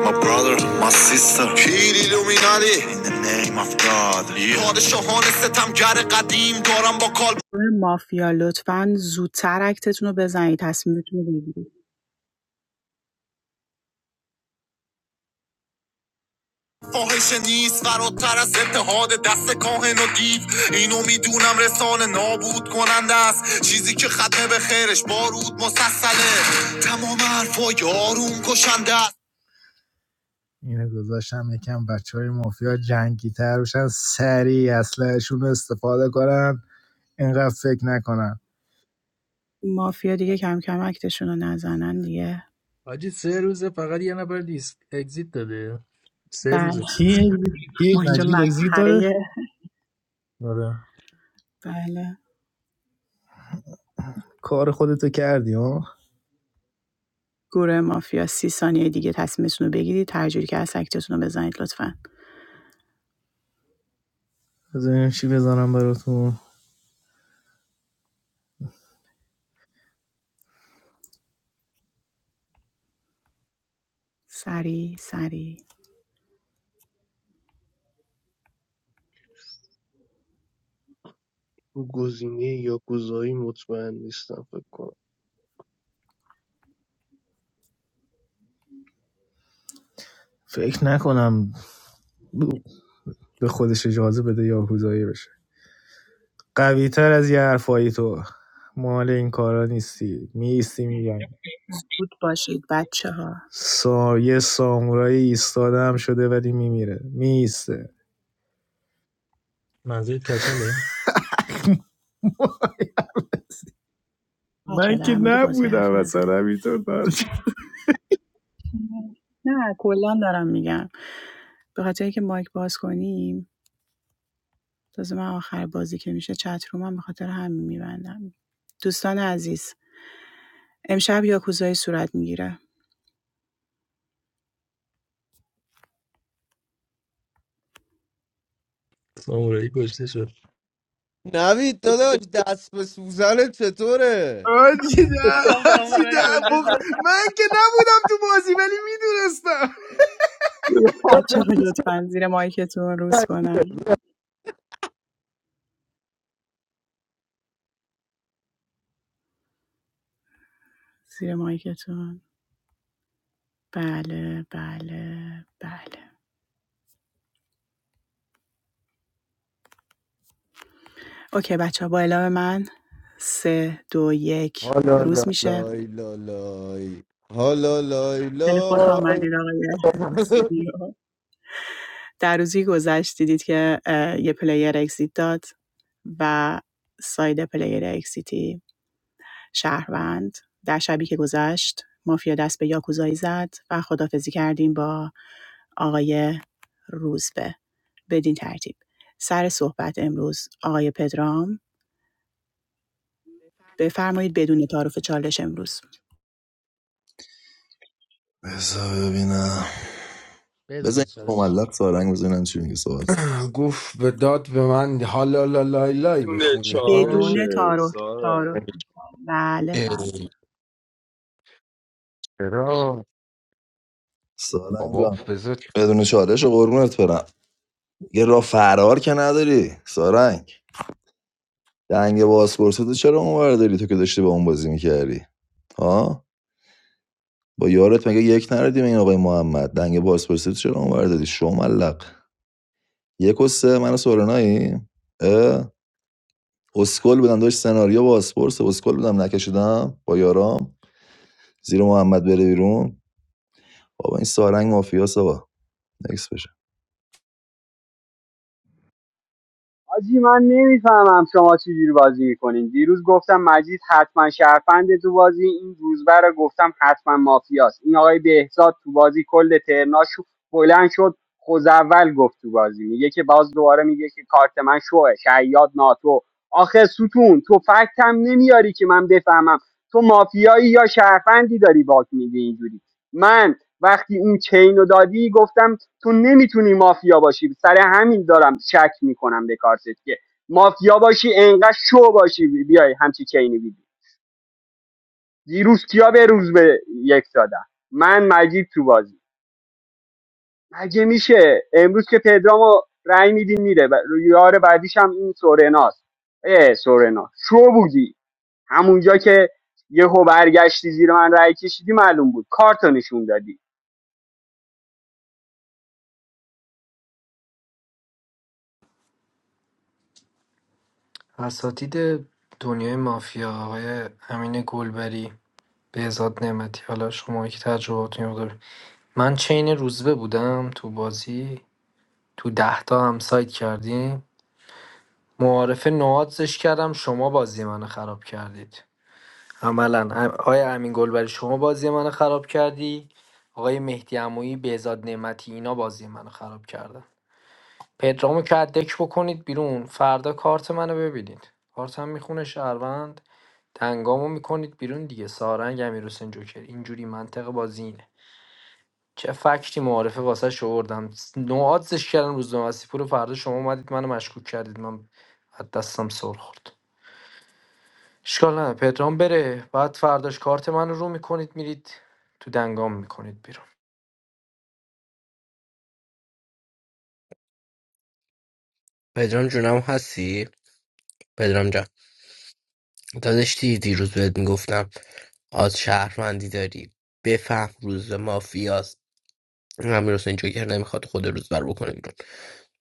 Speaker 21: My brother, my sister پیر ایلومینالی In the name of God yeah. پادشاهان ستمگر قدیم دارم با کال
Speaker 4: گروه مافیا لطفاً زودتر اکتتون رو بزنید تصمیمتون رو بگیرید
Speaker 21: فاحشه نیست فراتر از اتحاد دست کاهن و دیو اینو میدونم رسانه نابود کننده است چیزی که ختمه به خیرش بارود مسلسله تمام حرفا یارون کشنده است تر بشن سریع اسلحهشون رو استفاده کنن اینقدر فکر نکنن
Speaker 4: مافیا دیگه کم کم اکتشون رو نزنن دیگه
Speaker 20: حاجی سه روزه فقط یه نفر لیست اگزیت داده سه
Speaker 4: بله
Speaker 20: روزه
Speaker 21: کی
Speaker 20: سه
Speaker 21: کی
Speaker 4: ما اینجا
Speaker 21: مجید اگزییت داده
Speaker 4: مسخره
Speaker 20: آره
Speaker 4: بله
Speaker 21: کار خودتو کردی ها
Speaker 4: گروه مافیا سی ثانیه دیگه تصمیمتون رو بگیرید هر جوری که هست اکتتون رو بزنید لطفاً سری سری
Speaker 2: گزینه یاکوزایی مطمئن نیستم فکر کنم
Speaker 21: فکر نکنم به خودش اجازه بده یاکوزایی بشه قوی تر از یه حرفایی تو مال این کارا نیستی میستی میگم
Speaker 4: زود باشید بچه ها
Speaker 21: سا... یه سامورایی ایستاده هم شده ولی میمیره میسته
Speaker 20: منظورت کچله
Speaker 4: بچه ها
Speaker 21: من که
Speaker 4: در مورد بازی
Speaker 21: نبودم
Speaker 4: حرف
Speaker 21: اصلا
Speaker 4: نزنید
Speaker 21: همینطور دارم.
Speaker 4: نه کلا دارم میگم به خاطر اینکه مایک باز کنیم تازه من آخر بازی که میشه چت رو من به خاطر همین میبندم دوستان عزیز امشب یاکوزایی صورت میگیره
Speaker 20: سامورایی کشته شد
Speaker 8: نوید داداش دست به سوزن چطوره
Speaker 21: آجی نه
Speaker 20: گفتم
Speaker 21: آجی
Speaker 20: سامورایی
Speaker 21: نه
Speaker 20: کشته
Speaker 21: بخ...
Speaker 20: شد
Speaker 21: من که نبودم تو بازی ولی میدونستم
Speaker 8: یا
Speaker 4: بچه ها
Speaker 8: بگو
Speaker 4: لطفا زیر مایکتون روز
Speaker 8: سگ.
Speaker 4: کنم زیر مایکتون بله بله بله اوکی بچه ها با اعلام من سه دو یک
Speaker 8: حالا لا
Speaker 4: روز میشه
Speaker 8: لای لا لای حالا لای
Speaker 4: خیلی خوش
Speaker 8: لای
Speaker 4: آمدید آقای سنیو. در روزی گذشت دیدید که یه پلیر اکسیت داد و ساید پلیر اکسیتی شهروند در شبی که گذشت مافیا دست به یاکوزایی زد و خدافزی کردیم با آقای روزبه بدین ترتیب سر صحبت امروز آقای پدرام بفرمایید بدون تعارف چالش امروز
Speaker 3: بذار ببینم بذار
Speaker 20: بدون
Speaker 3: این
Speaker 20: چالش
Speaker 3: مملق سارنگ بذار ببینم چی میگه صحبت کن
Speaker 12: گفت به داد به من حالا لا لای لای
Speaker 1: دونه
Speaker 12: میخونی
Speaker 4: بدون
Speaker 12: ها
Speaker 1: چارشه
Speaker 4: تعارف
Speaker 1: سارا
Speaker 4: تعارف بله بله
Speaker 12: اه، چرا؟
Speaker 3: سارنگ جان بدون چالش و قربونت برم یه راه فرار که نداری سارنگ دنگ بازپرسی تو چرا اونور داری تو که داشتی با اون بازی میکردی ها با یارت مگه یک نردی این آقای محمد دنگ بازپرسی تو چرا اونور دادی شو ملق یک و سه من و سورنایی اه؟ اسکل بودم داشت سناریو بازپرس اسکل بودم نکشیدم با یارام زیر محمد بره بیرون بابا این سارنگ مافیاس آقا نکس بشه.
Speaker 16: آجی من نمیفهمم شما چی جوری بازی میکنین دیروز گفتم مجید حتما شرفنده تو بازی این روزبر رو گفتم حتما مافیاست این آقای بهزاد تو بازی کل ترناش بلند شد خوز اول گفت تو بازی میگه که باز دوباره میگه که کارت من شوه شیاد ناتو آخه ستون تو فکتم نمیاری که من بفهمم تو مافیایی یا شرفندی داری باک میگه اینجوری من وقتی اون چین رو دادی گفتم تو نمیتونی مافیا باشی سر همین دارم شک میکنم به کارتت که مافیا باشی انقدر شو باشی بیای همچی چینی بیدی دیروز کیا به روز به یک دادم من مجید تو بازی مگه میشه امروز که پدرامو رأی میدین میره و یار بعدیش هم این سورناست اه سورنا شو بودی همونجا که یهو برگشتی زیر من رای کشیدی معلوم بود کارتو نشون دادی
Speaker 9: اساتید دنیای مافیا آقای امین گلبری بهزاد نعمتی حالا شما که تجربهاتون رو دارید من چین روزبه بودم تو بازی تو ده تا هم سایت کردیم معارفه نوادزش کردم شما بازی منو خراب کردید عملا ام- آقای امین گلبری شما بازی منو خراب کردی آقای مهدی عمویی بهزاد نعمتی اینا بازی منو خراب کردن پدرامو که از دک بکنید بیرون فردا کارت منو ببینید کارتم میخونه شهروند دنگامو میکنید بیرون دیگه سارنگ امیرحسین جوکر اینجوری منطق بازی اینه چه فکتی معارفه واسه شوردم نوعاتش کردن روز نوستی پور فردا شما اومدید منو مشکوک کردید من از دستم سر خورد اشکال نه پدرام بره بعد فرداش کارت منو رو میکنید میرید تو دنگام میکنید بیرون
Speaker 14: پدرام جونم هستی پدرام جان داداش دیروز بهت میگفتم از شهروندی داری بفهم روز به مافیاست امیر حسین جوکر نمیخواد خود روز بر بکنه بیرون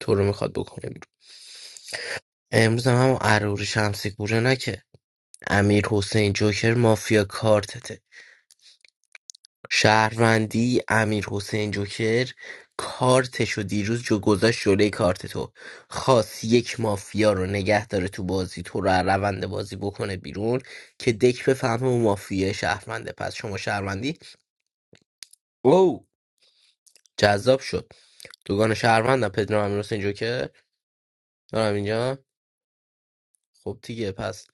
Speaker 14: تو رو میخواد بکنه بیرون امروز هم هم عروری شمسی گوره نکه امیر حسین جوکر مافیا کارتته شهروندی امیرحسین جوکر کارتشو دیروز جو گذاشت جلوی کارت تو خواست یک مافیا رو نگه داره تو بازی تو رو از روند بازی بکنه بیرون که دک بفهمه اون مافیا شهرونده پس شما شهروندی او جذاب شد دوگان شهروندم پدرام امیرحسین جوکر دارم اینجا خب دیگه پس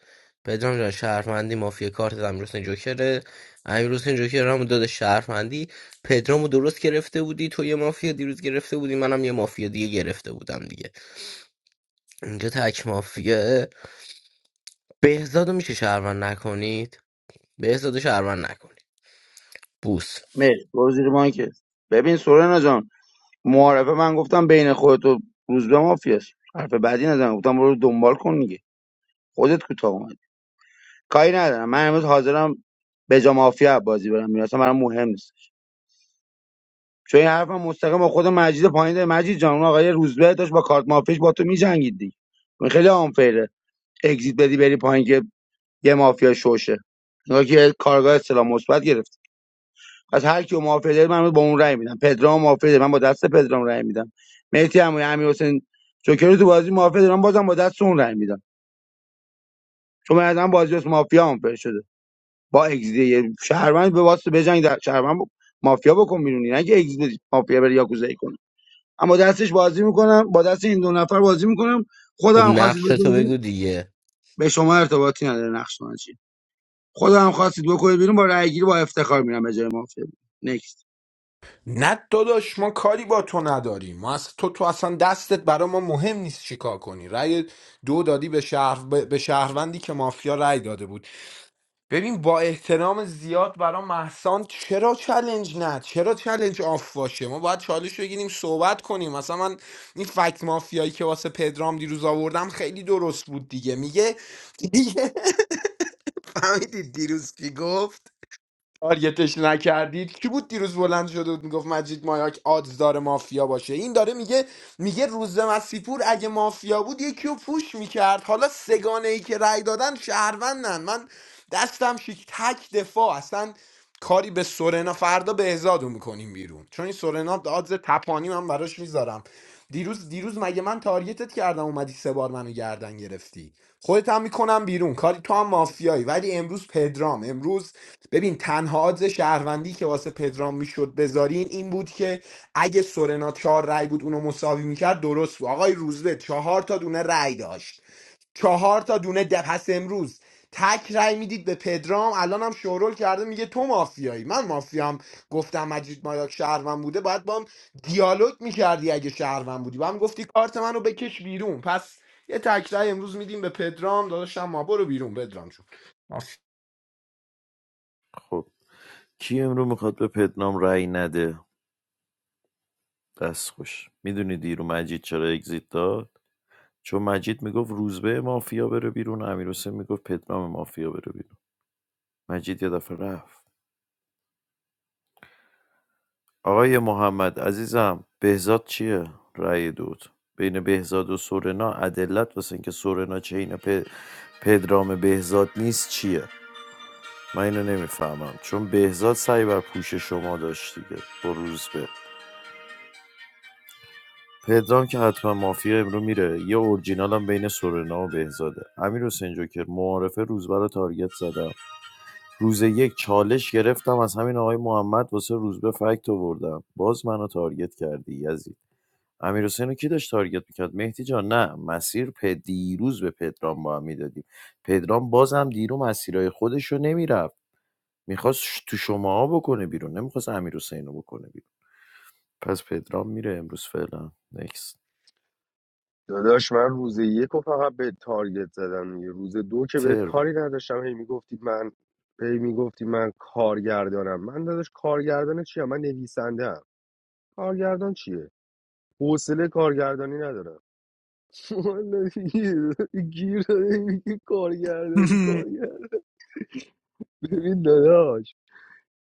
Speaker 14: پدرام جان شهرمندی مافیا کارت امیرحسین جوکره امیرحسین جوکر هم داده شهرمندی پدرامو درست گرفته بودی تو یه مافیا دیروز گرفته بودی منم یه مافیا دیگه گرفته بودم دیگه اینجا تک مافیا بهزادو میشه شهروند نکنید بهزادو شهروند نکنید بوس
Speaker 18: مرسی برو زیر مایکت ببین سورنا جان معارفه من گفتم بین خودت و روزبه مافیاست حرف بعدی نزن گفتم برو دنبال کن دیگه خودت کوتاه اومد کاری ندارم من امروز حاضرم به جا مافیا بازی برم میرم اصلا برام مهم نیست چون این حرفم مستقیم با خود مجید پایین داره مجید جان اون آقای روزبه داشت با کارت مافیش با تو میجنگید دیگه این خیلی آنفیره اگزییت بدی بری پایین که یه مافیا شوشه نگاه که کارگاه اصطلاح مثبت گرفت پس هر کیو مافیا داره من با اون رأی میدم پدرام مافیا داره من با دست پدرام رأی میدم مهدی عمو امیر حسین جوکر تو بازی مافیا دارم بازم با دست اون رای میدم چون من الان بازی واسه مافیا هم پر شده با اگزی یه شهروند به واسه بجنگ در شهروند مافیا بکن بیرونی نه که اگزی مافیا بره یاکوزایی کنه اما دستش بازی میکنم با دست این دو نفر بازی میکنم
Speaker 14: خب
Speaker 18: خودم هم خواستید
Speaker 14: نقش تو بگو
Speaker 18: بکنید
Speaker 14: دیگه
Speaker 18: به شما ارتباطی نداره نقش من چیه. خودم خواستید بکنید بیرون با رأی گیری با افتخار میرم به جای مافیا نکست
Speaker 12: نه داداش ما کاری با تو نداریم ما اصلا- تو تو اصلا دستت برا ما مهم نیست چیکار کنی رأی دو دادی به شهر به به شهروندی که مافیا رأی داده بود ببین با احترام زیاد برا محسان چرا چلنج نه چرا چلنج آف باشه ما باید چالش بگیریم صحبت کنیم مثلا من این فکت مافیایی که واسه پدرام دیروز آوردم خیلی درست بود دیگه میگه دیگه فهمیدی دیروز چی گفت تارگتش نکردید کی بود دیروز بلند شده بود میگفت مجید مایاک آدز داره مافیا باشه این داره میگه میگه روز مسیپور اگه مافیا بود یکی رو پوش میکرد حالا سگانه ای که رأی دادن شهروندن من دستم شیک تک دفاع اصلا کاری به سورنا فردا بهزادو میکنیم بیرون چون این سورنا آدز تپانی من براش میذارم دیروز دیروز مگه من تارگتت کردم اومدی سه بار منو گردن گرفتی خودت هم میکنم بیرون کاری تو هم مافیایی ولی امروز پدرام امروز ببین تنها آدز شهروندی که واسه پدرام میشد بذارین این بود که اگه سورنا چهار رای بود اونو مساوی میکرد درست بود آقای روزبه چهار تا دونه رای داشت چهار تا دونه ده پس امروز تک رای میدید به پدرام الان هم شورول کرده میگه تو مافیایی من مافیام گفتم مجید مایاک شهروند بوده باید با هم دیالوگ میکردی اگه شهروند بودی با هم گفتی کارت منو بکش بیرون پس یه تک رای امروز میدیم به پدرام داداشم ما برو بیرون پدرام شو
Speaker 13: خب کی امرو میخواد به پدنام رأی نده دستخوش میدونی دیرو مجید چرا اگزیت داد چون مجید میگفت روزبه مافیا بره بیرون امیرحسین میگفت پدرام مافیا بره بیرون مجید یه دفعه رفت آقای محمد عزیزم بهزاد چیه رأی دود بین بهزاد و سورنا عدلت واسه اینکه سورنا چین پ... پدرام بهزاد نیست چیه من اینو نمیفهمم چون بهزاد سعی بر پوش شما داشت دیگه با روزبه پدرام که حتما مافیا امرو میره یه اورجینال هم بین سورنا و بهزاده امیر حسین جوکر معارفه روزبه رو تارگت زدم روز یک چالش گرفتم از همین آقای محمد واسه روزبه فکت آوردم باز منو تارگت کردی یزید امیر حسین رو کی داشت تارگت میکرد مهدی جان نه مسیر پ دیروز به پدرام با هم میدادیم پدرام بازم دیرو مسیرهای خودش رو نمیرفت میخواست تو شماها بکنه بیرون نمیخواست امیر حسین رو بکنه بیرون پس پدرام میره امروز فعلا نکست
Speaker 1: داداش من روز یک و فقط به تارگت زدم یه روز دو که بهت
Speaker 13: ترن
Speaker 1: کاری نداشتم هی میگفتی من هی میگفتی من کارگردانم من داداش کارگردان چیه من نویسنده ام. کارگردان چیه حوصله کارگردانی ندارم والا گیر گیر داره میگه کارگردانی کارگردان ببین داداش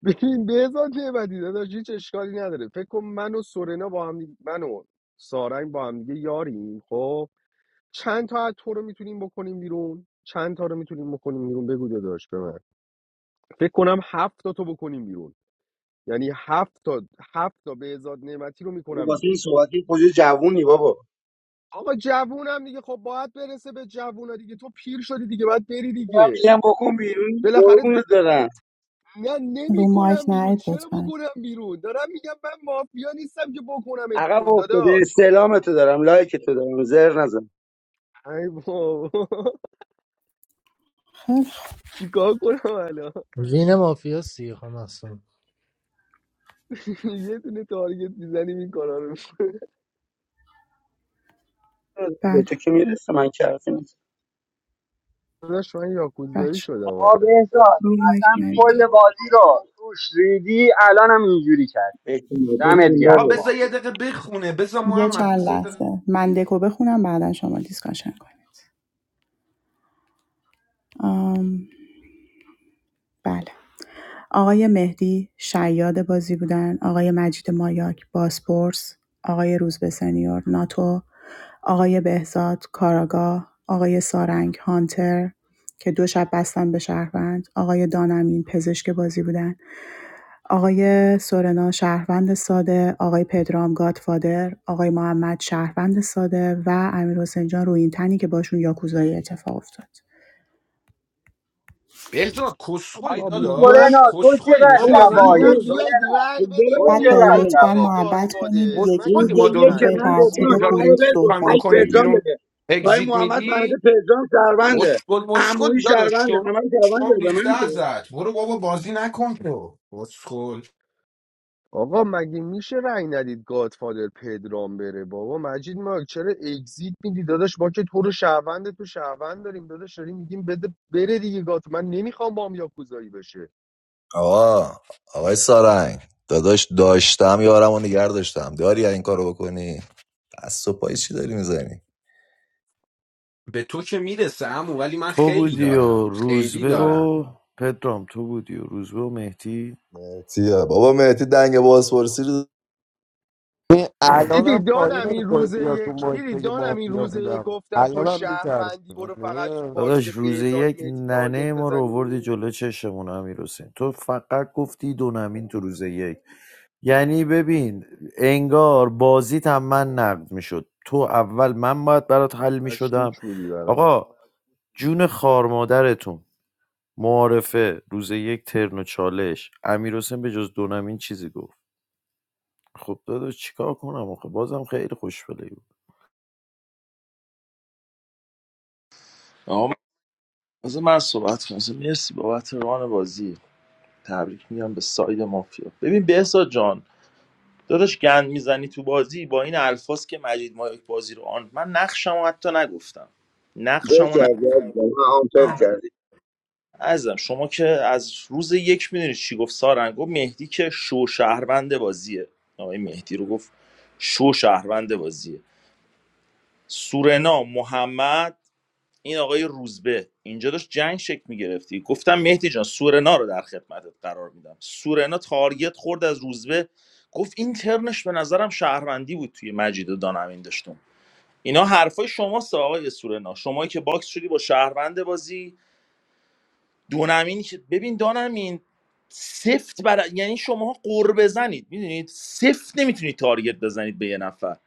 Speaker 1: ببین بهزاد نعمتی داداش هیچ اشکالی نداره فکر کن من و سورنا با هم دی- من و سارنگ با هم دیگه یاریم خب چند تا از تو رو میتونیم بکنیم بیرون چند تا رو میتونیم بکنیم بیرون بگو داداش به من فکر کنم هفت تا تو بکنیم بیرون یعنی هفت تا هفت تا بهزاد نعمتی رو
Speaker 18: او
Speaker 1: میکنم
Speaker 18: واسه
Speaker 1: بیرون
Speaker 18: این صحبتی کجا جوونی بابا
Speaker 1: آقا جوونم دیگه خب باید برسه به جوونا دیگه تو پیر شدی دیگه باید بری
Speaker 18: من
Speaker 1: دیگه
Speaker 18: میگم بکن بیرون
Speaker 1: بالاخره
Speaker 18: قربونت دارم
Speaker 1: نه
Speaker 4: رو مایک
Speaker 1: نمیکنم بیرون
Speaker 4: نرید
Speaker 1: چرا
Speaker 4: لطفا
Speaker 1: بکنم بیرون دارم میگم من مافیا نیستم که بکنمت
Speaker 18: عقب
Speaker 1: بیرون
Speaker 18: افتاده
Speaker 1: داداش
Speaker 18: سلامتو دارم لایکتو دارم زر نزن
Speaker 1: ای بابا
Speaker 4: خیلی خوب.
Speaker 1: چیکار کنم الان
Speaker 20: وین مافیا سی خانم هستم.
Speaker 1: یه دونه تارگت میزنیم این کارا رو
Speaker 18: به
Speaker 4: بله
Speaker 18: تو که میرسه من که حرفی نیست
Speaker 1: داداش من یاکوزایی
Speaker 4: بچه
Speaker 1: شدم
Speaker 16: آ
Speaker 1: آخه
Speaker 16: بهزاد
Speaker 4: رو مایک
Speaker 16: اصلا
Speaker 4: نرید دیگه.
Speaker 16: کل بازی رو توش ریدی الانم اینجوری کردی
Speaker 18: بهتون
Speaker 16: دمت
Speaker 18: میگم
Speaker 12: آقا
Speaker 18: بابا
Speaker 16: گرم
Speaker 18: رو
Speaker 12: بذار
Speaker 16: واقعا
Speaker 12: یه دقیقه بخونه بذار
Speaker 4: یه
Speaker 12: محمد
Speaker 4: چند
Speaker 12: بذار یه دقیقه
Speaker 4: لحظه من دکو بخونم بعدا شما دیسکاشن کنید آم، بله آقای مهدی شیاد بازی بودن، آقای مجید مایاک بازپرس، آقای روزبه سنیور ناتو، آقای بهزاد کاراگاه، آقای سارنگ هانتر که دو شب بستن به شهروند، آقای دانمین پزشک بازی بودن، آقای سورنا شهروند ساده، آقای پدرام گادفادر، آقای محمد شهروند ساده و امیر حسین جان روی این تنی که باشون یاکوزایی اتفاق افتاد.
Speaker 12: بهزاد کسخلی
Speaker 16: حاج
Speaker 1: بابا میگم
Speaker 12: داداش
Speaker 16: سورنا تو
Speaker 12: کسخلی
Speaker 16: چقدر
Speaker 18: به
Speaker 1: بابا
Speaker 12: نشستی
Speaker 18: من
Speaker 12: اینجا
Speaker 16: تباهی
Speaker 12: ما دو
Speaker 1: میگم
Speaker 18: بده
Speaker 12: ساعت
Speaker 1: بیاید
Speaker 16: سورنا
Speaker 1: رأی بدیم
Speaker 16: تو
Speaker 18: بابا
Speaker 4: بچه ها
Speaker 16: چقدر
Speaker 1: پدرام
Speaker 18: میرسه
Speaker 4: لطفا
Speaker 1: بره
Speaker 16: تباهی
Speaker 4: محبت کنید
Speaker 1: گادفادر مگه
Speaker 4: یکی
Speaker 18: روز
Speaker 12: کسخلی ما
Speaker 1: میشه
Speaker 12: دو
Speaker 18: یک
Speaker 4: یکی
Speaker 12: روزه
Speaker 18: که
Speaker 1: رأی
Speaker 4: به
Speaker 18: من
Speaker 12: نشستی
Speaker 18: گفتم
Speaker 1: ندید
Speaker 4: ترتیب
Speaker 12: اینجا
Speaker 18: همه رو
Speaker 4: خروج
Speaker 12: رئیسی
Speaker 18: بزن
Speaker 12: پنگ
Speaker 4: صحبت
Speaker 18: تک
Speaker 12: کنیم
Speaker 18: پرجام
Speaker 4: کنید
Speaker 12: بیرون
Speaker 18: بده پای
Speaker 12: اگزیت
Speaker 18: محمد
Speaker 12: میدی
Speaker 18: فهمیده پرجام شهرونده
Speaker 12: مشکل مشکل
Speaker 18: عمویی
Speaker 12: داداش
Speaker 18: شهرونده
Speaker 12: تو
Speaker 18: همه رو شهرونده
Speaker 12: شام
Speaker 18: به
Speaker 12: ریخته
Speaker 18: من که.
Speaker 12: ازت برو بابا بازی نکن تو مشکل
Speaker 1: آقا مگه میشه رأی ندید گادفادر پدرام بره بابا مجید ما چرا اگزییت میدی داداش ما که تو رو شهروند تو شهروند داریم داداش داریم میگیم بده بره دیگه گاد من نمیخوام با هم یاکوزایی بشه
Speaker 3: آقا آقای سارنگ داداش داشتم یارم و نگر داشتم داری این کارو بکنی دست و پایی چی داری میزنی
Speaker 12: به تو که میرسه امو ولی من
Speaker 13: تو
Speaker 12: خیلی
Speaker 13: بودی
Speaker 12: دارم
Speaker 13: و
Speaker 12: خیلی
Speaker 13: روزبه
Speaker 12: دارم
Speaker 13: و پدرام تو بودی و روزبه و مهدی
Speaker 3: مهتیه بابا مهتی دنگ بازپرسی رو
Speaker 8: این
Speaker 1: دیدی
Speaker 8: الانم پایین
Speaker 1: دانم این
Speaker 8: نمیخوره
Speaker 1: روز
Speaker 8: بیاد تو
Speaker 1: یک
Speaker 8: مایک
Speaker 1: دیدی
Speaker 8: بگه
Speaker 1: دانم این
Speaker 8: مافیا
Speaker 1: روز یک
Speaker 8: بودم
Speaker 1: گفتم تو
Speaker 8: الانم میترسه
Speaker 1: شهروندی
Speaker 8: من
Speaker 1: برو فقط تو
Speaker 8: یه
Speaker 1: باکس
Speaker 13: داداش روز
Speaker 1: بهزاد
Speaker 13: یک
Speaker 1: میتی تارگت
Speaker 13: ننه ما رو آوردی
Speaker 1: بزنی
Speaker 13: جلو چشمون امیر حسین تو فقط گفتی دو نمین تو روز یک یعنی ببین انگار بازیت هم من نقد میشد تو اول من باید برات حل میشدم
Speaker 1: مشکوک بودی برام
Speaker 13: آقا جون خار مادرتون معارفه روز یک ترن و چالش امیر حسین به جز دو نمین چیزی گفت خب داداش چیکار کنم آخه بازم خیلی خوشبله
Speaker 17: آقا من از من صحبت کنم اصلا مرسی بابت ران بازی تبریک میگم به ساید مافیا ببین بهسا جان داداش گند میزنی تو بازی با این الفاظ که مجید مایک بازی رو آن من نقشمو حتی نگفتم
Speaker 18: آمپر
Speaker 17: نقشمو
Speaker 18: کردی عزیزم. من آمپر کردی
Speaker 17: عزیزم شما که از روز یک میدونید چی گفت سارنگ گفت مهدی که شو شهروند بازیه آقای مهدی رو گفت شو شهروند بازیه سورنا محمد این آقای روزبه اینجا داشت جنگ شکل میگرفتی گفتم مهدی جان سورنا رو در خدمتت قرار میدم سورنا تارگت خورد از روزبه گفت این ترنش به نظرم شهروندی بود توی مجید و دانمین داشتم اینا حرفای شماست آقای سورنا شمایی که باکس شدی با شهروند بازی دونمین که- ببین دانمین سفت برا... یعنی شماها قور بزنید میدونید سفت نمیتونید تارگت بزنید به یه نفر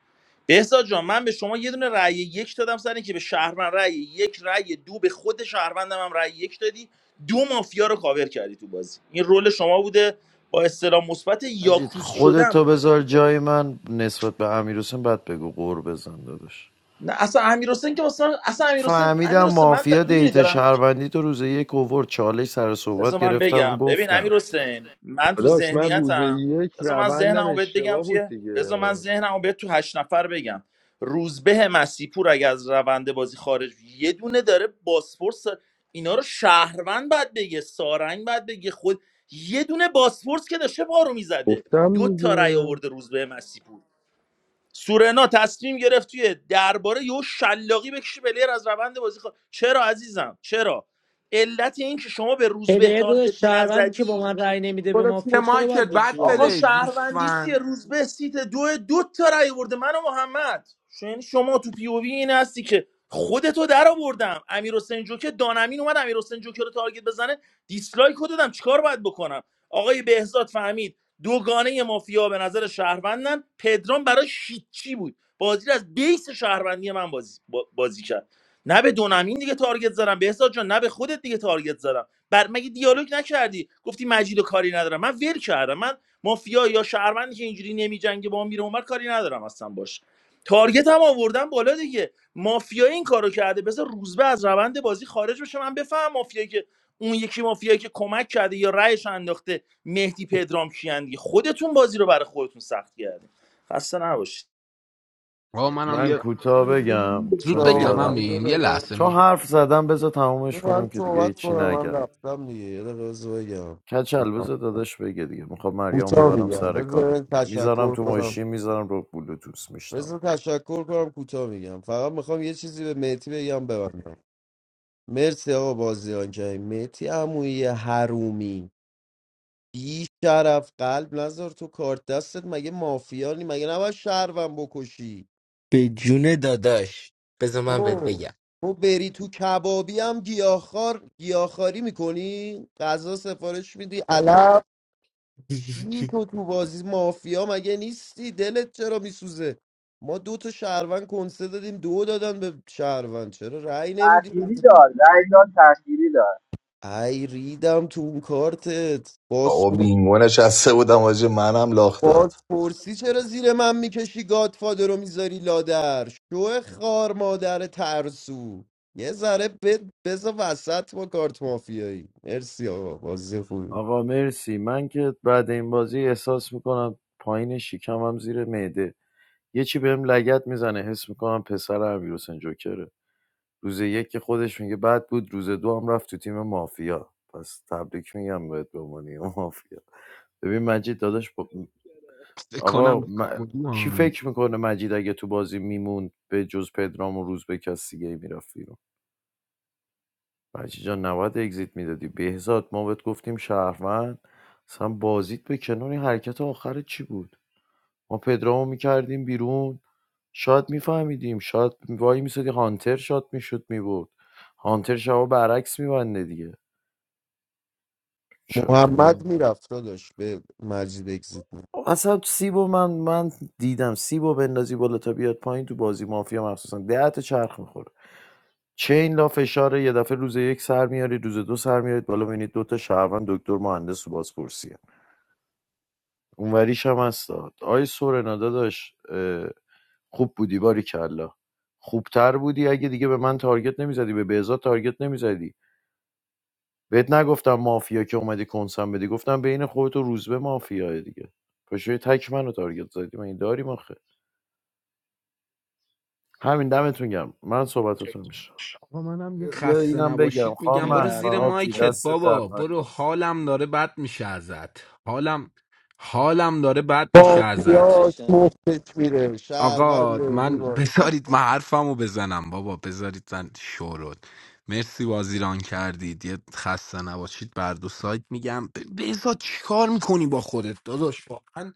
Speaker 17: بهزاد جان من به شما یه دونه رأی یک دادم سر اینکه به شهروند رأی یک رأی دو به خود شهروندم هم رأی یک دادی دو مافیا رو کاور کردی تو بازی این رول شما بوده با استلام مثبت
Speaker 13: مجید
Speaker 17: یاکوس شدم
Speaker 13: خودتو
Speaker 17: اومدی
Speaker 13: بذار
Speaker 17: تو بازی
Speaker 13: جای من نسبت به امیرحسین بعد بگو قور بزن داداش
Speaker 17: نه اصلا امیر حسین که اصلا اصلا امیر حسین
Speaker 13: فهمیدم
Speaker 17: امیر حسین من دار...
Speaker 13: مافیا
Speaker 17: میدونی
Speaker 13: دیتا
Speaker 17: دارم
Speaker 13: شهروندی تو روز یک اوور چالش سر صحبت
Speaker 17: بذار من
Speaker 13: گرفتم
Speaker 17: بگم ببین
Speaker 13: گفتم
Speaker 17: امیر حسین من تو
Speaker 1: داداش من روز
Speaker 17: ذهنیتم
Speaker 1: یک
Speaker 17: بذار من
Speaker 1: روندم
Speaker 17: ذهنمو بهت بگم
Speaker 1: اشتباه بود
Speaker 17: توی
Speaker 1: دیگه
Speaker 17: بذار من ذهنمو بهت تو هشت نفر بگم روزبه مسیپور اگه از روند بازی خارج بشه، یه دونه داره باسفورس. اینا رو شهروند بعد بگه سارنگ بعد بگه خود یه دونه باسفورس که داشته بارو میزده دو
Speaker 1: گفتم
Speaker 17: تا رای
Speaker 1: دیگه
Speaker 17: آورده روزبه مسیپور سورنا تصمیم گرفت توی درباره یهو شلاقی بکشه پلیر از روند بازی خود چرا عزیزم چرا علت این که شما به روزبه
Speaker 9: پدر دو
Speaker 17: تارگت
Speaker 9: شهروندی که
Speaker 17: نزدی
Speaker 9: با من رأی نمیده به
Speaker 12: برو سینه
Speaker 9: مافیا چرا
Speaker 12: مایکل
Speaker 9: باید به تو
Speaker 12: بد
Speaker 9: بازی
Speaker 17: آقا
Speaker 12: پلی
Speaker 9: بشه
Speaker 17: شهروندی چیه
Speaker 12: دوستفن
Speaker 17: روز به سیت دو دو تا رای برده من و محمد شو- یعنی شما تو پی او وی این هستی که خودتو در آوردم امیر حسین جوکر دانمین اومد امیر حسین جوکر رو تارگت بزنه دیسلایک رو دادم چیکار باید بکنم آقای بهزاد فهمید دوگانه مافیا به نظر شهروندن پدرام برای هیچی بود بازی رو از بیس شهروندی من بازی, با- بازی کرد نه به دونمین دیگه تارگت زدم بهزاد جان نه به خودت دیگه تارگت زدم بر مگه دیالوگ نکردی گفتی مجید و کاری ندارم من ول کردم من مافیا یا شهروندی که اینجوری نمیجنگه با ما میره اونور کاری ندارم اصلا باش تارگت هم آوردن بالا دیگه مافیا این کارو کرده بذار روزبه از روند بازی خارج بشه من بفهم مافیایی که اون یکی مافیایی که کمک کرده یا رأیش انداخته مهدی پدرام کیان دیگه خودتون بازی رو برای خودتون سخت کردین خسته نباشید
Speaker 12: آقا منم
Speaker 13: من
Speaker 12: یه
Speaker 13: کوتاه بگم
Speaker 12: زود
Speaker 13: چون
Speaker 12: بگم
Speaker 13: زیادم
Speaker 12: همین یه
Speaker 8: دقیقه
Speaker 12: لحظه
Speaker 13: چون
Speaker 12: می
Speaker 13: حرف زدم بذار تمومش
Speaker 8: من
Speaker 13: کنم که دیگه
Speaker 8: صحبت
Speaker 13: هیچی
Speaker 8: کنم من
Speaker 13: نگم
Speaker 8: رفتم دیگه یه دقیقه بذار بگم
Speaker 13: کچل
Speaker 8: کوتاه
Speaker 13: بذار داداش بگه دیگه میخوام مریم
Speaker 8: کوتاه
Speaker 13: ببرم
Speaker 8: میگم
Speaker 13: سر کار
Speaker 8: بذار
Speaker 13: میذارم
Speaker 8: تشکر
Speaker 13: تو
Speaker 8: کنم
Speaker 13: ماشین میذارم رو بلوتوس میشنم
Speaker 8: بذار تشکر کنم کوتاه میگم فقط میخوام یه چیزی به مهدی بگم ببندم مرسی آقا بازیان جای مهتی عمویی حرومی بی شرف قلب نذار تو کارت دستت مگه مافیانی مگه نباید شهروند بکشی
Speaker 14: به جون داداش بذار من بهت
Speaker 8: تو
Speaker 14: بگم
Speaker 8: تو بری تو کبابی هم گیاهخوار گیاهخواری میکنی غذا سفارش میدی علف چی تو تو بازی مافیا مگه نیستی دلت چرا میسوزه ما دو تا شهروند کنسه دادیم دو دادن به شهروند چرا رأی نمیدی
Speaker 16: تأخیری دار رأی داد تأخیری دار
Speaker 8: ای ریدم تو اون کارتت
Speaker 3: بابا بینگو نشسته بودم آجه منم لاخت داد
Speaker 8: بازپرسی چرا زیر من میکشی گادفادر رو میذاری لادر شو خار مادر ترسو یه ذره ب... بزا وسط با کارت مافیایی مرسی آقا بازی خوبی بود.
Speaker 13: آقا مرسی من که بعد این بازی احساس میکنم پایین شکمم زیر معده یه چی بهم لگد میزنه حس میکنم پسر امیرحسین جوکره روز یک که خودش میگه بد بود روز دو هم رفت تو تیم مافیا پس تبریک میگم بهت به عنوان مافیا ببین مجید داداش با-
Speaker 12: فکر
Speaker 13: آقا
Speaker 12: کنم
Speaker 13: م-
Speaker 12: بودی
Speaker 13: کی
Speaker 12: آمد.
Speaker 13: فکر میکنه مجید اگه تو بازی میموند به جز پدرام و روز به کس دیگه میرفت بیرون مجید جان نباید اگزیت میدادی بهزاد ما بهت گفتیم شهروند اصلا بازیت به کنونی حرکت آخر چی بود ما پدرامو میکردیم بیرون شاید میفهمیدیم شاید وای میسادی هانتر شاد میشد میبود هانتر شما برعکس میبنده دیگه چه آخه
Speaker 8: محمد
Speaker 13: من
Speaker 8: میرفت داشت به مجید اکزیت می‌داد.
Speaker 13: اصلا سیبو من من دیدم سیبو بندازی بالا تا بیاد پایین تو بازی مافیا مخصوصا ده تا چرخ میخوره چین لا فشاره یه دفعه روز یک سر میاری روز دو سر میارید بالا ببینید دو تا شهروند دکتر مهندس و بازپرسیه اونوریش هم هست داد آی سورنا داداش خوب بودی باریکلا خوبتر بودی اگه دیگه به من تارگت نمیزدی به بهزاد تارگت نمیزدی بهت نگفتم مافیا که اومدی کنسم بدی گفتم بین خودت و روزبه مافیاه دیگه پشوی تک منو تارگت زدی من این داریم آخه همین دمتون گم من صحبتاتون میشه
Speaker 12: یه
Speaker 13: یا
Speaker 12: خسته
Speaker 13: اینم بگم
Speaker 12: نباشید
Speaker 13: خانم
Speaker 12: میگم
Speaker 9: به
Speaker 12: برو
Speaker 9: درد
Speaker 13: محسان
Speaker 12: زیر
Speaker 13: آبجی
Speaker 12: مایکت
Speaker 9: نخور.
Speaker 13: دست درد
Speaker 12: بابا برو
Speaker 13: نکن
Speaker 12: حالم داره بد میشه ازت حالم حالم داره بد میشه ازت
Speaker 8: مافیاش مفتش میره
Speaker 12: آقا
Speaker 8: شهرونده
Speaker 12: من
Speaker 8: میباره
Speaker 12: بذارید من حرفمو بزنم بابا بذارید من شورت مرسی وازیران کردید یه خسته نباشید بر دو سایت میگم ب- بذار چیکار میکنی با خودت داداش واقعا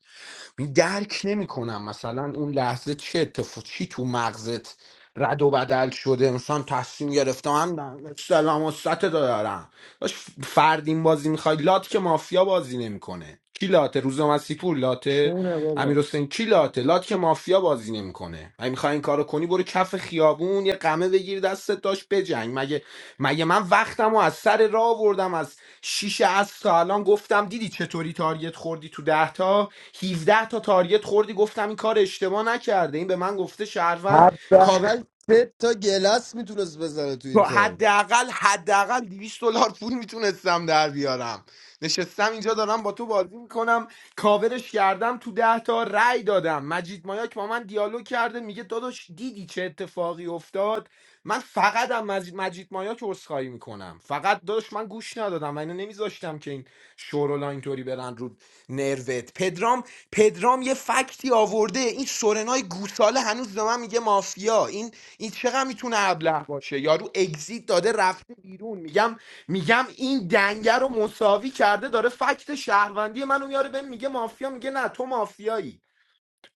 Speaker 12: می- درک نمیکنم مثلا اون لحظه چه اتفاق چی تو مغزت رد و بدل شده انسان تصمیم گرفته من سلام و سطح دارم داش فردین بازی میخوای لات که مافیا بازی نمیکنه کی لاته روز مسیح پور لاته
Speaker 9: چونه
Speaker 12: امیر
Speaker 9: بابا
Speaker 12: حسین کی لاته لات که مافیا بازی نمیکنه اگه میخوای این کارو کنی برو کف خیابون یه قمه بگیر دستت داشت بجنگ مگه مگه من وقتمو از سر راه آوردم از شیش از تا الان گفتم دیدی چطوری تارگت خوردی تو ده تا 17 تا تارگت خوردی گفتم این کار اشتباه نکرده این به من گفته شهروند
Speaker 8: حداقل سه تا گلس میتونست بزنه تو این
Speaker 12: با
Speaker 8: تایم
Speaker 12: حداقل حداقل 200 دلار پول میتونستم در بیارم نشستم اینجا دارم با تو بازی میکنم کاورش کردم تو ده تا رأی دادم مجید مایاک با من دیالوگ کرده میگه داداش دیدی چه اتفاقی افتاد من فقط هم مجید, مجید مایاک عذرخواهی میکنم فقط داداش من گوش ندادم و اینو نمیذاشتم که این شورولا اینطوری برن رو نروت پدرام پدرام یه فکتی آورده این سورنای گوساله هنوز به من میگه مافیا این این چقدر میتونه ابله باشه یارو اگزیت داده رفته بیرون میگم میگم این دنگه رو مساوی کرده داره فکت شهروندی منو میاره بهم میگه مافیا میگه نه تو مافیایی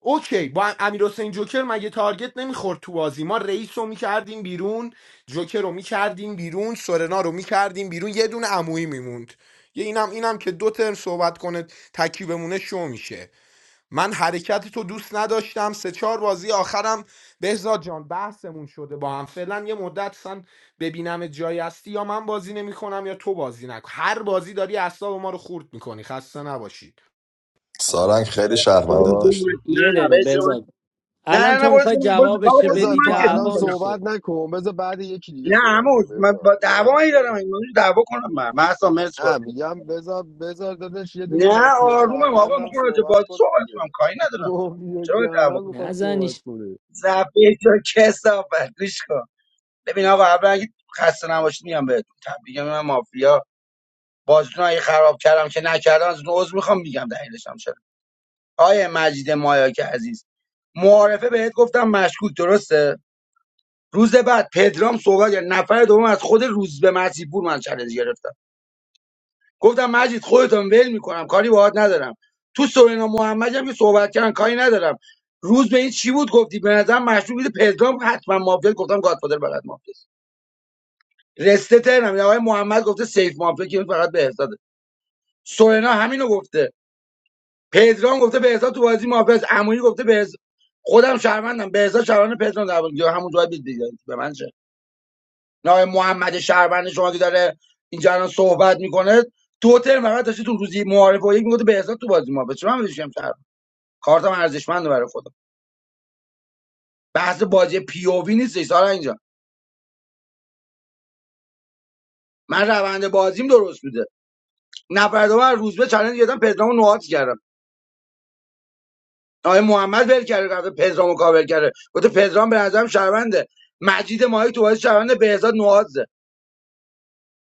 Speaker 12: اوکی با امیر حسین جوکر مگه تارگت نمیخورد تو بازی ما رئیس رو میکردیم بیرون جوکر رو میکردیم بیرون سورنا رو میکردیم بیرون یه دونه عمویی میموند یه اینم اینم که دو ترم صحبت کنه تکی بمونه شو میشه من حرکت تو دوست نداشتم سه چهار بازی آخرم بهزاد جان بحثمون شده با هم فعلا یه مدت سن ببینم جایی هستی یا من بازی نمیکنم یا تو بازی نکن هر بازی داری اعصاب ما رو خورد میکنی خسته نباشی
Speaker 3: سارنگ
Speaker 9: آقا
Speaker 3: خیلی شهروندت داشت
Speaker 1: آقا
Speaker 9: یه
Speaker 18: نه
Speaker 9: دقیقه
Speaker 18: بذار من-
Speaker 9: بزاد
Speaker 18: نه
Speaker 9: الان
Speaker 18: نه نه
Speaker 9: تو
Speaker 18: برو
Speaker 9: میخوای
Speaker 18: زیر من برو زیر- بابا
Speaker 9: جوابش رو
Speaker 18: برو زیر
Speaker 1: بذار
Speaker 9: بدی
Speaker 1: تو
Speaker 18: من که
Speaker 1: الان
Speaker 9: دعوا
Speaker 18: نمیدونم
Speaker 1: صحبت
Speaker 9: میشه
Speaker 1: نکن بذار بعد یکی دیگه
Speaker 18: نه
Speaker 1: صحبت کن
Speaker 18: هنوز من
Speaker 1: بذار
Speaker 18: با دعوایی
Speaker 1: نه
Speaker 18: دارم این موضوع دعوا کنم من من اصلا مرسی
Speaker 1: نه
Speaker 18: بازی نمی‌کنم.
Speaker 1: میگم بذار بذار داداش یه دونه
Speaker 18: نه
Speaker 1: مافیا
Speaker 18: آرومم آقا
Speaker 1: شهروندم
Speaker 18: میخوام راجع به
Speaker 1: صحبت
Speaker 18: بازی
Speaker 1: کنه
Speaker 18: صحبت
Speaker 1: دیگه
Speaker 18: کنم کاری ندارم
Speaker 1: مافیا
Speaker 18: چرا باید دعوا
Speaker 1: شهروند
Speaker 18: کنم
Speaker 1: میخواد صحبت
Speaker 9: نزنیش
Speaker 1: کنه
Speaker 18: زفیر تو کسافت گوش کن ببین آقا اولا اگه خسته نباشید میگم بهتون تبریک میگم من مافیا بازیتون رو اگه خراب کردم که نکردم از اون عذر میخوام میگم دلیلش هم چرا آیه مجید مایاک عزیز معارفه بهت گفتم مشکوک درسته روز بعد پدرام صحبت کرد. نفر دوم از خود روز به مسیحپور من چالش گرفتم گفتم مجید خودتون ول میکنم کاری باهات ندارم تو سورینا محمدی هم که صحبت کردن کاری ندارم روز به این چی بود گفتی به نظر مشروع بود پدرام حتما مافیا گفتم گادفادر بلد مافیا رسته ترنم این آقای محمد گفته سیف مافیا که فقط به احساده سورنا همینو گفته پدرام گفته بهزاد تو بازی محافظ عمویی گفته بهز خودم شهروندم بهزاد شهروند پدرام در بود همون جواب دیگه به من چه نه محمد شهروند شما که داره اینجا الان صحبت میکنه تو ترم فقط داشتی تو روزی معارف و یک میگفته بهزاد تو بازی محافظ چرا من بشم شهروند کارتم ارزشمنده برای خودم بحث بازی پی او وی نیست سارا اینجا من روند بازیم درست بوده نفر دوم روزبه چالش گرفتم پدرامو نوهات کردم آقای محمد ول کرده قرارداد پدرامو کاور کرده گفته پدرام به نظرم شرونده مجید ماهی تو بازی شرونده بهزاد نوازه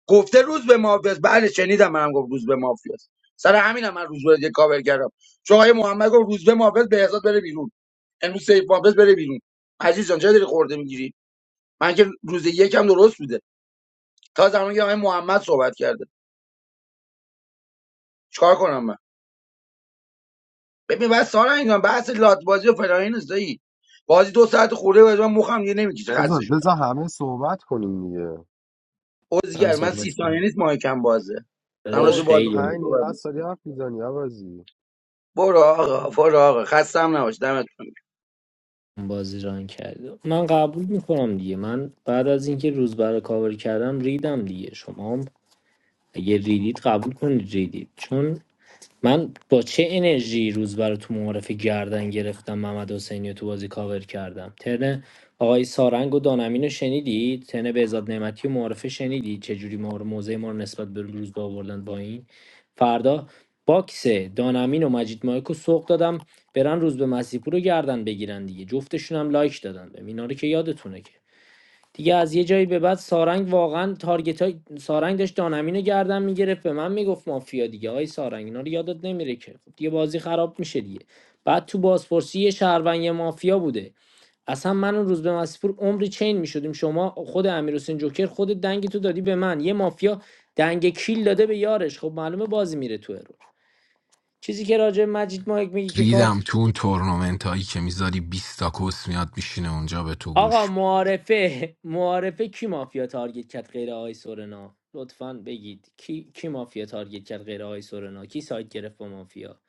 Speaker 18: گفته روز به مافیاست بله شنیدم منم گفت روز به مافیاست سر همینم من روز به دیگه کاور کردم چون آقای محمد گفت روز به مافیاست بهزاد بره بیرون امروز سیف مافیاست بره بیرون عزیز جان چرا داری خورده میگیری من که روز یکم درست بوده تا زمانی که آقای محمد صحبت کرده چیکار کنم من ببین بس سارا اینا بحث لات بازی و فلان نیست، بازی دو ساعت خورده و من مخم دیگه نمیکشه
Speaker 1: بذار
Speaker 18: خسته شدم.
Speaker 1: بذار همه صحبت کنیم دیگه
Speaker 9: من
Speaker 18: عزگر من سی
Speaker 9: صحبت
Speaker 18: ثانیه
Speaker 9: کنم.
Speaker 18: نیست مایکم بازه دارم راجع
Speaker 9: داداش
Speaker 18: به
Speaker 1: بابا
Speaker 18: بازی
Speaker 9: خیلی اون
Speaker 18: خوب
Speaker 1: پنج دقیقه
Speaker 18: صحبت
Speaker 1: است
Speaker 18: می‌کنم.
Speaker 1: داری حرف میزنی عوضی
Speaker 18: برو آقا برو آقا خستم نباش دمت
Speaker 9: بازی ران کرده من قبول میکنم دیگه من بعد از اینکه روز برای کاور کردم ریدم دیگه شما هم اگه ریدید قبول کنید ریدید چون من با چه انرژی روز برای تو معارفه گردن گرفتم محمد حسینی رو تو بازی کاور کردم ترن آقای سارنگ و دانمین رو شنیدید ترن بهزاد نعمتی و معارفه شنیدید چجوری ما رو موضع ما رو نسبت به روز با آوردن با این فردا باکس دانمین و مجید مایکو سوق دادم برن روز به مسیحپور رو گردن بگیرن دیگه جفتشون هم لایک دادن به اینا رو که یادتونه که دیگه از یه جایی به بعد سارنگ واقعا تارگت های سارنگ داشت دانمین رو گردن میگرفت به من میگفت مافیا دیگه آی سارنگ اینا رو یادت نمیره که خب دیگه بازی خراب میشه دیگه بعد تو بازپرسی یه شهروند یه مافیا بوده اصلا من اون روز به مسیپور عمری چین میشدیم شما خود امیر جوکر خود دنگ تو دادی به من یه مافیا دنگ کیل داده به یارش خب معلومه بازی میره تو ارور چیزی که راجع به مجید مایک میگی که کارت
Speaker 12: ریدم تو اون تورنمنت هایی که میذاری 20 تا کس میاد میشینه اونجا به تو
Speaker 9: آقا
Speaker 12: گوش
Speaker 9: معارفه معارفه کی مافیا تارگت کرد غیر آقای سورنا لطفا بگید کی کی مافیا تارگت کرد غیر آقای سورنا کی سایت گرفت با مافیا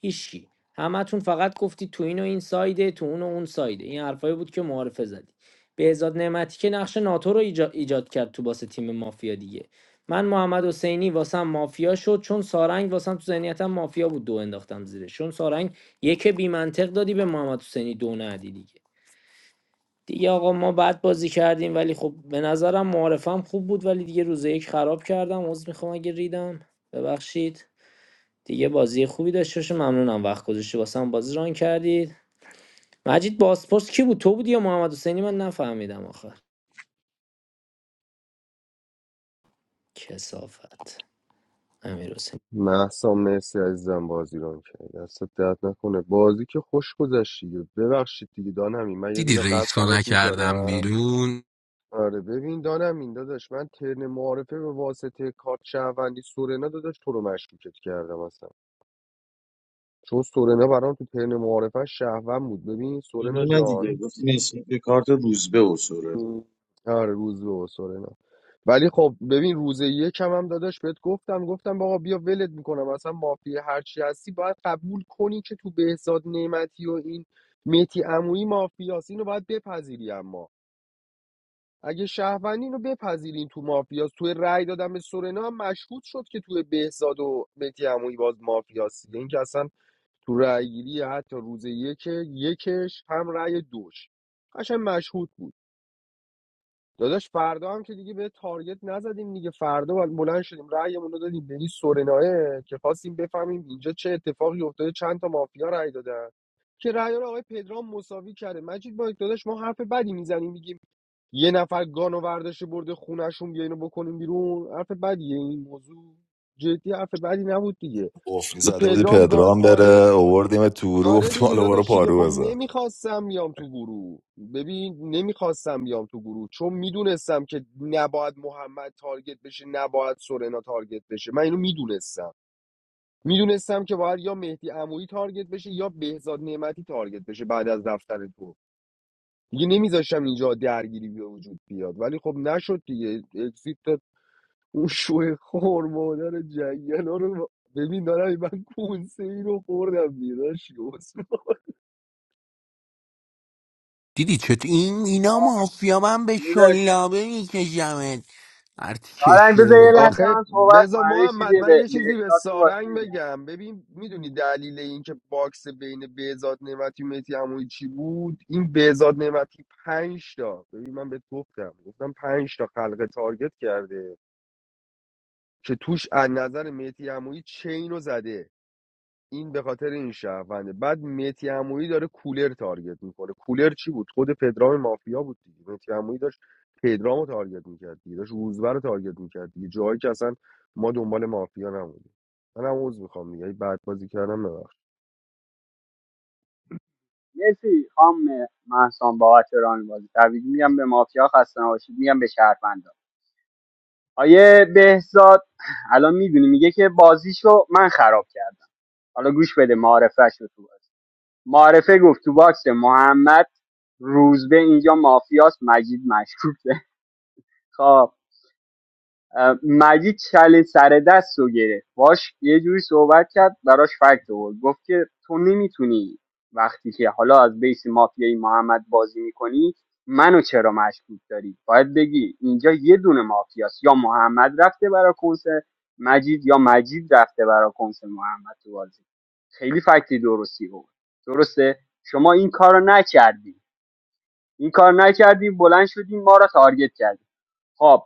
Speaker 9: هیچکی همتون فقط گفتید تو این و این سایده تو اون و اون سایده این حرفایی بود که معارفه زدی بهزاد نعمتی که نقش ناتو رو ایجا- ایجاد کرد تو باسه تیم مافیا دیگه من محمد حسینی واسم مافیا شد چون سارنگ واسم تو ذهنیتم مافیا بود دو انداختم زیرش چون سارنگ یک بی دادی به محمد حسینی دو ندی دیگه دیگه آقا ما بعد بازی کردیم ولی خب به نظرم معارفم خوب بود ولی دیگه روز یک خراب کردم عذر میخوام اگه ریدم ببخشید دیگه بازی خوبی داشته باشه ممنونم وقت گذاشتی واسم بازی ران کردید مجید باسپورس کی بود تو بودی یا محمد حسینی من نفهمیدم آخر کسافت امیر حسین
Speaker 1: محسا مرسی عزیزم بازی ران کردی دستت درد نکنه بازی که خوش گذشت دیگه. ببخشید دیگه دانمین من یه
Speaker 12: دیدی
Speaker 1: دونه قلب
Speaker 12: رئیس رو
Speaker 1: برات
Speaker 12: نکردم
Speaker 1: میذارم
Speaker 12: بیرون
Speaker 1: آره ببین دانمین داداش من ترن معارفه به واسطه کارت شهروندی سورنا داداش تو رو مشکوکت کردم اصلا چون سورنا برام تو ترن معارفه شهروند بود ببین سورنا
Speaker 13: یعنی نه
Speaker 1: جان
Speaker 13: دیگه گفتی نسبت به کارت روزبه و سوره
Speaker 1: آره روز به اصول اینا. ولی خب ببین روز یکم هم داداش بهت گفتم گفتم آقا بیا ولت میکنم اصلا مافیا هرچی هستی باید قبول کنی که تو بهزاد نعمتی و این میتی عمویی مافیاس اینو باید بپذیری اما اگه شهروندی اینو بپذیرین تو مافیاس توی رأی دادن به سورنا هم مشهود شد که توی بهزاد و میتی عمویی باز مافیاس دیگه اینکه اصلا تو رأیگیری حتی روز یک یکش هم رأی دوش قشنگ مشهود بود داداش فردا هم که دیگه به تارگت نزدیم دیگه فردا بل- بلند شدیم رأیمون رو دادیم به این سورنایه که خواستیم بفهمیم اینجا چه اتفاقی افتاده چند تا مافیا رأی دادن که رأی رو آقای پدرام مساوی کرده مجید با داداش ما حرف بدی میزنیم میگیم یه نفر گانو ورداشه برده خونهشون بیاین بکنیم بیرون حرف بدیه این موضوع جدی حرف بدی نبود دیگه
Speaker 3: قفلی
Speaker 1: این
Speaker 3: زده بودی
Speaker 1: پدرام
Speaker 3: پدرام
Speaker 1: گادفادر
Speaker 3: بره اووردیم تو رو
Speaker 1: آره
Speaker 3: گفتیم
Speaker 1: دیگه
Speaker 3: حالا برو
Speaker 1: داداش دیگه
Speaker 3: پارو
Speaker 1: خب
Speaker 3: بزن
Speaker 1: نمیخواستم بیام تو گروه ببین نمیخواستم بیام تو گروه چون میدونستم که نباید محمد تارگت بشه نباید سورنا تارگت بشه من اینو میدونستم میدونستم که باید یا مهدی عمویی تارگت بشه یا بهزاد نعمتی تارگت بشه بعد از رفتن تو دیگه نمیذاشتم اینجا درگیری به وجود بیاد ولی خب نشد دیگه اکسیت داد. اون شوه خور مادر جنگل رو ببین دارم من کونسه ای رو خوردم دیگه داداش.
Speaker 12: دیدی چط این اینا
Speaker 16: آه،
Speaker 12: مافیا من به
Speaker 16: بذار-
Speaker 12: شلابه میکشمت هرتی
Speaker 16: آرنگ
Speaker 12: کشیه
Speaker 16: بذار یه
Speaker 12: رو
Speaker 16: لحظه
Speaker 1: آخه
Speaker 16: من صحبت
Speaker 1: بزا
Speaker 16: کنم یه
Speaker 1: محمد
Speaker 16: چیزی
Speaker 1: من
Speaker 16: به
Speaker 1: یه
Speaker 16: به
Speaker 1: چیزی به
Speaker 16: احساس تو بازی
Speaker 1: سارنگ
Speaker 16: میگم
Speaker 1: بگم ببین میدونی دلیل این که باکس بین بهزاد نعمتی و مهدی عمویی چی بود این بهزاد نعمتی پنج تا ببین من به گفتم گفتم پنج تا خلق تارگت کرده که توش از نظر مهدی عمویی چین رو زده این به خاطر این شهرونده بعد متی عمویی داره کولر تارگت میکنه کولر چی بود خود پدرام مافیا بود دیگه متی عمویی داشت پدرامو تارگت میکرد دیگه داشت روزبر رو تارگت میکرد دیگه جایی که اصلا ما دنبال مافیا نبودیم من هم عوض میخوام دیگه بعد بازی کردم ببخش
Speaker 16: مرسی خام محسان بابت ران بازی تبریک میگم به مافیا خسته نباشید میگم به شهروندان آیه بهزاد الان میدونی میگه که بازیشو من خراب کردم حالا گوش بده معارفش رو تو معارفه گفت تو باکس محمد روزبه اینجا مافیاست مجید مشکوکه خب مجید چلی سر دست رو گرفت باش یه جوری صحبت کرد براش فکت آورد گفت که تو نمیتونی وقتی که حالا از بیس مافیای محمد بازی میکنی منو چرا مشکوک داری باید بگی اینجا یه دونه مافیاست یا محمد رفته برا کنس مجید یا مجید رفته برا کنس محمد تو بازی خیلی فکتی درستی بود درسته شما این کار رو نکردی این کار نکردی بلند شدی ما رو تارگت کردی خب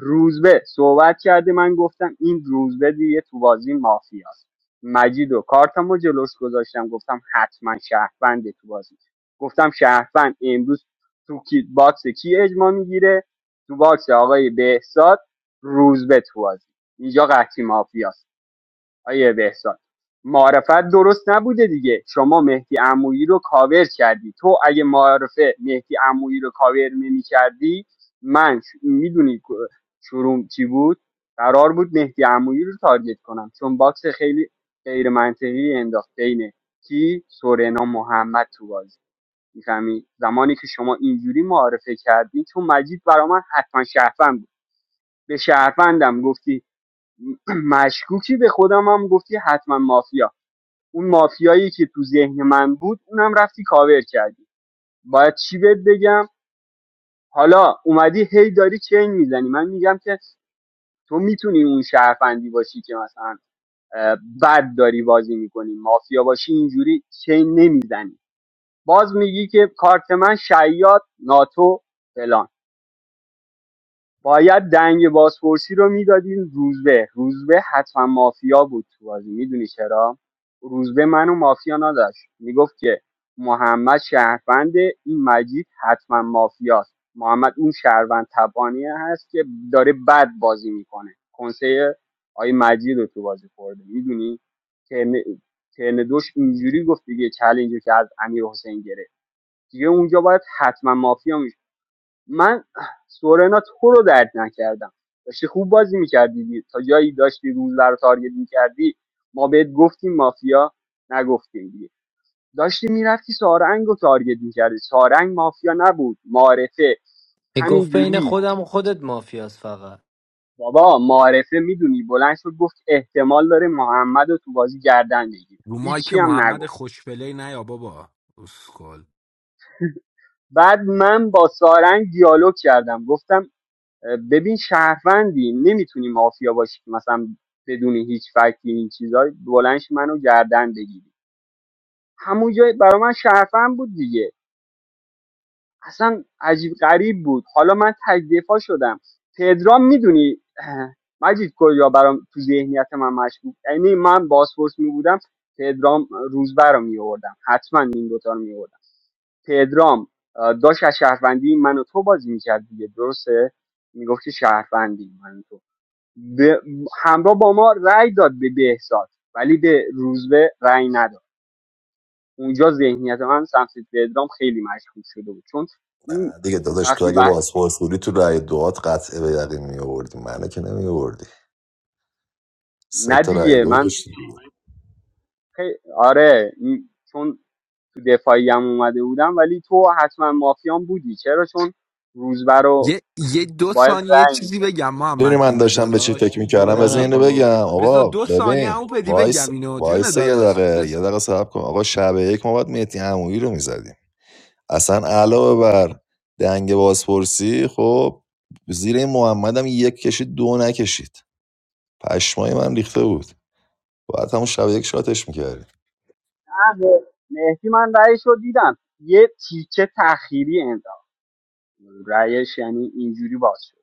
Speaker 16: روزبه صحبت کرده من گفتم این روزبه دیگه تو بازی مافیاست مجید و کارتمو جلوش گذاشتم گفتم حتما شهرونده تو بازی گفتم شهروند امروز تو کیت باکس کی اجماع میگیره تو باکس آقای بهزاد روزبه تو بازی اینجا قحطی مافیاست آیه بهزاد معرفت درست نبوده دیگه شما مهدی عمویی رو کاور کردی تو اگه معرفه مهدی عمویی رو کاور نمی کردی من میدونی شروع چی بود قرار بود مهدی عمویی رو تارگت کنم چون باکس خیلی غیر منطقی انداخت بین کی سورنا محمد تو بازی میفهمی زمانی که شما اینجوری معرفه کردی تو مجید برا من حتما شهروند بود به شهروندم گفتی مشکوکی به خودم هم گفتی حتما مافیا اون مافیایی که تو ذهن من بود اونم رفتی کاور کردی باید چی بهت بگم حالا اومدی هی داری چین میزنی من میگم که تو میتونی اون شهرفندی باشی که مثلا اه، بد داری بازی میکنی مافیا باشی اینجوری چین نمیزنی باز میگی که کارت من شیاد ناتو فلان باید دنگ بازپرسی رو میدادیم روزبه روزبه حتما مافیا بود تو بازی میدونی چرا روزبه منو مافیا نداشت میگفت که محمد شهروند این مجید حتما مافیاست محمد اون شهروند تبانی هست که داره بد بازی میکنه کنسه آی مجید رو تو بازی خورده میدونی ترن ترن دوش اینجوری گفت دیگه چلنجی که از امیر حسین گرفت دیگه اونجا باید حتما مافیا من سورنا تو رو درد نکردم داشتی خوب بازی میکردی تا جایی داشتی روز رو تارگت میکردی ما بهت گفتیم مافیا نگفتیم دیگه داشتی میرفتی سارنگ رو تارگت میکردی سارنگ مافیا نبود معارفه
Speaker 9: میگفت بین
Speaker 16: همینجوری
Speaker 9: خودم و خودت مافیاس فقط
Speaker 16: بابا معارفه میدونی بلند شد گفت احتمال داره محمد رو تو بازی گردن بگیره
Speaker 12: مایک
Speaker 16: هیچی هم
Speaker 12: محمد
Speaker 16: نگفت
Speaker 12: خوشپلی نیا بابا اسکل
Speaker 16: بعد من با سارنگ دیالوگ کردم گفتم ببین شهروندی نمیتونی مافیا باشی که مثلا بدون هیچ فکری این چیزای بلنش منو گردن بگیری همون جای برای من شهروند بود دیگه اصلا عجیب غریب بود حالا من تک دفاع شدم پدرام میدونی مجید کجا برام تو ذهنیت من مشکوک یعنی من باسپورس می بودم پدرام روزبر رو می آوردم حتما این دوتا رو می آوردم پدرام آه، داشت از شهروندی من و تو بازی میکرد دیگه درسته میگفت که شهروندی من و تو به- همراه با ما رأی داد به بهزاد ولی به روزبه رأی نداد اونجا ذهنیت من سمت پدرام خیلی مشکوک شده بود چون این
Speaker 3: دیگه داداش تو
Speaker 16: وقتی
Speaker 3: اگه
Speaker 16: بحث
Speaker 3: بازپرس بودی تو رای دوات قطعه به یقین می آوردی منو که نمی آوردی سه تا رای
Speaker 16: ندیگه
Speaker 3: دو
Speaker 16: من
Speaker 3: داشتی
Speaker 16: خی... آره این... چون تو دفاعی هم اومده بودم ولی تو حتما مافیان بودی چرا چون روزبه رو
Speaker 12: یه, یه دو
Speaker 16: باید
Speaker 12: ثانیه
Speaker 16: رأی
Speaker 12: چیزی
Speaker 16: میداد
Speaker 12: بگم
Speaker 3: میدونی
Speaker 12: محمد
Speaker 3: من
Speaker 12: جون
Speaker 3: داشتم به چی
Speaker 12: داداش
Speaker 3: فکر
Speaker 12: این
Speaker 3: میکردم
Speaker 9: گوه
Speaker 3: بذار
Speaker 12: دونمین
Speaker 3: اینو
Speaker 9: نخور بابا.
Speaker 3: بگم
Speaker 12: بذار
Speaker 3: آقا
Speaker 12: دو ثانیه
Speaker 3: ببین
Speaker 12: همون پدی
Speaker 3: وایس
Speaker 12: بگم اینو جون
Speaker 3: وایس یه
Speaker 12: داداش
Speaker 3: دقیقه یه دقیقه صبر کن آقا شب یک ما باید مهدی عمویی رو میزدیم اصلا علاوه بر دنگ بازپرسی خب زیر این محمد هم یک کشید دو نکشید پشمای من ریخته بود باید همون شب یک شاتش میکردیم
Speaker 16: مهدی من رأیش رو دیدم یه تیکه تأخیری انداخت رأیش یعنی اینجوری باز شد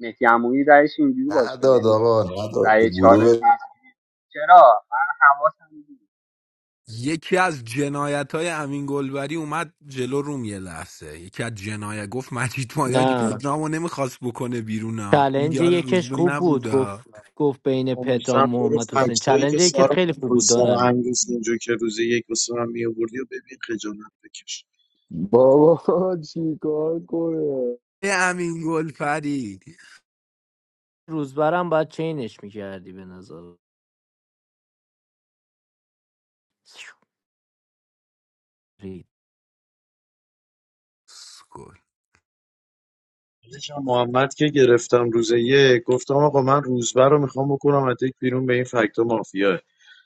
Speaker 16: مهدی عمویی رأیش اینجوری باز شد یعنی
Speaker 3: نداد آقا نداد تو
Speaker 16: رأی چهار
Speaker 3: گروه
Speaker 16: رسید چرا من حواسم بود
Speaker 12: یکی از جنایت های امین گلبری اومد جلو روم یه لحظه یکی از جنایت گفت مجید مایاک
Speaker 9: نه
Speaker 12: پدرامو نمیخواست بکنه بیرونا این
Speaker 9: چلنج
Speaker 12: یار
Speaker 9: یکش
Speaker 12: روزبه
Speaker 9: خوب بود گفت
Speaker 12: نبودا
Speaker 9: گفت بین
Speaker 13: امیدوارم
Speaker 9: پدرام و
Speaker 13: برو
Speaker 9: محمد حسین
Speaker 13: فکتایی که
Speaker 9: چلنج یکت
Speaker 13: سارا
Speaker 9: خیلی خوب
Speaker 13: خوش
Speaker 9: بود
Speaker 13: سارا
Speaker 9: دانم
Speaker 13: همیز اینجا که روز یک واسه من میآوردی و ببین خجالت بکش
Speaker 1: بابا چیکار کنه
Speaker 12: ای امین گلپری
Speaker 9: روزبرم باید چینش میکردی به نظر
Speaker 12: اسکل.
Speaker 13: عزیزم، محمد که گرفتم روز یک گفتم آقا من روزبر رو میخوام بکنم از یک بیرون به این فکتا مافیا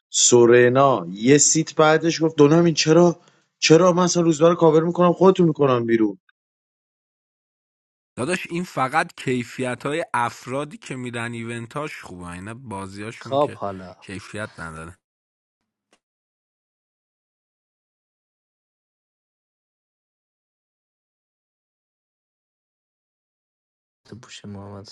Speaker 13: سورنا یه سیت بعدش گفت دونم این چرا چرا من اصلا روزبر رو کاور میکنم خودتون میکنم بیرون
Speaker 12: داداش این فقط کیفیت های افرادی که میرن ایونتاش خوبه اینا بازیاشون
Speaker 9: خواب
Speaker 12: که
Speaker 9: حالا
Speaker 12: کیفیت نداره
Speaker 9: تو پوش محمد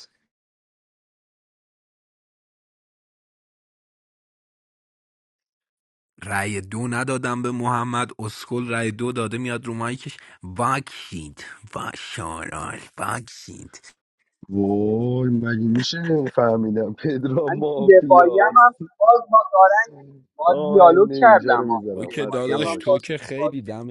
Speaker 12: رأی دو ندادم به محمد اسکل رأی دو داده میاد رو مایکش واکسید با شارال واکسید
Speaker 1: وای مگه میشه نمیفهمیدم پدرام
Speaker 16: من تو دفاعیم هم
Speaker 1: مافیاست
Speaker 16: باز با دارن با
Speaker 1: آه
Speaker 16: دیالوگ
Speaker 1: من اینجا رو
Speaker 16: کردم ها. تو
Speaker 12: تو
Speaker 1: میذارم
Speaker 12: که
Speaker 1: خسته
Speaker 16: دفاعیم
Speaker 12: داداش
Speaker 16: هم
Speaker 1: نباشید
Speaker 12: تو
Speaker 16: باز
Speaker 12: که
Speaker 16: باز
Speaker 12: خیلی دم